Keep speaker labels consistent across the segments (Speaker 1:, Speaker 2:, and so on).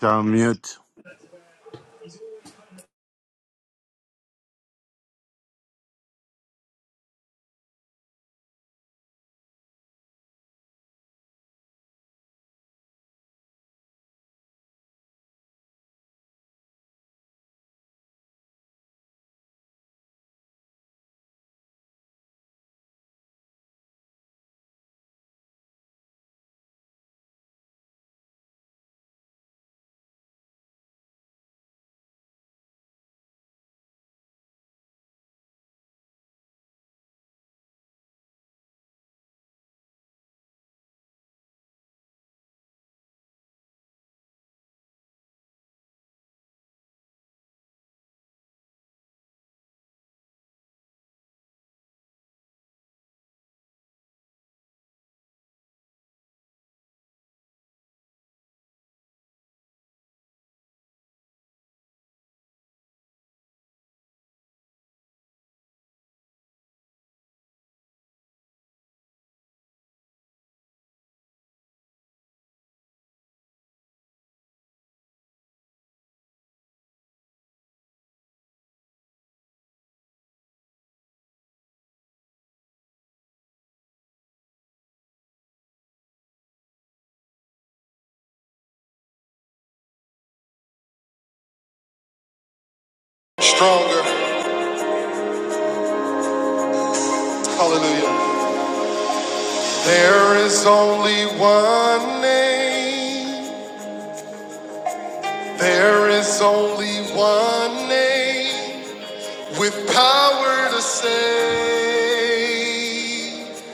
Speaker 1: Down mute. Stronger. Hallelujah. There is only one name. There is only one name with power to save.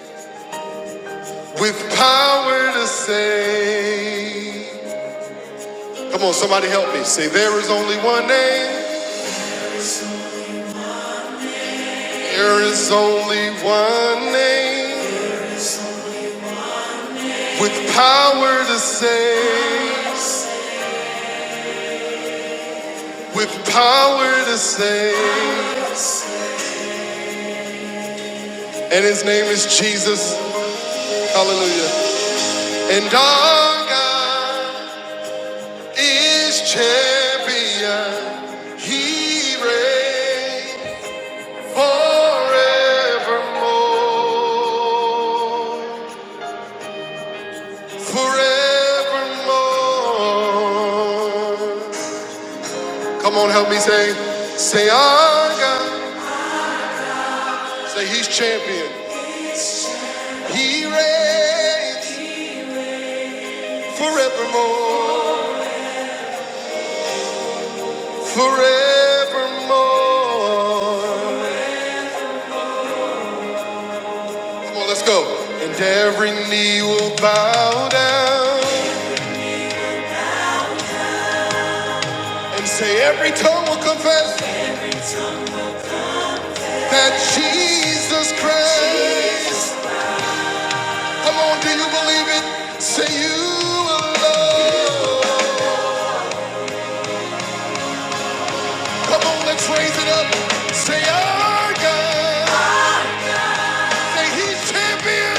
Speaker 1: With power to save. Come on, somebody help me. Say, there is only one name. There is only one name with power to save. with power to save. And his name is Jesus. Hallelujah. And our God is champion. He reigns forevermore. Forevermore. Come on, help me say, say our God. Say he's champion. He reigns forevermore, forevermore. Come on, let's go. And every knee will bow down and say, every tongue will confess that Jesus Christ. Come on, do you believe it? Say you alone. Come on, let's raise it up. Say our God. Say he's champion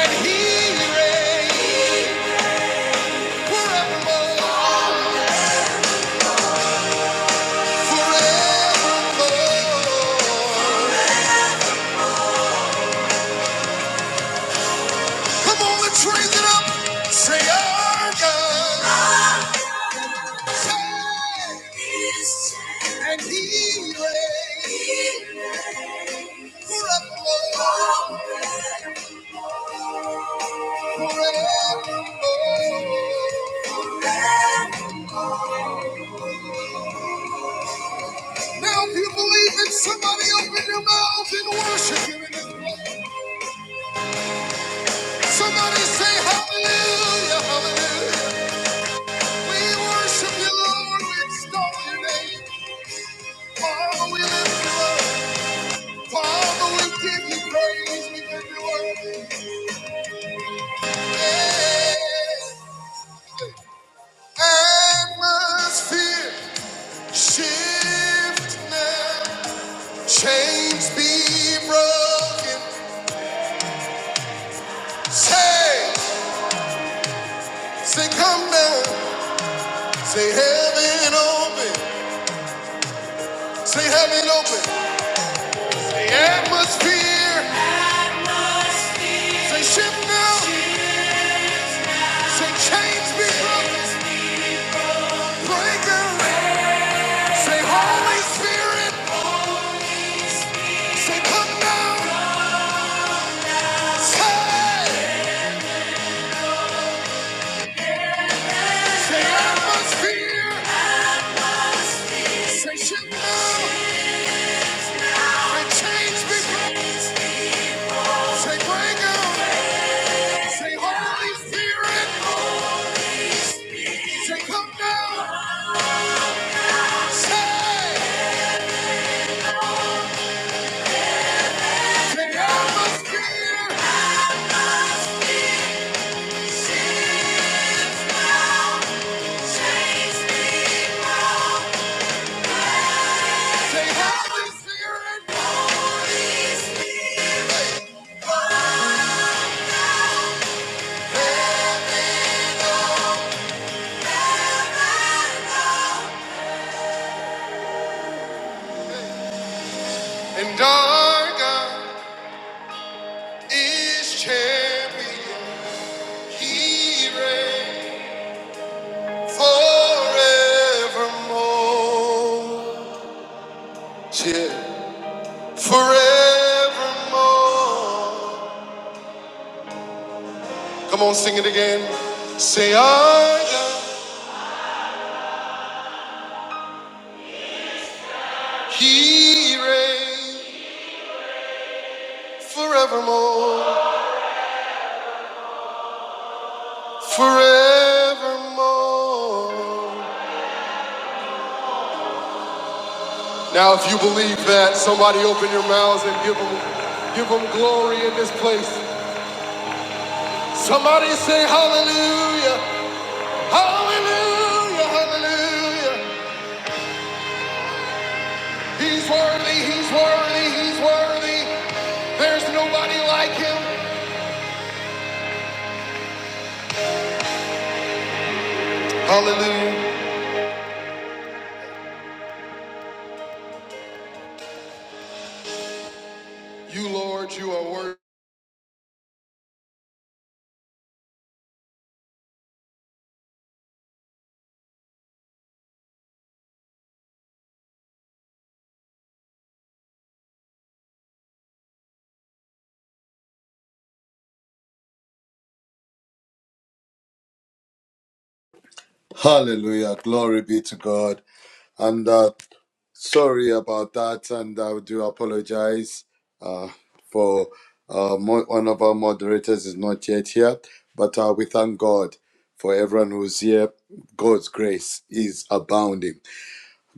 Speaker 1: and he reigns. Come on, raise it up. Say, our God. And he reigns forevermore. Now, if you believe it, somebody open your mouth and worship him. in this place. Somebody say, Hallelujah, hallelujah. We worship you, Lord. We extol your name. Father, we lift you up. Father, we give you praise, we give you worship. Atmosphere, shift now, chains be broken. Say, say, come down, say, heaven open, say, heaven open. The atmosphere, say, shift now, say, chains be broken. Break out, say, Holy Spirit, say, come down, say. Say atmosphere, say shit now, say change be broken, say bring on, say Holy Spirit, say come down, say, say atmosphere. Atmosphere. shift now, change be broken, Say Holy Spirit. Holy spirit. And dark. is champion. He reigns forevermore. Yeah. Forevermore. Come on, sing it again. Say, I am. He reigns forevermore. Forevermore. Now, if you believe that, somebody open your mouths and give them, give them glory in this place. Somebody say hallelujah. Hallelujah, hallelujah. He's worthy, he's worthy, he's worthy. There's nobody like him. Hallelujah. You, Lord, you are worthy.
Speaker 2: Hallelujah. Glory be to God. And uh, sorry about that. And I do apologize uh, for uh, mo- one of our moderators is not yet here. But uh, we thank God for everyone who's here. God's grace is abounding.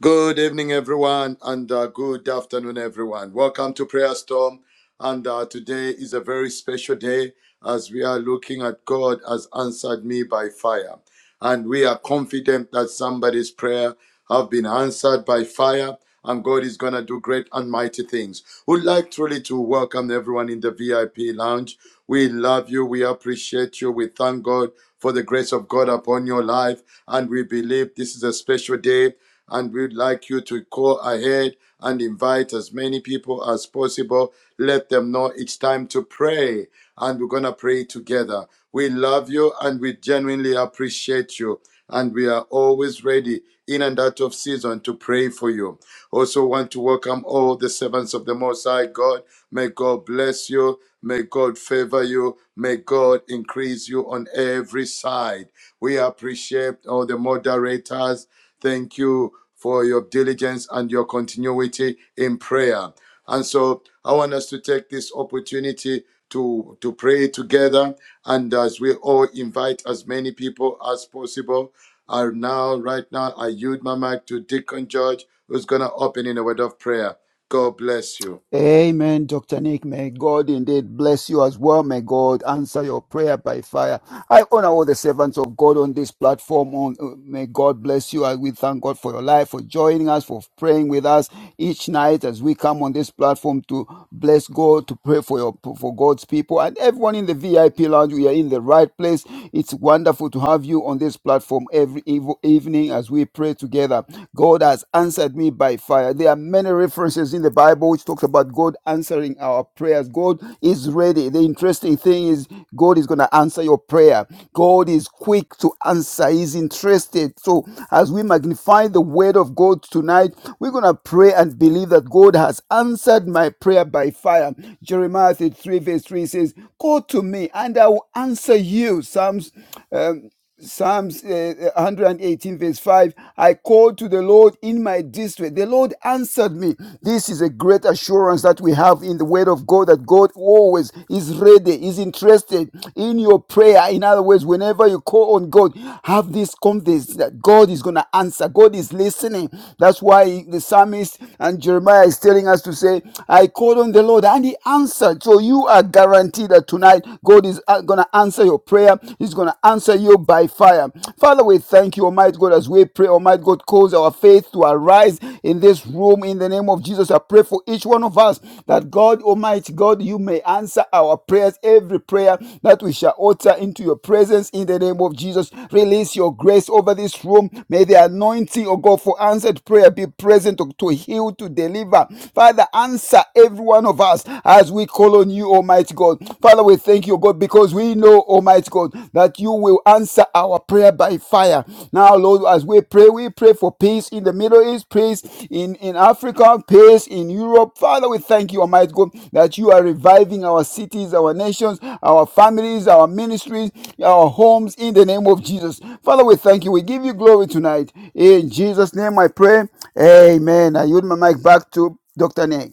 Speaker 2: Good evening, everyone, and uh, good afternoon, everyone. Welcome to Prayer Storm. And uh, today is a very special day as we are looking at God has answered me by fire. And we are confident that somebody's prayer have been answered by fire and God is going to do great and mighty things. We'd like truly to welcome everyone in the VIP lounge. We love you. We appreciate you. We thank God for the grace of God upon your life. And we believe this is a special day and we'd like you to go ahead and invite as many people as possible. Let them know it's time to pray, and we're going to pray together. We love you and we genuinely appreciate you, and we are always ready in and out of season to pray for you. Also, want to welcome all the servants of the Most High God. May God bless you. May God favor you. May God increase you on every side. We appreciate all the moderators Thank you for your diligence and your continuity in prayer. And so I want us to take this opportunity to, to pray together. And as we all invite as many people as possible, are now, right now, I yield my mic to Deacon George, who's going to open in a word of prayer. God bless you.
Speaker 3: Amen, Dr. Nick. May God indeed bless you as well. May God answer your prayer by fire. I honor all the servants of God on this platform. On uh, May God bless you. And we thank God for your life, for joining us, for praying with us each night as we come on this platform to bless God, to pray for your for God's people and everyone in the VIP lounge. We are in the right place. It's wonderful to have you on this platform every ev- evening as we pray together. God has answered me by fire. There are many references in the Bible which talks about God answering our prayers. God is ready. The interesting thing is God is going to answer your prayer. God is quick to answer. He's interested. So as we magnify the word of God tonight, we're going to pray and believe that God has answered my prayer by fire. Jeremiah 33 verse 3 says, Call to me and I will answer you. Psalms uh, Psalms uh, 118, verse 5 I called to the Lord in my distress. The Lord answered me. This is a great assurance that we have in the Word of God that God always is ready, is interested in your prayer. In other words, whenever you call on God, have this confidence that God is going to answer. God is listening. That's why the psalmist and Jeremiah is telling us to say, I called on the Lord and he answered. So you are guaranteed that tonight God is going going to answer your prayer. He's going to answer you by fire. Father, we thank you, Almighty God, as we pray. Almighty God, cause our faith to arise in this room in the name of Jesus. I pray for each one of us that God, Almighty God, you may answer our prayers, every prayer that we shall utter into your presence in the name of Jesus. Release your grace over this room. May the anointing, oh God, for answered prayer be present to, to heal, to deliver. Father, answer every one of us as we call on you you, Almighty God. Father, we thank you, God, because we know, Almighty God, that you will answer our prayer by fire. Now, Lord, as we pray, we pray for peace in the Middle East, peace in, in Africa, peace in Europe. Father, we thank you, Almighty God, that you are reviving our cities, our nations, our families, our ministries, our homes in the name of Jesus. Father, we thank you. We give you glory tonight. In Jesus' name I pray. Amen. I yield my mic back to Dr. Nick.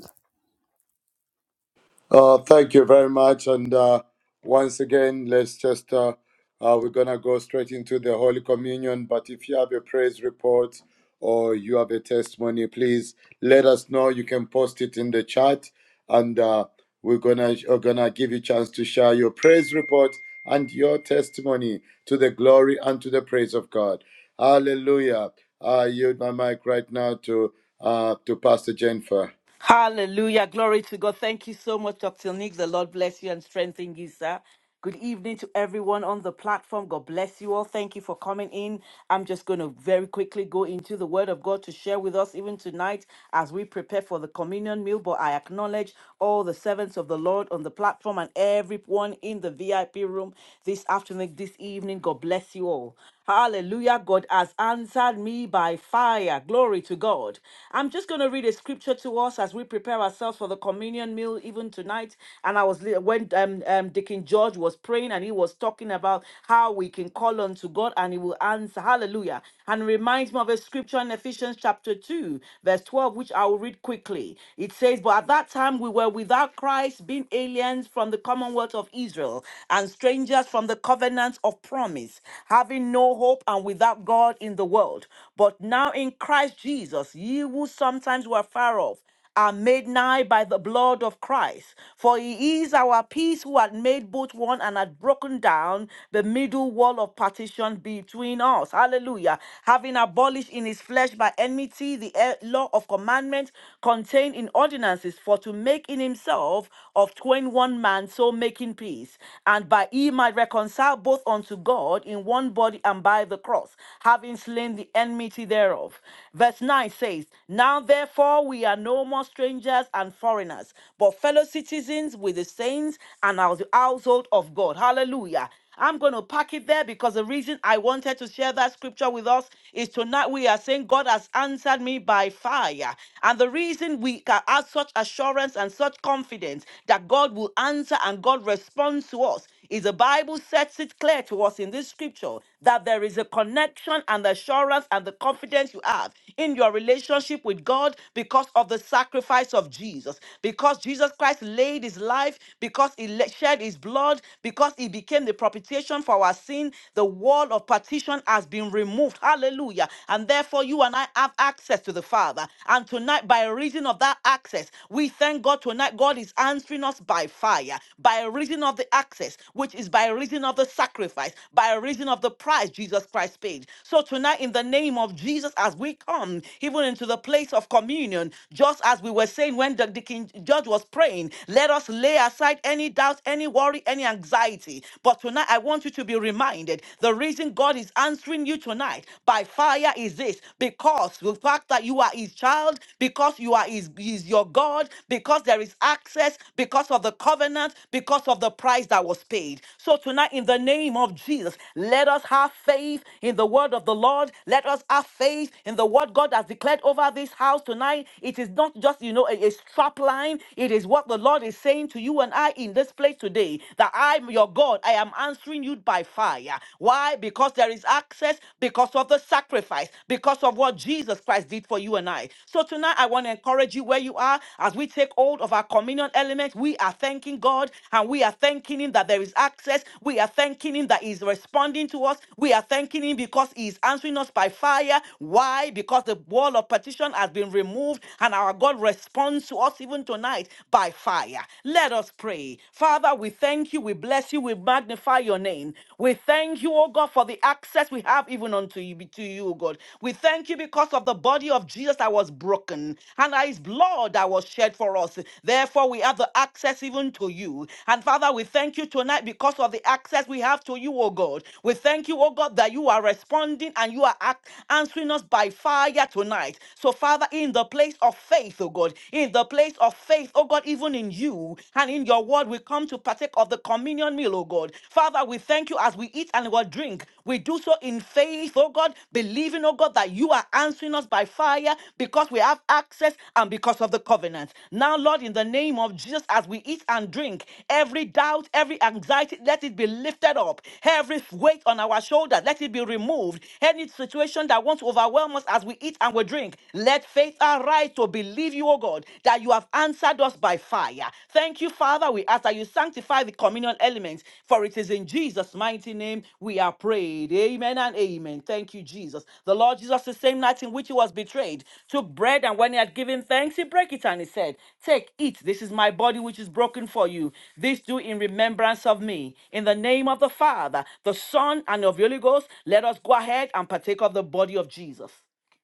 Speaker 2: Uh, thank you very much. And uh, once again, let's just, uh, uh, we're going to go straight into the Holy Communion. But if you have a praise report or you have a testimony, please let us know. You can post it in the chat. And uh, we're going to we're gonna give you a chance to share your praise report and your testimony to the glory and to the praise of God. Hallelujah. I yield my mic right now to, uh, to Pastor Jennifer.
Speaker 4: Hallelujah. Glory to God. Thank you so much, Dr. Nick. The Lord bless you and strengthen you, sir. Good evening to everyone on the platform. God bless you all. Thank you for coming in. I'm just going to very quickly go into the Word of God to share with us even tonight as we prepare for the communion meal. But I acknowledge all the servants of the Lord on the platform and everyone in the VIP room this afternoon, this evening. God bless you all. Hallelujah. God has answered me by fire. Glory to God. I'm just going to read a scripture to us as we prepare ourselves for the communion meal even tonight. And I was li- when um, um Deacon George was praying and he was talking about how we can call unto God and he will answer. Hallelujah. And it reminds me of a scripture in Ephesians chapter 2, verse 12, which I will read quickly. It says, But at that time we were without Christ, being aliens from the commonwealth of Israel and strangers us from the covenants of promise, having no hope and without God in the world. But now in Christ Jesus, ye who sometimes were far off, are made nigh by the blood of Christ. For he is our peace who had made both one and had broken down the middle wall of partition between us. Hallelujah. Having abolished in his flesh by enmity the eh, law of commandments contained in ordinances, for to make in himself of twain one one man, so making peace, and by ye might reconcile both unto God in one body and by the cross, having slain the enmity thereof. Verse 9 says, Now therefore we are no more strangers and foreigners, but fellow citizens with the saints and of the household of God. Hallelujah. I'm going to pack it there because the reason I wanted to share that scripture with us is tonight we are saying God has answered me by fire. And the reason we can have such assurance and such confidence that God will answer and God responds to us is the Bible sets it clear to us in this scripture that there is a connection and the assurance and the confidence you have in your relationship with God because of the sacrifice of Jesus, because Jesus Christ laid his life, because he le- shed his blood blood, because he became the propitiation for our sin, the wall of partition has been removed. Hallelujah. And therefore, you and I have access to the Father. And tonight, by reason of that access, we thank God tonight. God is answering us by fire, by reason of the access, which is by reason of the sacrifice, by reason of the price Jesus Christ paid. So tonight, in the name of Jesus, as we come even into the place of communion, just as we were saying when the, the King George was praying, let us lay aside any any doubt, any worry, any anxiety. But tonight, I want you to be reminded the reason God is answering you tonight by fire is this because the fact that you are His child, because you are His, He's your God, because there is access, because of the covenant, because of the price that was paid. So tonight, in the name of Jesus, let us have faith in the word of the Lord. Let us have faith in the word God has declared over this house tonight. It is not just, you know, a, a strap line, it is what the Lord the Lord is saying to you and I in this place today that I'm your God. I am answering you by fire. Why? Because there is access, because of the sacrifice, because of what Jesus Christ did for you and I. So tonight, I want to encourage you where you are as we take hold of our communion element. We are thanking God and we are thanking Him that there is access. We are thanking Him that He is responding to us. We are thanking Him because He is answering us by fire. Why? Because the wall of petition has been removed and our God responds to us us even tonight by fire. Let us pray. Father, we thank you, we bless you, we magnify your name. We thank you, oh God, for the access we have even unto you, to you, oh God. We thank you because of the body of Jesus that was broken and his blood that was shed for us. Therefore, we have the access even to you. And Father, we thank you tonight because of the access we have to you, oh God. We thank you, oh God, that you are responding and you are act- answering us by fire tonight. So, Father, in the place of faith, oh God, in the place of faith, oh God, even in you and in your word, we come to partake of the communion meal, oh God. Father, we thank you as we eat and we drink. We do so in faith, oh God, believing, oh God, that you are answering us by fire because we have access and because of the covenant. Now, Lord, in the name of Jesus, as we eat and drink, every doubt, every anxiety, let it be lifted up. Every weight on our shoulder, let it be removed. Any situation that wants to overwhelm us as we eat and we drink, let faith arise to believe you, O God, that you have answered us by fire. Thank you, Father. We ask that you sanctify the communion element, for it is in Jesus' mighty name we are prayed. Amen and amen. Thank you, Jesus. The Lord Jesus, the same night in which he was betrayed, took bread, and when he had given thanks, he broke it and he said, Take, eat. This is my body which is broken for you. This do in remembrance of me. In the name of the Father, the Son, and of the Holy Ghost, let us go ahead and partake of the body of Jesus.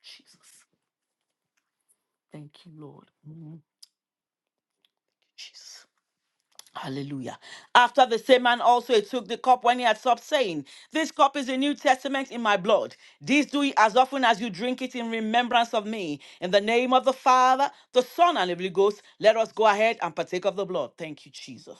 Speaker 4: Jesus. Thank you, Lord. Mm, Jesus. Hallelujah. After the same man also he took the cup when he had supped, saying, This cup is the New Testament in my blood. This do ye as often as you drink it in remembrance of me. In the name of the Father, the Son, and the Holy Ghost, let us go ahead and partake of the blood. Thank you, Jesus.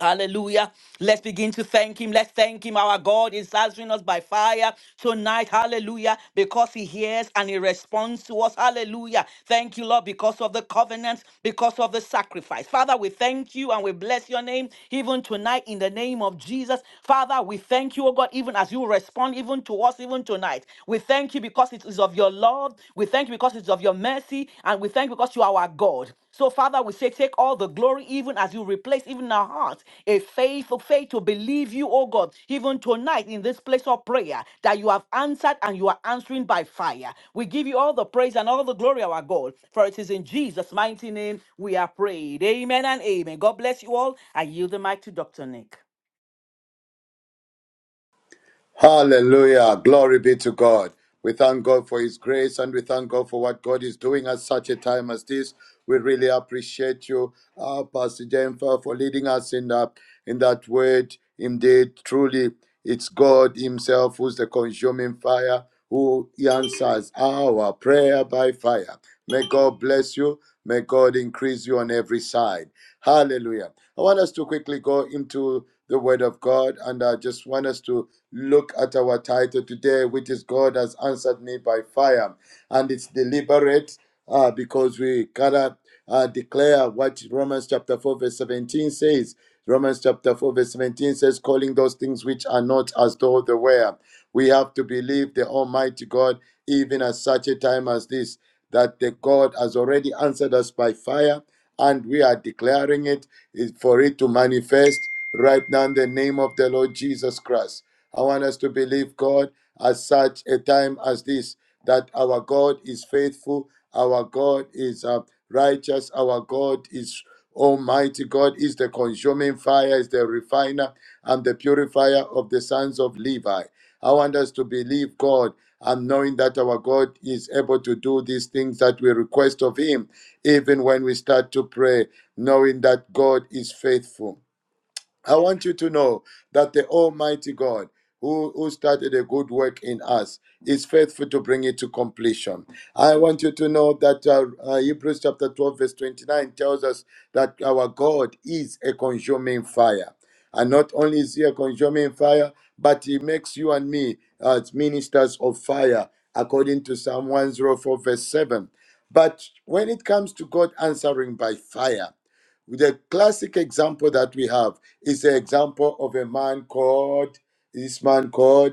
Speaker 4: Hallelujah. Let's begin to thank him. Let's thank him. Our God is answering us by fire tonight. Hallelujah. Because he hears and he responds to us. Hallelujah. Thank you, Lord, because of the covenant, because of the sacrifice. Father, we thank you and we bless your name even tonight in the name of Jesus. Father, we thank you, oh God, even as you respond even to us even tonight. We thank you because it is of your love. We thank you because it's of your mercy. And we thank you because you are our God. So, Father, we say, take all the glory, even as you replace even in our hearts a faith of faith to believe you, oh God, even tonight in this place of prayer that you have answered and you are answering by fire. We give you all the praise and all the glory, our God, for it is in Jesus' mighty name we are prayed. Amen and amen. God bless you all. I yield the mic to Dr. Nick.
Speaker 2: Hallelujah. Glory be to God. We thank God for His grace and we thank God for what God is doing at such a time as this. We really appreciate you, uh, Pastor Jennifer, for leading us in that, in that word. Indeed, truly, it's God Himself who's the consuming fire, who answers our prayer by fire. May God bless you. May God increase you on every side. Hallelujah. I want us to quickly go into the Word of God and I just want us to Look at our title today, which is God has answered me by fire. And it's deliberate uh, because we gotta uh, declare what Romans chapter 4, verse 17 says. Romans chapter 4, verse 17 says, calling those things which are not as though they were. We have to believe the Almighty God, even at such a time as this, that the God has already answered us by fire, and we are declaring it is for it to manifest right now in the name of the Lord Jesus Christ. I want us to believe God at such a time as this that our God is faithful, our God is uh, righteous, our God is Almighty God is the consuming fire, is the refiner and the purifier of the sons of Levi. I want us to believe God and knowing that our God is able to do these things that we request of Him, even when we start to pray, knowing that God is faithful. I want you to know that the Almighty God, who, who started a good work in us, is faithful to bring it to completion. I want you to know that uh, uh, Hebrews chapter 12, verse 29 tells us that our God is a consuming fire. And not only is he a consuming fire, but he makes you and me as ministers of fire, according to Psalm 104, verse 7. But when it comes to God answering by fire, the classic example that we have is the example of a man called this man called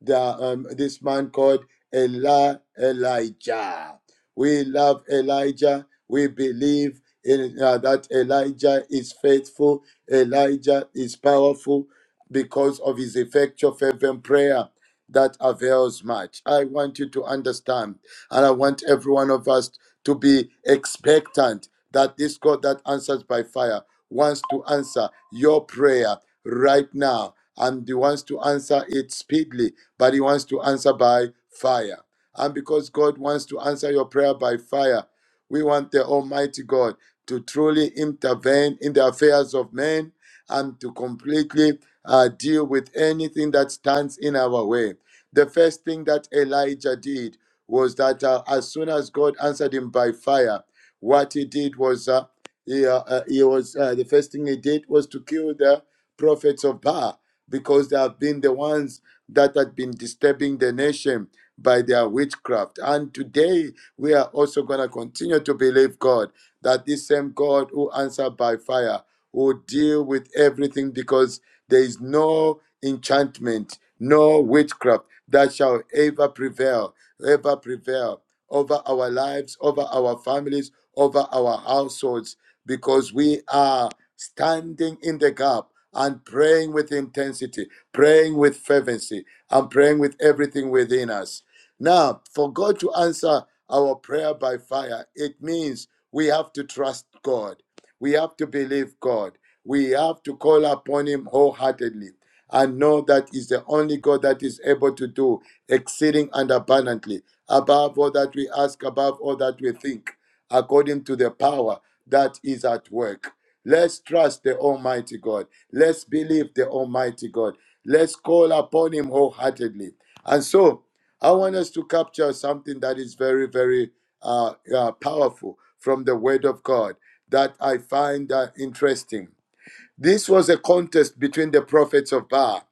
Speaker 2: the um, this man called Eli Elijah. We love Elijah. We believe in uh, that Elijah is faithful. Elijah is powerful because of his effectual fervent prayer that avails much. I want you to understand, and I want every one of us to be expectant that this God that answers by fire wants to answer your prayer right now. And he wants to answer it speedily, but he wants to answer by fire. And because God wants to answer your prayer by fire, we want the Almighty God to truly intervene in the affairs of men and to completely uh, deal with anything that stands in our way. The first thing that Elijah did was that uh, as soon as God answered him by fire, what he did was uh, he, uh, uh, he was uh, the first thing he did was to kill the prophets of Baal because they have been the ones that had been disturbing the nation by their witchcraft. And today we are also going to continue to believe God that this same God who answered by fire will deal with everything because there is no enchantment, no witchcraft that shall ever prevail, ever prevail over our lives, over our families, over our households because we are standing in the gap and praying with intensity, praying with fervency, and praying with everything within us. Now, for God to answer our prayer by fire, it means we have to trust God. We have to believe God. We have to call upon Him wholeheartedly and know that He's the only God that is able to do exceeding and abundantly above all that we ask, above all that we think according to the power that is at work. Let's trust the Almighty God. Let's believe the Almighty God. Let's call upon Him wholeheartedly. And so, I want us to capture something that is very, very uh, uh, powerful from the Word of God that I find uh, interesting. This was a contest between the prophets of Baal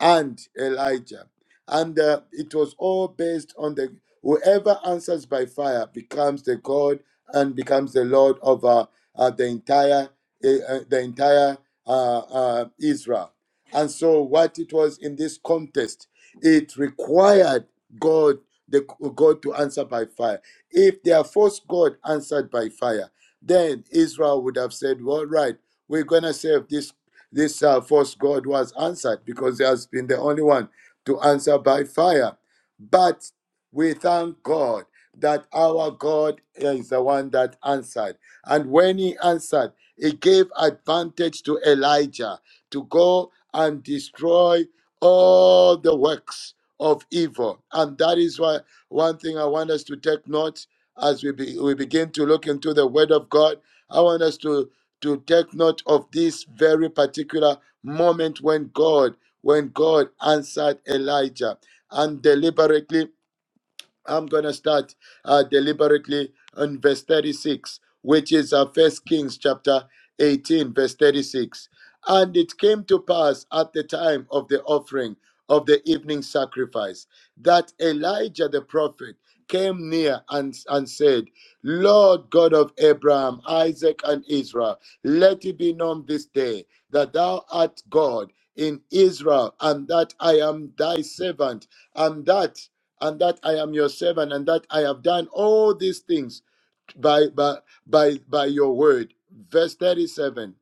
Speaker 2: and Elijah. And uh, it was all based on the whoever answers by fire becomes the God and becomes the Lord of uh, uh, the entire uh, uh, the entire uh, uh, Israel. And so, what it was in this contest, it required God the God to answer by fire. If their first God answered by fire, then Israel would have said, "Well, right." we're gonna say if this this uh, false god was answered because he has been the only one to answer by fire. But we thank God that our God is the one that answered, and when He answered, He gave advantage to Elijah to go and destroy all the works of evil, and that is why one thing I want us to take note as we be, we begin to look into the Word of God. I want us to to take note of this very particular moment when God, when God answered Elijah and deliberately I'm going to start uh, deliberately on verse 36, which is uh, 1 Kings chapter 18, verse 36. And it came to pass at the time of the offering of the evening sacrifice that Elijah the prophet came near and, and said, Lord God of Abraham, Isaac, and Israel, let it be known this day that thou art God in Israel, and that I am thy servant, and that and that I am your servant, and that I have done all these things by by by, by your word. Verse 37.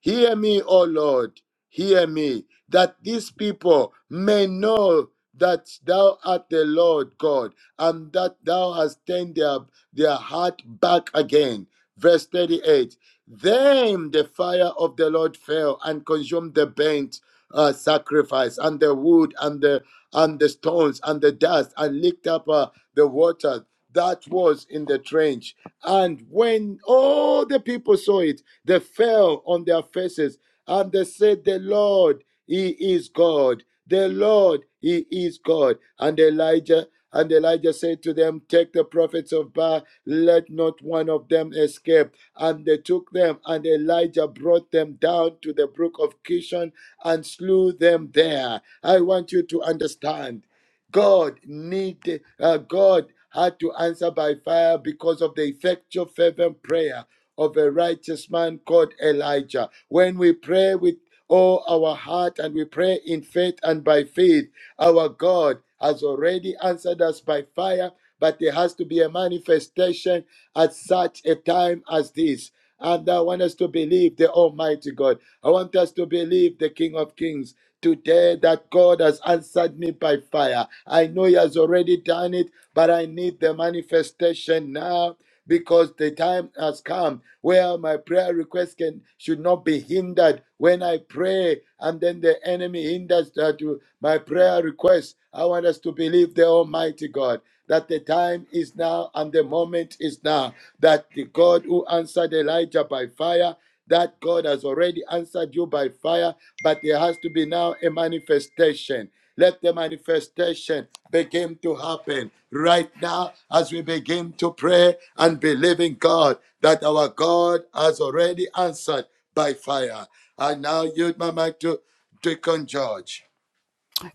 Speaker 2: Hear me, O Lord, hear me, that these people may know that thou art the Lord God, and that thou hast turned their, their heart back again. Verse 38 Then the fire of the Lord fell and consumed the burnt uh, sacrifice, and the wood, and the and the stones, and the dust, and licked up uh, the water that was in the trench. And when all the people saw it, they fell on their faces, and they said, The Lord, He is God. The Lord, He is God. And Elijah and Elijah said to them, Take the prophets of Baal, let not one of them escape. And they took them, and Elijah brought them down to the brook of Kishon and slew them there. I want you to understand God need uh, God had to answer by fire because of the effectual fervent prayer of a righteous man called Elijah. When we pray with all our heart and we pray in faith and by faith, our God has already answered us by fire, but there has to be a manifestation at such a time as this. And I want us to believe the Almighty God. I want us to believe the King of Kings today that God has answered me by fire. I know He has already done it, but I need the manifestation now because the time has come where my prayer request can should not be hindered when I pray, and then the enemy hinders that to my prayer request. I want us to believe the Almighty God that the time is now and the moment is now. That the God who answered Elijah by fire, that God has already answered you by fire, but there has to be now a manifestation. Let the manifestation begin to happen right now as we begin to pray and believe in God that our God has already answered by fire. And now yield my mic to Deacon George.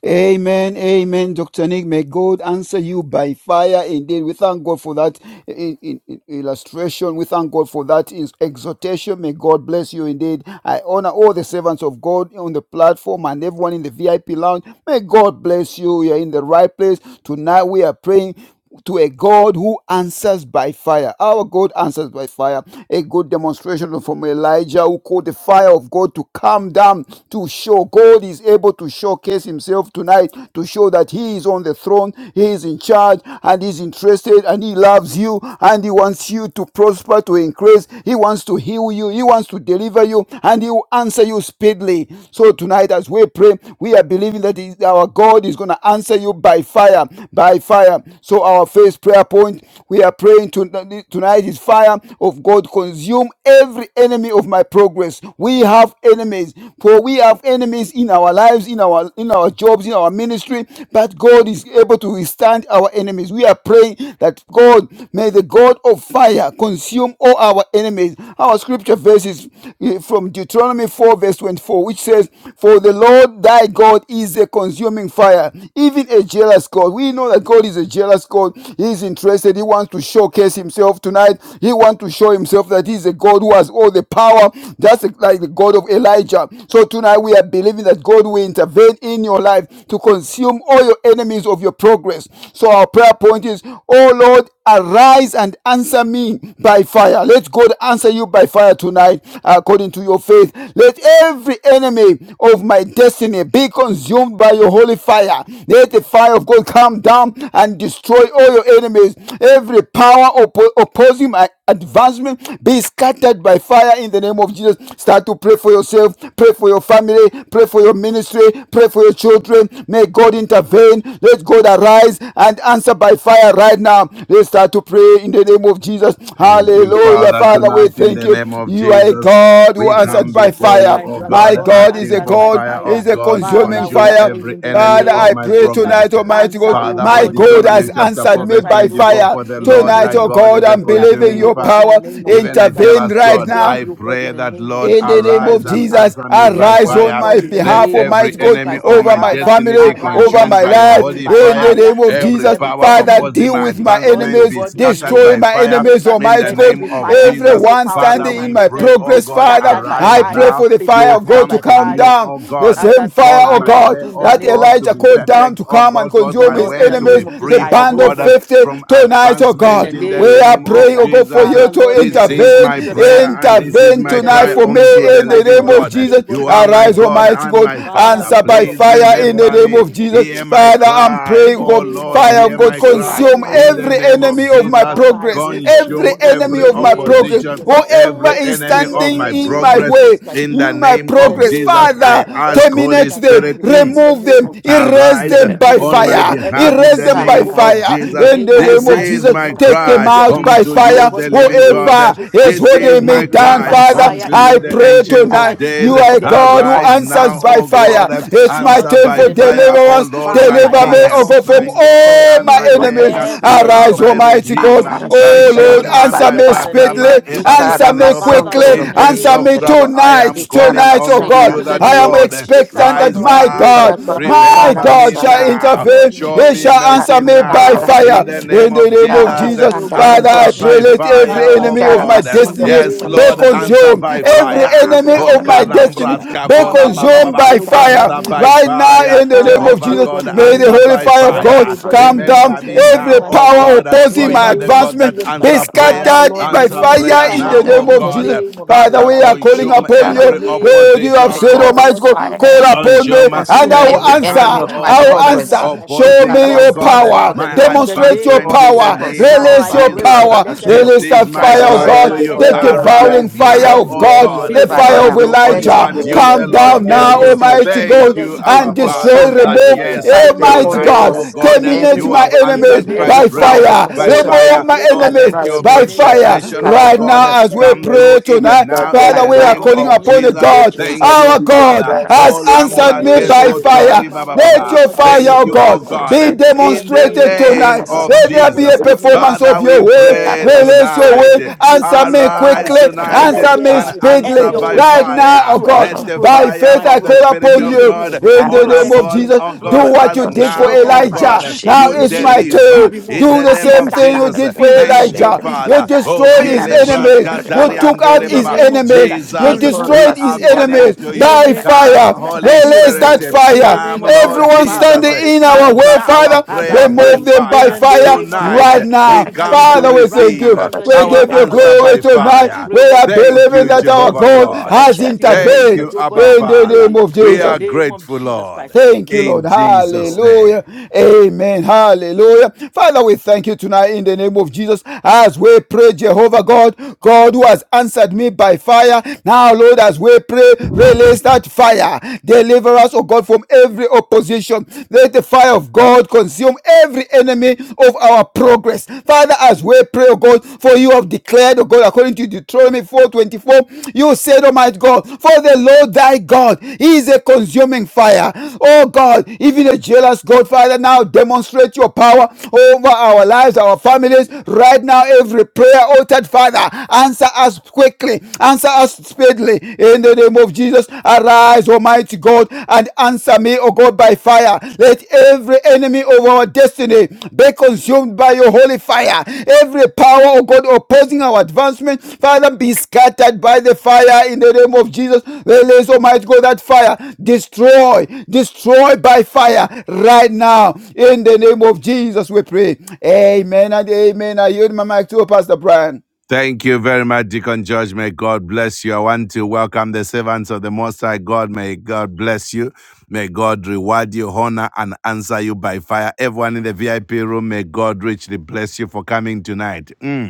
Speaker 3: Amen, amen, Dr. Nick. May God answer you by fire indeed. We thank God for that in, in- in- illustration. We thank God for that is- exhortation. May God bless you indeed. I honor all the servants of God on the platform and everyone in the VIP lounge. May God bless you. You're in the right place. Tonight we are praying to a God who answers by fire. Our God answers by fire. A good demonstration from Elijah who called the fire of God to come down to show God is able to showcase himself tonight to show that he is on the throne, he is in charge, and he's interested and he loves you and he wants you to prosper, to increase. He wants to heal you, he wants to deliver you, and he will answer you speedily. So tonight, as we pray, we are believing that our God is going to answer you by fire, by fire. So our first prayer point we are praying to, tonight is fire of God consume every enemy of my progress. We have enemies, for we have enemies in our lives, in our in our jobs, in our ministry. But God is able to withstand our enemies. We are praying that God may the God of fire consume all our enemies. our scripture verses eh, from Deuteronomy 4, verse 24, which says, For the Lord thy God is a consuming fire, even a jealous God. We know that God is a jealous God. He is interested. He wants to showcase himself tonight. He wants to show himself that he is a God who has all the power. That's like the God of Elijah. So tonight we are believing that God will intervene in your life to consume all your enemies of your progress. So our prayer point is, Oh Lord, arise and answer me by fire. Let God answer you by fire tonight according to your faith. Let every enemy of my destiny be consumed by your holy fire. Let the fire of God come down and destroy all your enemies. Every power oppo- opposing my advancement be scattered by fire in the name of Jesus. Start to pray for yourself, pray for your family, pray for your ministry, pray for your children children. May God intervene. Let God arise and answer by fire right now. Let's start to pray in the name of Jesus.
Speaker 1: Thank you,
Speaker 3: Hallelujah.
Speaker 1: Father.
Speaker 3: Father, we
Speaker 1: Tonight, in
Speaker 3: thank
Speaker 1: the
Speaker 3: you.
Speaker 1: name of
Speaker 3: You are a
Speaker 1: Jesus,
Speaker 3: God who
Speaker 1: we
Speaker 4: name of
Speaker 3: answered
Speaker 1: come
Speaker 3: by
Speaker 1: before
Speaker 4: Jesus
Speaker 3: fire.
Speaker 1: you,
Speaker 4: Christ.
Speaker 1: O
Speaker 4: You are the
Speaker 3: My
Speaker 1: God,
Speaker 4: God that
Speaker 3: God is a
Speaker 1: asking
Speaker 4: answered
Speaker 1: for
Speaker 4: by
Speaker 3: God,
Speaker 1: fire
Speaker 4: fire.
Speaker 3: is
Speaker 1: of
Speaker 3: a
Speaker 1: God to
Speaker 4: Father,
Speaker 3: consuming
Speaker 4: we
Speaker 1: consume
Speaker 4: are
Speaker 3: fire.
Speaker 4: praying
Speaker 1: every
Speaker 4: in the
Speaker 1: enemy
Speaker 3: Father,
Speaker 4: name
Speaker 1: of
Speaker 3: I
Speaker 4: of
Speaker 1: my
Speaker 3: pray
Speaker 4: Jesus Christ.
Speaker 1: progress.
Speaker 3: tonight, Almighty
Speaker 4: Answer,
Speaker 3: God,
Speaker 4: oh
Speaker 1: Father, for
Speaker 3: my
Speaker 4: God, in the
Speaker 3: God
Speaker 1: Deuteronomy
Speaker 3: has
Speaker 4: name of
Speaker 1: chapter
Speaker 3: answered
Speaker 1: 4,
Speaker 4: Jesus
Speaker 3: me
Speaker 1: verse
Speaker 4: Christ,
Speaker 3: by
Speaker 4: oh
Speaker 1: 24,
Speaker 4: God,
Speaker 3: fire.
Speaker 1: for the
Speaker 4: in the
Speaker 1: Lord thy
Speaker 3: Tonight,
Speaker 4: name
Speaker 3: oh
Speaker 4: of
Speaker 1: God
Speaker 3: God,
Speaker 1: is
Speaker 4: Jesus.
Speaker 1: a
Speaker 3: I'm
Speaker 4: We are
Speaker 3: believing
Speaker 4: praying,
Speaker 1: consuming
Speaker 4: oh
Speaker 3: your
Speaker 4: God, in
Speaker 1: fire.
Speaker 3: power.
Speaker 4: the name of
Speaker 1: Even a
Speaker 4: Jesus Christ.
Speaker 3: Intervene
Speaker 1: jealous
Speaker 3: right
Speaker 4: Let
Speaker 1: God,
Speaker 4: there
Speaker 3: now.
Speaker 1: I
Speaker 4: be, oh God,
Speaker 1: pray
Speaker 4: in the
Speaker 1: that,
Speaker 4: name of
Speaker 1: Lord,
Speaker 3: In the
Speaker 4: Jesus
Speaker 3: name of
Speaker 1: arise
Speaker 4: Christ, oh
Speaker 1: and
Speaker 4: God.
Speaker 3: Jesus,
Speaker 1: answer me
Speaker 4: We are
Speaker 1: by
Speaker 3: arise
Speaker 4: calling
Speaker 3: on
Speaker 1: fire.
Speaker 4: upon
Speaker 3: my
Speaker 4: you in the
Speaker 1: Let
Speaker 3: behalf,
Speaker 4: name of
Speaker 1: every
Speaker 3: Almighty
Speaker 4: Jesus
Speaker 3: God,
Speaker 1: enemy
Speaker 4: Christ,
Speaker 1: of
Speaker 4: my
Speaker 3: over
Speaker 1: my
Speaker 3: my
Speaker 4: Father.
Speaker 1: destiny
Speaker 3: family,
Speaker 1: be
Speaker 4: Arise
Speaker 3: over
Speaker 4: and
Speaker 1: consumed
Speaker 3: my
Speaker 1: by your
Speaker 4: answer
Speaker 3: life.
Speaker 4: me
Speaker 1: holy
Speaker 4: by
Speaker 3: In the
Speaker 1: fire.
Speaker 4: fire.
Speaker 3: name of
Speaker 4: Let
Speaker 1: Every
Speaker 3: Jesus,
Speaker 4: every
Speaker 1: power
Speaker 3: Father,
Speaker 4: enemy
Speaker 1: opposing
Speaker 3: deal
Speaker 1: my
Speaker 4: be
Speaker 3: with my
Speaker 4: destroyed, oh
Speaker 1: advancement
Speaker 3: enemies,
Speaker 1: be
Speaker 4: God, in the
Speaker 1: scattered
Speaker 4: name
Speaker 3: destroy
Speaker 1: by
Speaker 4: of
Speaker 3: my
Speaker 1: fire
Speaker 4: Jesus
Speaker 3: enemies,
Speaker 4: Christ.
Speaker 1: in the
Speaker 3: Almighty
Speaker 4: Let
Speaker 3: God.
Speaker 1: name
Speaker 4: every
Speaker 1: of
Speaker 4: fire or
Speaker 1: Jesus.
Speaker 4: every
Speaker 3: Everyone
Speaker 4: power
Speaker 1: Father,
Speaker 4: opposing
Speaker 3: standing
Speaker 4: my
Speaker 3: in
Speaker 1: we
Speaker 3: my
Speaker 4: brethren
Speaker 1: pray, oh
Speaker 4: be
Speaker 3: progress,
Speaker 1: God,
Speaker 3: Father,
Speaker 4: scattered by
Speaker 3: I
Speaker 1: arise
Speaker 3: pray
Speaker 4: fire,
Speaker 1: now.
Speaker 3: for the
Speaker 4: be
Speaker 3: fire
Speaker 1: Do
Speaker 3: of
Speaker 4: scattered
Speaker 3: God to
Speaker 4: by
Speaker 1: something
Speaker 3: come
Speaker 1: new,
Speaker 4: fire,
Speaker 3: down.
Speaker 1: oh
Speaker 3: The
Speaker 1: God.
Speaker 3: same
Speaker 4: scattered by
Speaker 3: fire,
Speaker 1: God's
Speaker 3: oh
Speaker 1: my
Speaker 4: fire,
Speaker 3: God,
Speaker 1: way,
Speaker 4: in the
Speaker 1: oh
Speaker 3: that
Speaker 4: name
Speaker 1: God,
Speaker 4: of
Speaker 1: to
Speaker 3: Elijah
Speaker 1: be
Speaker 4: Jesus
Speaker 3: called
Speaker 4: Christ.
Speaker 3: down
Speaker 1: perfect,
Speaker 3: to
Speaker 1: oh
Speaker 3: come and
Speaker 1: God, God's
Speaker 4: The
Speaker 3: consume
Speaker 1: my
Speaker 3: his
Speaker 4: Lord, in
Speaker 1: way
Speaker 4: the
Speaker 1: to
Speaker 3: enemies,
Speaker 1: be
Speaker 4: name of this,
Speaker 1: free,
Speaker 3: the
Speaker 4: I
Speaker 1: oh
Speaker 3: band
Speaker 4: pray,
Speaker 3: of
Speaker 1: God,
Speaker 4: God.
Speaker 1: uh, from
Speaker 3: 50 tonight, oh
Speaker 4: In
Speaker 3: God.
Speaker 1: advancement
Speaker 4: the
Speaker 1: in the
Speaker 3: We
Speaker 4: name
Speaker 3: are
Speaker 4: of
Speaker 1: name
Speaker 3: praying
Speaker 1: of
Speaker 4: Jesus
Speaker 3: praying, oh
Speaker 4: Christ.
Speaker 3: God, for
Speaker 1: Jesus. Uh,
Speaker 3: you
Speaker 4: Father,
Speaker 3: to
Speaker 4: Lord, in the
Speaker 1: This
Speaker 4: name
Speaker 1: is
Speaker 4: of
Speaker 3: intervene,
Speaker 1: my
Speaker 4: Jesus Christ,
Speaker 1: prayer
Speaker 4: we
Speaker 1: and this
Speaker 4: pray.
Speaker 1: is
Speaker 3: intervene
Speaker 4: In
Speaker 1: my
Speaker 4: the
Speaker 3: tonight
Speaker 1: cry
Speaker 3: for
Speaker 4: name
Speaker 3: me
Speaker 4: of
Speaker 1: unto
Speaker 4: Jesus
Speaker 1: the
Speaker 3: in the
Speaker 4: Christ,
Speaker 1: living
Speaker 4: Lord,
Speaker 3: name
Speaker 4: I
Speaker 3: of
Speaker 1: God. Uh,
Speaker 4: pray, oh
Speaker 3: Jesus.
Speaker 1: You
Speaker 4: God, in
Speaker 1: are
Speaker 4: the
Speaker 1: my
Speaker 4: name
Speaker 3: Arise,
Speaker 4: of
Speaker 1: God
Speaker 4: Jesus
Speaker 3: Almighty
Speaker 1: and
Speaker 3: God,
Speaker 4: Christ.
Speaker 1: my
Speaker 4: Father,
Speaker 1: Father.
Speaker 4: we
Speaker 3: answer by
Speaker 4: call
Speaker 1: Please
Speaker 4: upon
Speaker 3: fire
Speaker 4: you,
Speaker 3: in
Speaker 4: God,
Speaker 3: the
Speaker 4: in
Speaker 1: remember
Speaker 4: the
Speaker 3: name
Speaker 1: me.
Speaker 3: of
Speaker 4: name of
Speaker 3: Jesus.
Speaker 1: Hear
Speaker 4: Jesus
Speaker 1: my
Speaker 4: Christ,
Speaker 3: Father,
Speaker 4: oh God.
Speaker 3: I'm
Speaker 1: cry,
Speaker 4: In
Speaker 3: praying,
Speaker 4: the
Speaker 1: oh
Speaker 3: God,
Speaker 4: name of
Speaker 1: Lord,
Speaker 3: fire
Speaker 4: Jesus,
Speaker 3: of
Speaker 1: hear
Speaker 4: we
Speaker 3: God,
Speaker 1: my
Speaker 5: as a
Speaker 4: pray, oh
Speaker 1: cry
Speaker 4: God, in
Speaker 3: consume
Speaker 4: the
Speaker 1: in
Speaker 5: background
Speaker 4: name
Speaker 1: the
Speaker 3: every
Speaker 4: of
Speaker 1: name
Speaker 4: Jesus.
Speaker 1: of
Speaker 3: enemy of
Speaker 5: sound
Speaker 3: my
Speaker 1: Jesus.
Speaker 4: Father, I
Speaker 3: progress,
Speaker 4: pray for this,
Speaker 3: every
Speaker 1: Consume
Speaker 4: oh God, in
Speaker 3: enemy
Speaker 1: every
Speaker 4: the
Speaker 3: of my
Speaker 4: name of
Speaker 3: progress,
Speaker 5: question
Speaker 1: opposition,
Speaker 4: Jesus Christ.
Speaker 3: whoever
Speaker 1: every
Speaker 4: Let
Speaker 3: is
Speaker 4: it be, oh
Speaker 1: enemy
Speaker 4: God,
Speaker 1: of
Speaker 4: in
Speaker 3: standing
Speaker 1: my
Speaker 4: the
Speaker 3: in
Speaker 4: name
Speaker 3: my
Speaker 4: of
Speaker 1: progress.
Speaker 4: Jesus
Speaker 3: way,
Speaker 4: Christ
Speaker 1: In the
Speaker 3: in
Speaker 4: now.
Speaker 3: my
Speaker 1: name
Speaker 4: In the
Speaker 1: of
Speaker 3: progress.
Speaker 4: name
Speaker 1: Jesus,
Speaker 4: of Jesus
Speaker 1: I
Speaker 3: Father,
Speaker 4: Christ,
Speaker 1: ask
Speaker 4: everything
Speaker 1: Holy
Speaker 3: terminate
Speaker 4: that
Speaker 1: Spirit.
Speaker 4: stands,
Speaker 3: them,
Speaker 4: oh God,
Speaker 1: mm,
Speaker 4: in the
Speaker 3: remove
Speaker 4: name
Speaker 3: them,
Speaker 4: of Jesus Christ.
Speaker 3: erase
Speaker 1: Arise
Speaker 4: Let
Speaker 3: them
Speaker 4: it be
Speaker 3: by
Speaker 1: on
Speaker 4: removed, oh
Speaker 1: my
Speaker 3: fire,
Speaker 4: God, every
Speaker 1: behalf
Speaker 3: erase
Speaker 1: in
Speaker 3: them Cleanse
Speaker 1: the
Speaker 3: them
Speaker 4: opposition,
Speaker 3: by
Speaker 1: name
Speaker 4: oh
Speaker 5: Sandra
Speaker 4: God,
Speaker 1: of
Speaker 3: fire.
Speaker 4: in the
Speaker 1: Jesus.
Speaker 3: In
Speaker 4: name
Speaker 3: the
Speaker 4: of Jesus
Speaker 3: name
Speaker 1: This
Speaker 5: Eterna
Speaker 3: of
Speaker 4: Christ, be
Speaker 1: is
Speaker 3: Jesus,
Speaker 1: my
Speaker 5: Sandra
Speaker 4: removed.
Speaker 3: take them
Speaker 1: cry
Speaker 4: Every
Speaker 3: out by
Speaker 1: unto
Speaker 4: opposition,
Speaker 5: Mata
Speaker 4: oh
Speaker 1: you,
Speaker 3: fire.
Speaker 4: God,
Speaker 1: the
Speaker 4: in
Speaker 5: Sandra
Speaker 4: the
Speaker 1: living
Speaker 4: name
Speaker 1: God.
Speaker 4: of
Speaker 5: Kukusi
Speaker 3: Whoever
Speaker 4: Jesus Christ,
Speaker 3: is
Speaker 1: This
Speaker 4: let
Speaker 1: is
Speaker 3: holding
Speaker 4: it be
Speaker 3: me
Speaker 1: my
Speaker 5: Mata
Speaker 3: down,
Speaker 4: removed
Speaker 1: cry
Speaker 4: by
Speaker 5: Dina
Speaker 3: Father,
Speaker 4: fire
Speaker 1: unto
Speaker 5: Sandra
Speaker 4: in
Speaker 1: you,
Speaker 3: I
Speaker 4: the
Speaker 1: the
Speaker 4: name
Speaker 3: pray
Speaker 4: of
Speaker 1: ancient
Speaker 4: Jesus
Speaker 1: of
Speaker 3: tonight.
Speaker 4: Christ to
Speaker 1: days.
Speaker 3: You
Speaker 4: my
Speaker 3: are a
Speaker 5: Eterna
Speaker 3: God
Speaker 4: destiny,
Speaker 3: who
Speaker 5: Sandra
Speaker 4: to my
Speaker 1: Arise
Speaker 3: answers
Speaker 1: now,
Speaker 3: by
Speaker 1: O
Speaker 4: advancement, oh God,
Speaker 3: fire.
Speaker 1: God.
Speaker 4: as my
Speaker 3: It's my
Speaker 4: child,
Speaker 1: Answer
Speaker 3: turn
Speaker 4: in
Speaker 1: by
Speaker 3: for
Speaker 4: the name of
Speaker 1: fire,
Speaker 4: Jesus
Speaker 1: O
Speaker 4: Christ.
Speaker 3: deliverance.
Speaker 1: Lord,
Speaker 4: Father,
Speaker 1: my
Speaker 4: by
Speaker 3: Deliver me,
Speaker 4: fire,
Speaker 5: Eterna
Speaker 1: King,
Speaker 3: O God,
Speaker 5: Sandra
Speaker 3: from
Speaker 1: my
Speaker 4: consume,
Speaker 1: God
Speaker 3: all
Speaker 1: and
Speaker 3: my
Speaker 4: consume, oh
Speaker 1: my
Speaker 4: God,
Speaker 3: enemies.
Speaker 5: Eterna Sandra Mata Sandra Mata Fire but
Speaker 1: Maker.
Speaker 5: I'm a sound
Speaker 4: every
Speaker 5: that it had nothing
Speaker 1: You
Speaker 5: but a
Speaker 1: are
Speaker 4: enemy
Speaker 3: Arise,
Speaker 4: of
Speaker 1: my
Speaker 4: progress,
Speaker 3: Almighty
Speaker 5: not
Speaker 3: God.
Speaker 1: Redeemer,
Speaker 5: that I
Speaker 4: consume
Speaker 1: my
Speaker 3: Oh
Speaker 5: shoot,
Speaker 4: every
Speaker 5: but I'm
Speaker 3: Lord,
Speaker 1: shield
Speaker 4: enemy
Speaker 5: not
Speaker 4: of
Speaker 1: and
Speaker 5: that
Speaker 3: answer
Speaker 1: my
Speaker 4: progress
Speaker 3: me
Speaker 4: in
Speaker 5: fire.
Speaker 4: the
Speaker 1: buckler,
Speaker 3: speedily.
Speaker 4: name
Speaker 1: my
Speaker 4: of
Speaker 1: ever
Speaker 4: Jesus
Speaker 5: Ikara
Speaker 3: Answer
Speaker 1: present
Speaker 4: Christ.
Speaker 3: me
Speaker 1: helper.
Speaker 4: Father,
Speaker 3: quickly.
Speaker 4: Lord,
Speaker 5: Masandra
Speaker 4: in
Speaker 1: In
Speaker 4: the
Speaker 1: times
Speaker 3: Answer
Speaker 4: name
Speaker 1: of
Speaker 4: of
Speaker 3: me
Speaker 5: Purushandra
Speaker 1: trouble,
Speaker 4: Jesus
Speaker 1: I
Speaker 4: Christ
Speaker 3: tonight.
Speaker 1: am
Speaker 5: Ikara
Speaker 1: calling
Speaker 3: Tonight, O
Speaker 4: pray
Speaker 1: unto
Speaker 3: God.
Speaker 1: you
Speaker 4: in the
Speaker 1: that,
Speaker 5: Basandra
Speaker 3: I am
Speaker 4: name of
Speaker 1: Lord.
Speaker 4: Jesus Christ.
Speaker 3: expectant that said,
Speaker 4: Father,
Speaker 1: Rise
Speaker 4: I
Speaker 3: My
Speaker 4: pray
Speaker 1: up,
Speaker 4: but
Speaker 3: God,
Speaker 4: in the
Speaker 5: Abba,
Speaker 4: name
Speaker 3: my
Speaker 4: of
Speaker 5: Kala
Speaker 1: remember
Speaker 4: Jesus.
Speaker 3: God
Speaker 1: me
Speaker 3: shall
Speaker 5: Masandra,
Speaker 4: Father,
Speaker 1: now,
Speaker 4: Lord,
Speaker 3: intervene.
Speaker 4: in the
Speaker 1: show
Speaker 3: He
Speaker 4: name
Speaker 1: me
Speaker 4: of
Speaker 3: shall
Speaker 4: Jesus
Speaker 5: Kala
Speaker 3: answer
Speaker 1: mercy
Speaker 4: Christ.
Speaker 3: me
Speaker 4: Father,
Speaker 3: by
Speaker 1: now.
Speaker 4: Lord,
Speaker 5: Masandra,
Speaker 4: in the
Speaker 1: In
Speaker 3: fire.
Speaker 4: name
Speaker 1: the
Speaker 4: of
Speaker 1: name
Speaker 3: In
Speaker 4: Jesus.
Speaker 3: the
Speaker 1: of
Speaker 3: name
Speaker 5: Kala
Speaker 3: of
Speaker 4: Father, I
Speaker 1: Jesus,
Speaker 4: pray, oh
Speaker 3: Jesus,
Speaker 5: Masandra,
Speaker 4: God,
Speaker 3: Father,
Speaker 4: in the
Speaker 3: I
Speaker 1: answer
Speaker 4: name of
Speaker 3: pray
Speaker 1: by
Speaker 5: Rekurshant,
Speaker 4: Jesus.
Speaker 3: let every
Speaker 1: fire,
Speaker 4: Father, I
Speaker 1: oh
Speaker 3: enemy of
Speaker 5: Ikara
Speaker 4: pray
Speaker 3: my
Speaker 1: God.
Speaker 4: in the
Speaker 5: Masandra,
Speaker 3: destiny
Speaker 1: Yes,
Speaker 4: name
Speaker 3: be
Speaker 1: Lord,
Speaker 4: of
Speaker 5: Rekurshant,
Speaker 4: Jesus
Speaker 1: answer
Speaker 4: Christ.
Speaker 3: consumed.
Speaker 1: by
Speaker 4: Father, Lord, I
Speaker 3: Every
Speaker 5: Kala
Speaker 4: pray,
Speaker 1: fire.
Speaker 4: oh God,
Speaker 3: enemy
Speaker 4: in
Speaker 1: Oh
Speaker 4: the
Speaker 3: of
Speaker 5: Masandra,
Speaker 3: my
Speaker 4: name of Jesus
Speaker 3: destiny
Speaker 5: Rekurshant,
Speaker 4: Christ.
Speaker 1: Karambraska
Speaker 3: be
Speaker 4: Father,
Speaker 1: Kora ba
Speaker 4: Lord,
Speaker 1: ba ba
Speaker 4: I
Speaker 3: consumed
Speaker 1: ba.
Speaker 4: pray,
Speaker 3: by
Speaker 4: oh God,
Speaker 5: Ikara
Speaker 4: in the
Speaker 3: fire.
Speaker 1: answer
Speaker 4: name
Speaker 5: Masandra,
Speaker 1: by
Speaker 4: of
Speaker 3: Right
Speaker 4: Jesus Christ.
Speaker 3: now,
Speaker 1: fire.
Speaker 3: in the
Speaker 4: Father,
Speaker 3: name
Speaker 4: I
Speaker 3: of
Speaker 1: Jehovah
Speaker 4: pray, oh
Speaker 3: Jesus,
Speaker 4: God,
Speaker 1: God,
Speaker 4: in the
Speaker 3: may the
Speaker 4: name
Speaker 1: answer
Speaker 4: of
Speaker 3: holy
Speaker 4: Jesus
Speaker 1: by
Speaker 4: Christ.
Speaker 3: fire of
Speaker 4: Let it
Speaker 3: God
Speaker 4: be,
Speaker 1: fire.
Speaker 4: oh God, in the
Speaker 3: come
Speaker 4: name of
Speaker 5: Rekurshant,
Speaker 3: down.
Speaker 1: Remember
Speaker 4: Jesus. Let
Speaker 1: me
Speaker 4: me answer
Speaker 3: Every
Speaker 1: now,
Speaker 4: by
Speaker 1: oh
Speaker 3: power
Speaker 4: fire.
Speaker 1: God,
Speaker 4: In
Speaker 1: for
Speaker 3: opposing
Speaker 4: the
Speaker 1: you
Speaker 3: my
Speaker 1: are the
Speaker 4: name of
Speaker 1: God that
Speaker 4: Jesus
Speaker 3: advancement
Speaker 4: Christ.
Speaker 3: be
Speaker 1: answer
Speaker 4: Father,
Speaker 1: prayer.
Speaker 3: scattered
Speaker 4: Lord, in
Speaker 3: by
Speaker 4: the
Speaker 1: Answer
Speaker 4: name of Jesus,
Speaker 3: fire
Speaker 1: prayer
Speaker 4: Christ,
Speaker 3: in
Speaker 4: right
Speaker 3: the
Speaker 1: now, oh
Speaker 4: now,
Speaker 3: name
Speaker 4: in
Speaker 3: of
Speaker 4: the
Speaker 1: God.
Speaker 3: Jesus.
Speaker 4: name of
Speaker 3: Father,
Speaker 4: Jesus,
Speaker 1: Father,
Speaker 3: we
Speaker 4: Christ,
Speaker 3: are
Speaker 4: we
Speaker 3: calling
Speaker 4: pray.
Speaker 1: consume
Speaker 3: upon
Speaker 4: In
Speaker 5: Ikara
Speaker 4: the
Speaker 3: you.
Speaker 1: every
Speaker 5: Masandra,
Speaker 4: name of
Speaker 3: Lord, you
Speaker 4: Jesus,
Speaker 3: have
Speaker 5: the
Speaker 4: Christ,
Speaker 3: said,
Speaker 1: opposition.
Speaker 4: Father,
Speaker 5: God of
Speaker 3: Almighty
Speaker 4: Lord,
Speaker 3: God,
Speaker 4: as in the name
Speaker 5: fire,
Speaker 4: of
Speaker 3: call
Speaker 4: Jesus.
Speaker 3: upon
Speaker 4: Christ.
Speaker 3: me
Speaker 1: Consume uh,
Speaker 4: In
Speaker 3: and
Speaker 4: the
Speaker 5: consume
Speaker 3: I will
Speaker 4: name
Speaker 5: every
Speaker 1: every
Speaker 4: of
Speaker 3: answer.
Speaker 4: Jesus
Speaker 5: enemy
Speaker 1: hand,
Speaker 5: of
Speaker 4: Christ,
Speaker 1: oh
Speaker 5: my
Speaker 3: I
Speaker 4: in the
Speaker 3: will
Speaker 1: God, uh,
Speaker 4: name of
Speaker 5: progress.
Speaker 3: answer.
Speaker 4: Jesus, I pray.
Speaker 3: Show
Speaker 1: opposing,
Speaker 5: Ikara
Speaker 3: me
Speaker 1: oh
Speaker 4: Let
Speaker 3: your
Speaker 4: it
Speaker 1: God,
Speaker 4: be
Speaker 1: uh,
Speaker 5: Masandra,
Speaker 3: power.
Speaker 5: for
Speaker 4: removed.
Speaker 5: the
Speaker 4: God.
Speaker 1: my
Speaker 5: Lord.
Speaker 4: In the
Speaker 3: Demonstrate your
Speaker 4: name
Speaker 1: advancement
Speaker 4: of
Speaker 5: Lord
Speaker 1: in
Speaker 5: is
Speaker 4: Jesus
Speaker 1: the
Speaker 5: a
Speaker 3: power.
Speaker 4: Christ,
Speaker 1: name
Speaker 5: consuming
Speaker 4: Father,
Speaker 1: of
Speaker 3: Release
Speaker 4: I
Speaker 5: fire.
Speaker 3: your
Speaker 4: pray, oh
Speaker 1: Jesus.
Speaker 4: God,
Speaker 5: Instead
Speaker 3: power.
Speaker 5: of
Speaker 4: let every
Speaker 1: This
Speaker 3: Release the
Speaker 1: is
Speaker 4: opposition
Speaker 1: my
Speaker 3: fire of
Speaker 1: cry
Speaker 5: Nikarabasa,
Speaker 2: Father,
Speaker 4: helped
Speaker 2: I
Speaker 5: O
Speaker 3: God,
Speaker 1: to
Speaker 4: by
Speaker 1: you.
Speaker 4: any
Speaker 5: Lord,
Speaker 3: the
Speaker 4: of
Speaker 2: declare
Speaker 5: arise
Speaker 2: right
Speaker 4: my
Speaker 5: and
Speaker 4: progress
Speaker 2: now
Speaker 3: devouring
Speaker 1: Arise
Speaker 4: be
Speaker 5: answer
Speaker 3: fire
Speaker 2: that
Speaker 1: now,
Speaker 3: of
Speaker 1: oh
Speaker 4: removed,
Speaker 2: Lord
Speaker 3: God,
Speaker 5: me
Speaker 2: God
Speaker 4: be
Speaker 1: God,
Speaker 3: the
Speaker 5: by
Speaker 3: fire
Speaker 1: and
Speaker 3: of
Speaker 2: Almighty,
Speaker 5: fire.
Speaker 4: removed,
Speaker 1: do
Speaker 2: I
Speaker 4: be
Speaker 1: only
Speaker 5: Let
Speaker 2: thank
Speaker 1: what
Speaker 2: you,
Speaker 5: every
Speaker 3: Elijah.
Speaker 2: O
Speaker 1: you,
Speaker 4: removed.
Speaker 1: the
Speaker 2: Lord.
Speaker 3: Come
Speaker 5: enemy
Speaker 4: In the
Speaker 1: Lord,
Speaker 5: of
Speaker 3: down
Speaker 5: the
Speaker 2: Arise
Speaker 1: can
Speaker 4: name
Speaker 3: now,
Speaker 4: of
Speaker 2: and
Speaker 1: do.
Speaker 5: destiny
Speaker 4: Jesus Christ.
Speaker 3: Almighty
Speaker 2: answer
Speaker 1: Thank
Speaker 2: me
Speaker 3: God,
Speaker 4: Let
Speaker 1: you,
Speaker 4: it be
Speaker 2: and
Speaker 3: and
Speaker 2: my
Speaker 1: Abba
Speaker 4: removed
Speaker 1: Father,
Speaker 2: family
Speaker 3: destroy,
Speaker 5: consumed
Speaker 4: as I
Speaker 2: by
Speaker 1: that
Speaker 4: prayed
Speaker 3: remove,
Speaker 2: fire.
Speaker 1: yes,
Speaker 4: in
Speaker 1: uh,
Speaker 5: by
Speaker 4: the
Speaker 5: the
Speaker 2: Let
Speaker 4: name
Speaker 3: Almighty
Speaker 4: of
Speaker 5: Holy
Speaker 1: tonight,
Speaker 4: Jesus
Speaker 3: God.
Speaker 4: Christ.
Speaker 2: every
Speaker 1: oh
Speaker 5: Ghost
Speaker 4: Let
Speaker 5: and
Speaker 1: God,
Speaker 4: it
Speaker 1: uh,
Speaker 2: enemy
Speaker 4: be
Speaker 2: of
Speaker 3: Terminate
Speaker 5: every
Speaker 1: you
Speaker 2: my
Speaker 3: my
Speaker 1: have
Speaker 4: removed in
Speaker 2: destiny
Speaker 4: the
Speaker 3: enemies
Speaker 1: answered
Speaker 2: be
Speaker 1: by
Speaker 4: name
Speaker 5: every
Speaker 3: by
Speaker 4: of Jesus
Speaker 2: consumed
Speaker 5: power
Speaker 1: prayer,
Speaker 4: Christ.
Speaker 3: fire.
Speaker 2: by
Speaker 1: by
Speaker 4: Oh
Speaker 2: your
Speaker 5: opposition
Speaker 4: Lord, I
Speaker 2: holy
Speaker 3: Remove
Speaker 1: fire.
Speaker 3: my
Speaker 4: pray
Speaker 3: enemies
Speaker 1: So
Speaker 4: for
Speaker 2: fire.
Speaker 4: this, oh
Speaker 1: let
Speaker 4: God,
Speaker 3: enemies
Speaker 1: your
Speaker 4: in the
Speaker 3: by
Speaker 2: Every
Speaker 5: advancement
Speaker 4: name
Speaker 2: power
Speaker 4: of
Speaker 5: by
Speaker 3: fire
Speaker 4: Jesus
Speaker 1: manifestation,
Speaker 4: Christ.
Speaker 1: oh
Speaker 2: opposing
Speaker 5: scatter
Speaker 3: right
Speaker 2: my
Speaker 4: Father,
Speaker 1: God, uh,
Speaker 4: Lord,
Speaker 3: now
Speaker 4: in
Speaker 3: as
Speaker 4: the
Speaker 3: we
Speaker 4: name
Speaker 1: come
Speaker 4: of
Speaker 2: advancement
Speaker 3: pray
Speaker 1: through
Speaker 4: Jesus Christ.
Speaker 2: be
Speaker 1: even even
Speaker 3: tonight.
Speaker 1: now
Speaker 4: Father,
Speaker 2: scattered
Speaker 1: in
Speaker 4: I
Speaker 5: by
Speaker 3: Father,
Speaker 1: the
Speaker 2: by
Speaker 3: we
Speaker 4: pray, oh
Speaker 3: are
Speaker 5: fire
Speaker 1: name
Speaker 4: God, in
Speaker 3: calling
Speaker 4: the
Speaker 2: fire
Speaker 1: of
Speaker 5: in the
Speaker 3: upon
Speaker 4: name
Speaker 3: the
Speaker 2: in
Speaker 4: of
Speaker 5: name of
Speaker 1: Jesus.
Speaker 2: the
Speaker 3: God.
Speaker 4: Jesus.
Speaker 2: name
Speaker 1: Thank
Speaker 2: of
Speaker 5: Jesus.
Speaker 1: you,
Speaker 3: Our
Speaker 2: Jesus
Speaker 3: God
Speaker 1: Father.
Speaker 2: Christ,
Speaker 3: has
Speaker 1: Oh,
Speaker 2: the
Speaker 4: In
Speaker 2: Son
Speaker 4: the
Speaker 5: Ikarabasundere
Speaker 3: answered
Speaker 1: Lambra
Speaker 2: of
Speaker 3: me
Speaker 2: the
Speaker 4: name
Speaker 3: by
Speaker 4: of
Speaker 1: Keso
Speaker 2: living
Speaker 4: Jesus
Speaker 5: koroshandara,
Speaker 2: God.
Speaker 4: Christ,
Speaker 3: fire.
Speaker 1: Tori Baba
Speaker 4: Father, I
Speaker 3: Let
Speaker 4: pray,
Speaker 1: Baba.
Speaker 2: Father,
Speaker 3: your
Speaker 4: God, in
Speaker 2: I
Speaker 4: the
Speaker 3: fire,
Speaker 1: Thank
Speaker 3: oh
Speaker 4: name
Speaker 1: you,
Speaker 2: believe
Speaker 4: of
Speaker 5: ikarabasundere
Speaker 1: oh
Speaker 3: God,
Speaker 4: Jesus
Speaker 2: you.
Speaker 4: Christ,
Speaker 1: God,
Speaker 4: God,
Speaker 3: be
Speaker 2: Be
Speaker 5: koroshendere,
Speaker 4: in the
Speaker 1: in the
Speaker 2: scattered,
Speaker 4: name
Speaker 3: demonstrated
Speaker 4: of
Speaker 2: be
Speaker 4: Jesus
Speaker 1: name
Speaker 3: tonight.
Speaker 4: Christ, let
Speaker 1: of
Speaker 4: it
Speaker 3: Let
Speaker 4: be,
Speaker 2: scattered,
Speaker 4: O
Speaker 3: there
Speaker 5: ikarabasandere
Speaker 3: be
Speaker 4: God,
Speaker 3: a
Speaker 1: Jesus.
Speaker 4: in
Speaker 2: be
Speaker 4: the name
Speaker 3: performance
Speaker 4: of
Speaker 3: of
Speaker 1: Father,
Speaker 2: scattered.
Speaker 4: Jesus
Speaker 1: we
Speaker 3: your
Speaker 4: Christ, in the
Speaker 3: word.
Speaker 4: name
Speaker 1: pray
Speaker 4: of
Speaker 2: Everyone
Speaker 4: Jesus
Speaker 5: karabasandere,
Speaker 3: Release
Speaker 4: Christ.
Speaker 3: your
Speaker 1: tonight.
Speaker 2: opposing
Speaker 4: Let
Speaker 3: word.
Speaker 4: it be, O
Speaker 2: be
Speaker 3: Answer
Speaker 4: God, in the
Speaker 3: me
Speaker 4: name
Speaker 1: Arise
Speaker 4: of
Speaker 3: quickly.
Speaker 2: scattered
Speaker 4: Jesus Christ.
Speaker 5: Asatara
Speaker 1: tonight
Speaker 4: Let
Speaker 2: right
Speaker 3: Answer
Speaker 4: there
Speaker 3: me
Speaker 5: Korshen,
Speaker 1: and
Speaker 2: now.
Speaker 4: be O God,
Speaker 1: answer
Speaker 3: speedily.
Speaker 4: every
Speaker 2: Oh,
Speaker 1: by
Speaker 2: my
Speaker 3: Right
Speaker 4: opposition
Speaker 3: now,
Speaker 1: fire.
Speaker 3: oh
Speaker 4: to
Speaker 1: Let
Speaker 4: every
Speaker 3: God,
Speaker 5: Echo,
Speaker 1: the
Speaker 2: God.
Speaker 3: by
Speaker 4: progress,
Speaker 1: fire
Speaker 3: faith
Speaker 4: my
Speaker 3: I
Speaker 1: of the
Speaker 4: progress,
Speaker 3: call
Speaker 1: Spirit
Speaker 3: upon
Speaker 4: be
Speaker 1: of
Speaker 3: you
Speaker 1: God
Speaker 4: removed.
Speaker 3: in the
Speaker 1: fall
Speaker 3: name
Speaker 5: Aramas,
Speaker 4: Progress
Speaker 3: of
Speaker 4: in
Speaker 1: upon,
Speaker 4: health,
Speaker 3: Jesus.
Speaker 1: oh God,
Speaker 3: Do
Speaker 4: progress in
Speaker 3: what
Speaker 1: us
Speaker 3: you
Speaker 4: health,
Speaker 3: did for
Speaker 5: Korshen,
Speaker 1: now,
Speaker 5: the
Speaker 4: progress
Speaker 1: oh
Speaker 4: in
Speaker 3: Elijah.
Speaker 1: God,
Speaker 4: finances,
Speaker 3: Elijah.
Speaker 5: Korshen,
Speaker 4: be
Speaker 3: Now
Speaker 1: to
Speaker 5: the
Speaker 3: it's
Speaker 5: Shed,
Speaker 3: my
Speaker 4: removed, be
Speaker 1: deliver
Speaker 3: turn.
Speaker 1: in
Speaker 4: removed,
Speaker 3: Do
Speaker 1: the
Speaker 3: the
Speaker 4: be
Speaker 1: name
Speaker 3: same
Speaker 1: of
Speaker 3: thing
Speaker 5: Akarashin,
Speaker 3: you
Speaker 4: scattered,
Speaker 5: the
Speaker 1: Jesus.
Speaker 3: did for
Speaker 4: be
Speaker 1: Thank
Speaker 4: removed.
Speaker 1: you,
Speaker 5: Korshen,
Speaker 3: Elijah.
Speaker 4: Be
Speaker 3: You
Speaker 1: Father.
Speaker 4: scattered,
Speaker 3: destroyed
Speaker 4: be
Speaker 1: Okay,
Speaker 3: his
Speaker 4: removed,
Speaker 5: Akarashin, the
Speaker 3: enemies.
Speaker 4: be
Speaker 3: You
Speaker 5: Korshen,
Speaker 4: scattered
Speaker 3: took
Speaker 4: in
Speaker 3: out
Speaker 1: lebraskatariandere
Speaker 4: the
Speaker 3: his
Speaker 1: baba.
Speaker 4: name of
Speaker 5: Indras,
Speaker 4: Jesus Christ.
Speaker 3: enemies.
Speaker 4: Be
Speaker 3: You
Speaker 1: Jesus,
Speaker 4: removed,
Speaker 1: we
Speaker 3: destroyed
Speaker 5: Ikorvas,
Speaker 4: be
Speaker 1: are
Speaker 3: his
Speaker 5: the
Speaker 4: scattered
Speaker 1: calling
Speaker 3: enemies
Speaker 1: to
Speaker 4: in the
Speaker 1: you.
Speaker 3: by
Speaker 4: name
Speaker 5: Akarashin,
Speaker 4: of
Speaker 1: Come,
Speaker 3: fire.
Speaker 4: Jesus
Speaker 5: the
Speaker 1: Holy
Speaker 4: be
Speaker 3: Release
Speaker 1: Spirit.
Speaker 3: that
Speaker 4: removed in the
Speaker 3: fire.
Speaker 4: name
Speaker 1: Come,
Speaker 4: of Jesus.
Speaker 1: Lord
Speaker 3: Everyone
Speaker 4: Father,
Speaker 1: Jesus.
Speaker 3: standing
Speaker 4: Lord, let it
Speaker 3: in
Speaker 4: be
Speaker 3: our
Speaker 4: removed
Speaker 3: way,
Speaker 1: Answer
Speaker 4: now
Speaker 1: our
Speaker 3: Father,
Speaker 4: as I
Speaker 1: prayer by
Speaker 3: remove
Speaker 4: pray.
Speaker 3: them
Speaker 4: In
Speaker 3: by
Speaker 1: fire.
Speaker 4: the
Speaker 3: fire
Speaker 4: name of Jesus,
Speaker 1: Tonight,
Speaker 3: right
Speaker 4: let
Speaker 1: we
Speaker 3: now.
Speaker 4: it be
Speaker 1: come to
Speaker 3: Father,
Speaker 4: removed
Speaker 3: we
Speaker 4: right
Speaker 3: thank
Speaker 1: receive
Speaker 4: now.
Speaker 3: you.
Speaker 4: In the
Speaker 3: We
Speaker 1: our
Speaker 4: name
Speaker 3: give
Speaker 4: of
Speaker 3: you
Speaker 4: Jesus,
Speaker 1: answer
Speaker 3: glory
Speaker 1: by
Speaker 4: Father, I
Speaker 3: tonight.
Speaker 1: fire.
Speaker 4: pray,
Speaker 3: We
Speaker 4: oh God,
Speaker 3: are
Speaker 4: even for
Speaker 1: Thank
Speaker 4: this, oh
Speaker 3: believing
Speaker 1: you,
Speaker 3: that
Speaker 4: God, in
Speaker 3: our
Speaker 4: the
Speaker 1: Jehovah
Speaker 4: name
Speaker 3: God
Speaker 4: of Jesus,
Speaker 1: God.
Speaker 3: has
Speaker 4: let it be
Speaker 1: Thank
Speaker 3: intervened
Speaker 1: you,
Speaker 4: removed,
Speaker 5: Korshen,
Speaker 4: oh God,
Speaker 1: Abba
Speaker 4: as
Speaker 3: in
Speaker 4: we
Speaker 3: the
Speaker 1: Father.
Speaker 3: name
Speaker 4: pray.
Speaker 3: of
Speaker 4: In
Speaker 1: We
Speaker 4: the
Speaker 3: Jesus.
Speaker 1: are
Speaker 4: name of
Speaker 1: grateful,
Speaker 4: Jesus Christ,
Speaker 1: Lord,
Speaker 4: we are
Speaker 3: Thank you,
Speaker 4: praying.
Speaker 1: in
Speaker 3: Lord.
Speaker 4: Thank you,
Speaker 1: Jesus'
Speaker 4: Lord.
Speaker 3: Hallelujah.
Speaker 1: name.
Speaker 3: Amen. Hallelujah. Father, we thank you tonight in the name of Jesus as we pray, Jehovah God, God who has answered me by fire. Now, Lord, as we pray, release that fire. Deliver us, O God, from every opposition. Let the fire of God consume every enemy of our progress. Father, as we pray, O God, for you have have declared, oh God, according to Deuteronomy 4:24, you said, Almighty God, for the Lord thy God is a consuming fire. Oh God, even a jealous God, Father, now demonstrate your power over our lives, our families. Right now, every prayer uttered, Father, answer us quickly, answer us speedily. In the name of Jesus, arise, Almighty God, and answer me, enemy, oh God, by fire. Let every enemy of our destiny be consumed by your holy fire. Every power, oh God, opposing our advancement, Father, be scattered by the fire in the name of Jesus. Release, Almighty God, that fire. Destroy, destroy by fire right now. In the name of Jesus, we pray. Amen and amen. I yield my mic to Pastor Brian.
Speaker 1: Thank you very much, Deacon George. May God bless you. I want to welcome the servants of the Most High God. May God bless you. May God reward you, honor, and answer you by fire. Everyone in the VIP room, may God richly bless you for coming tonight. Mm.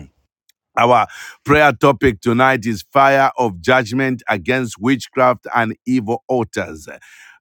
Speaker 1: Our prayer topic tonight is fire of judgment against witchcraft and evil altars.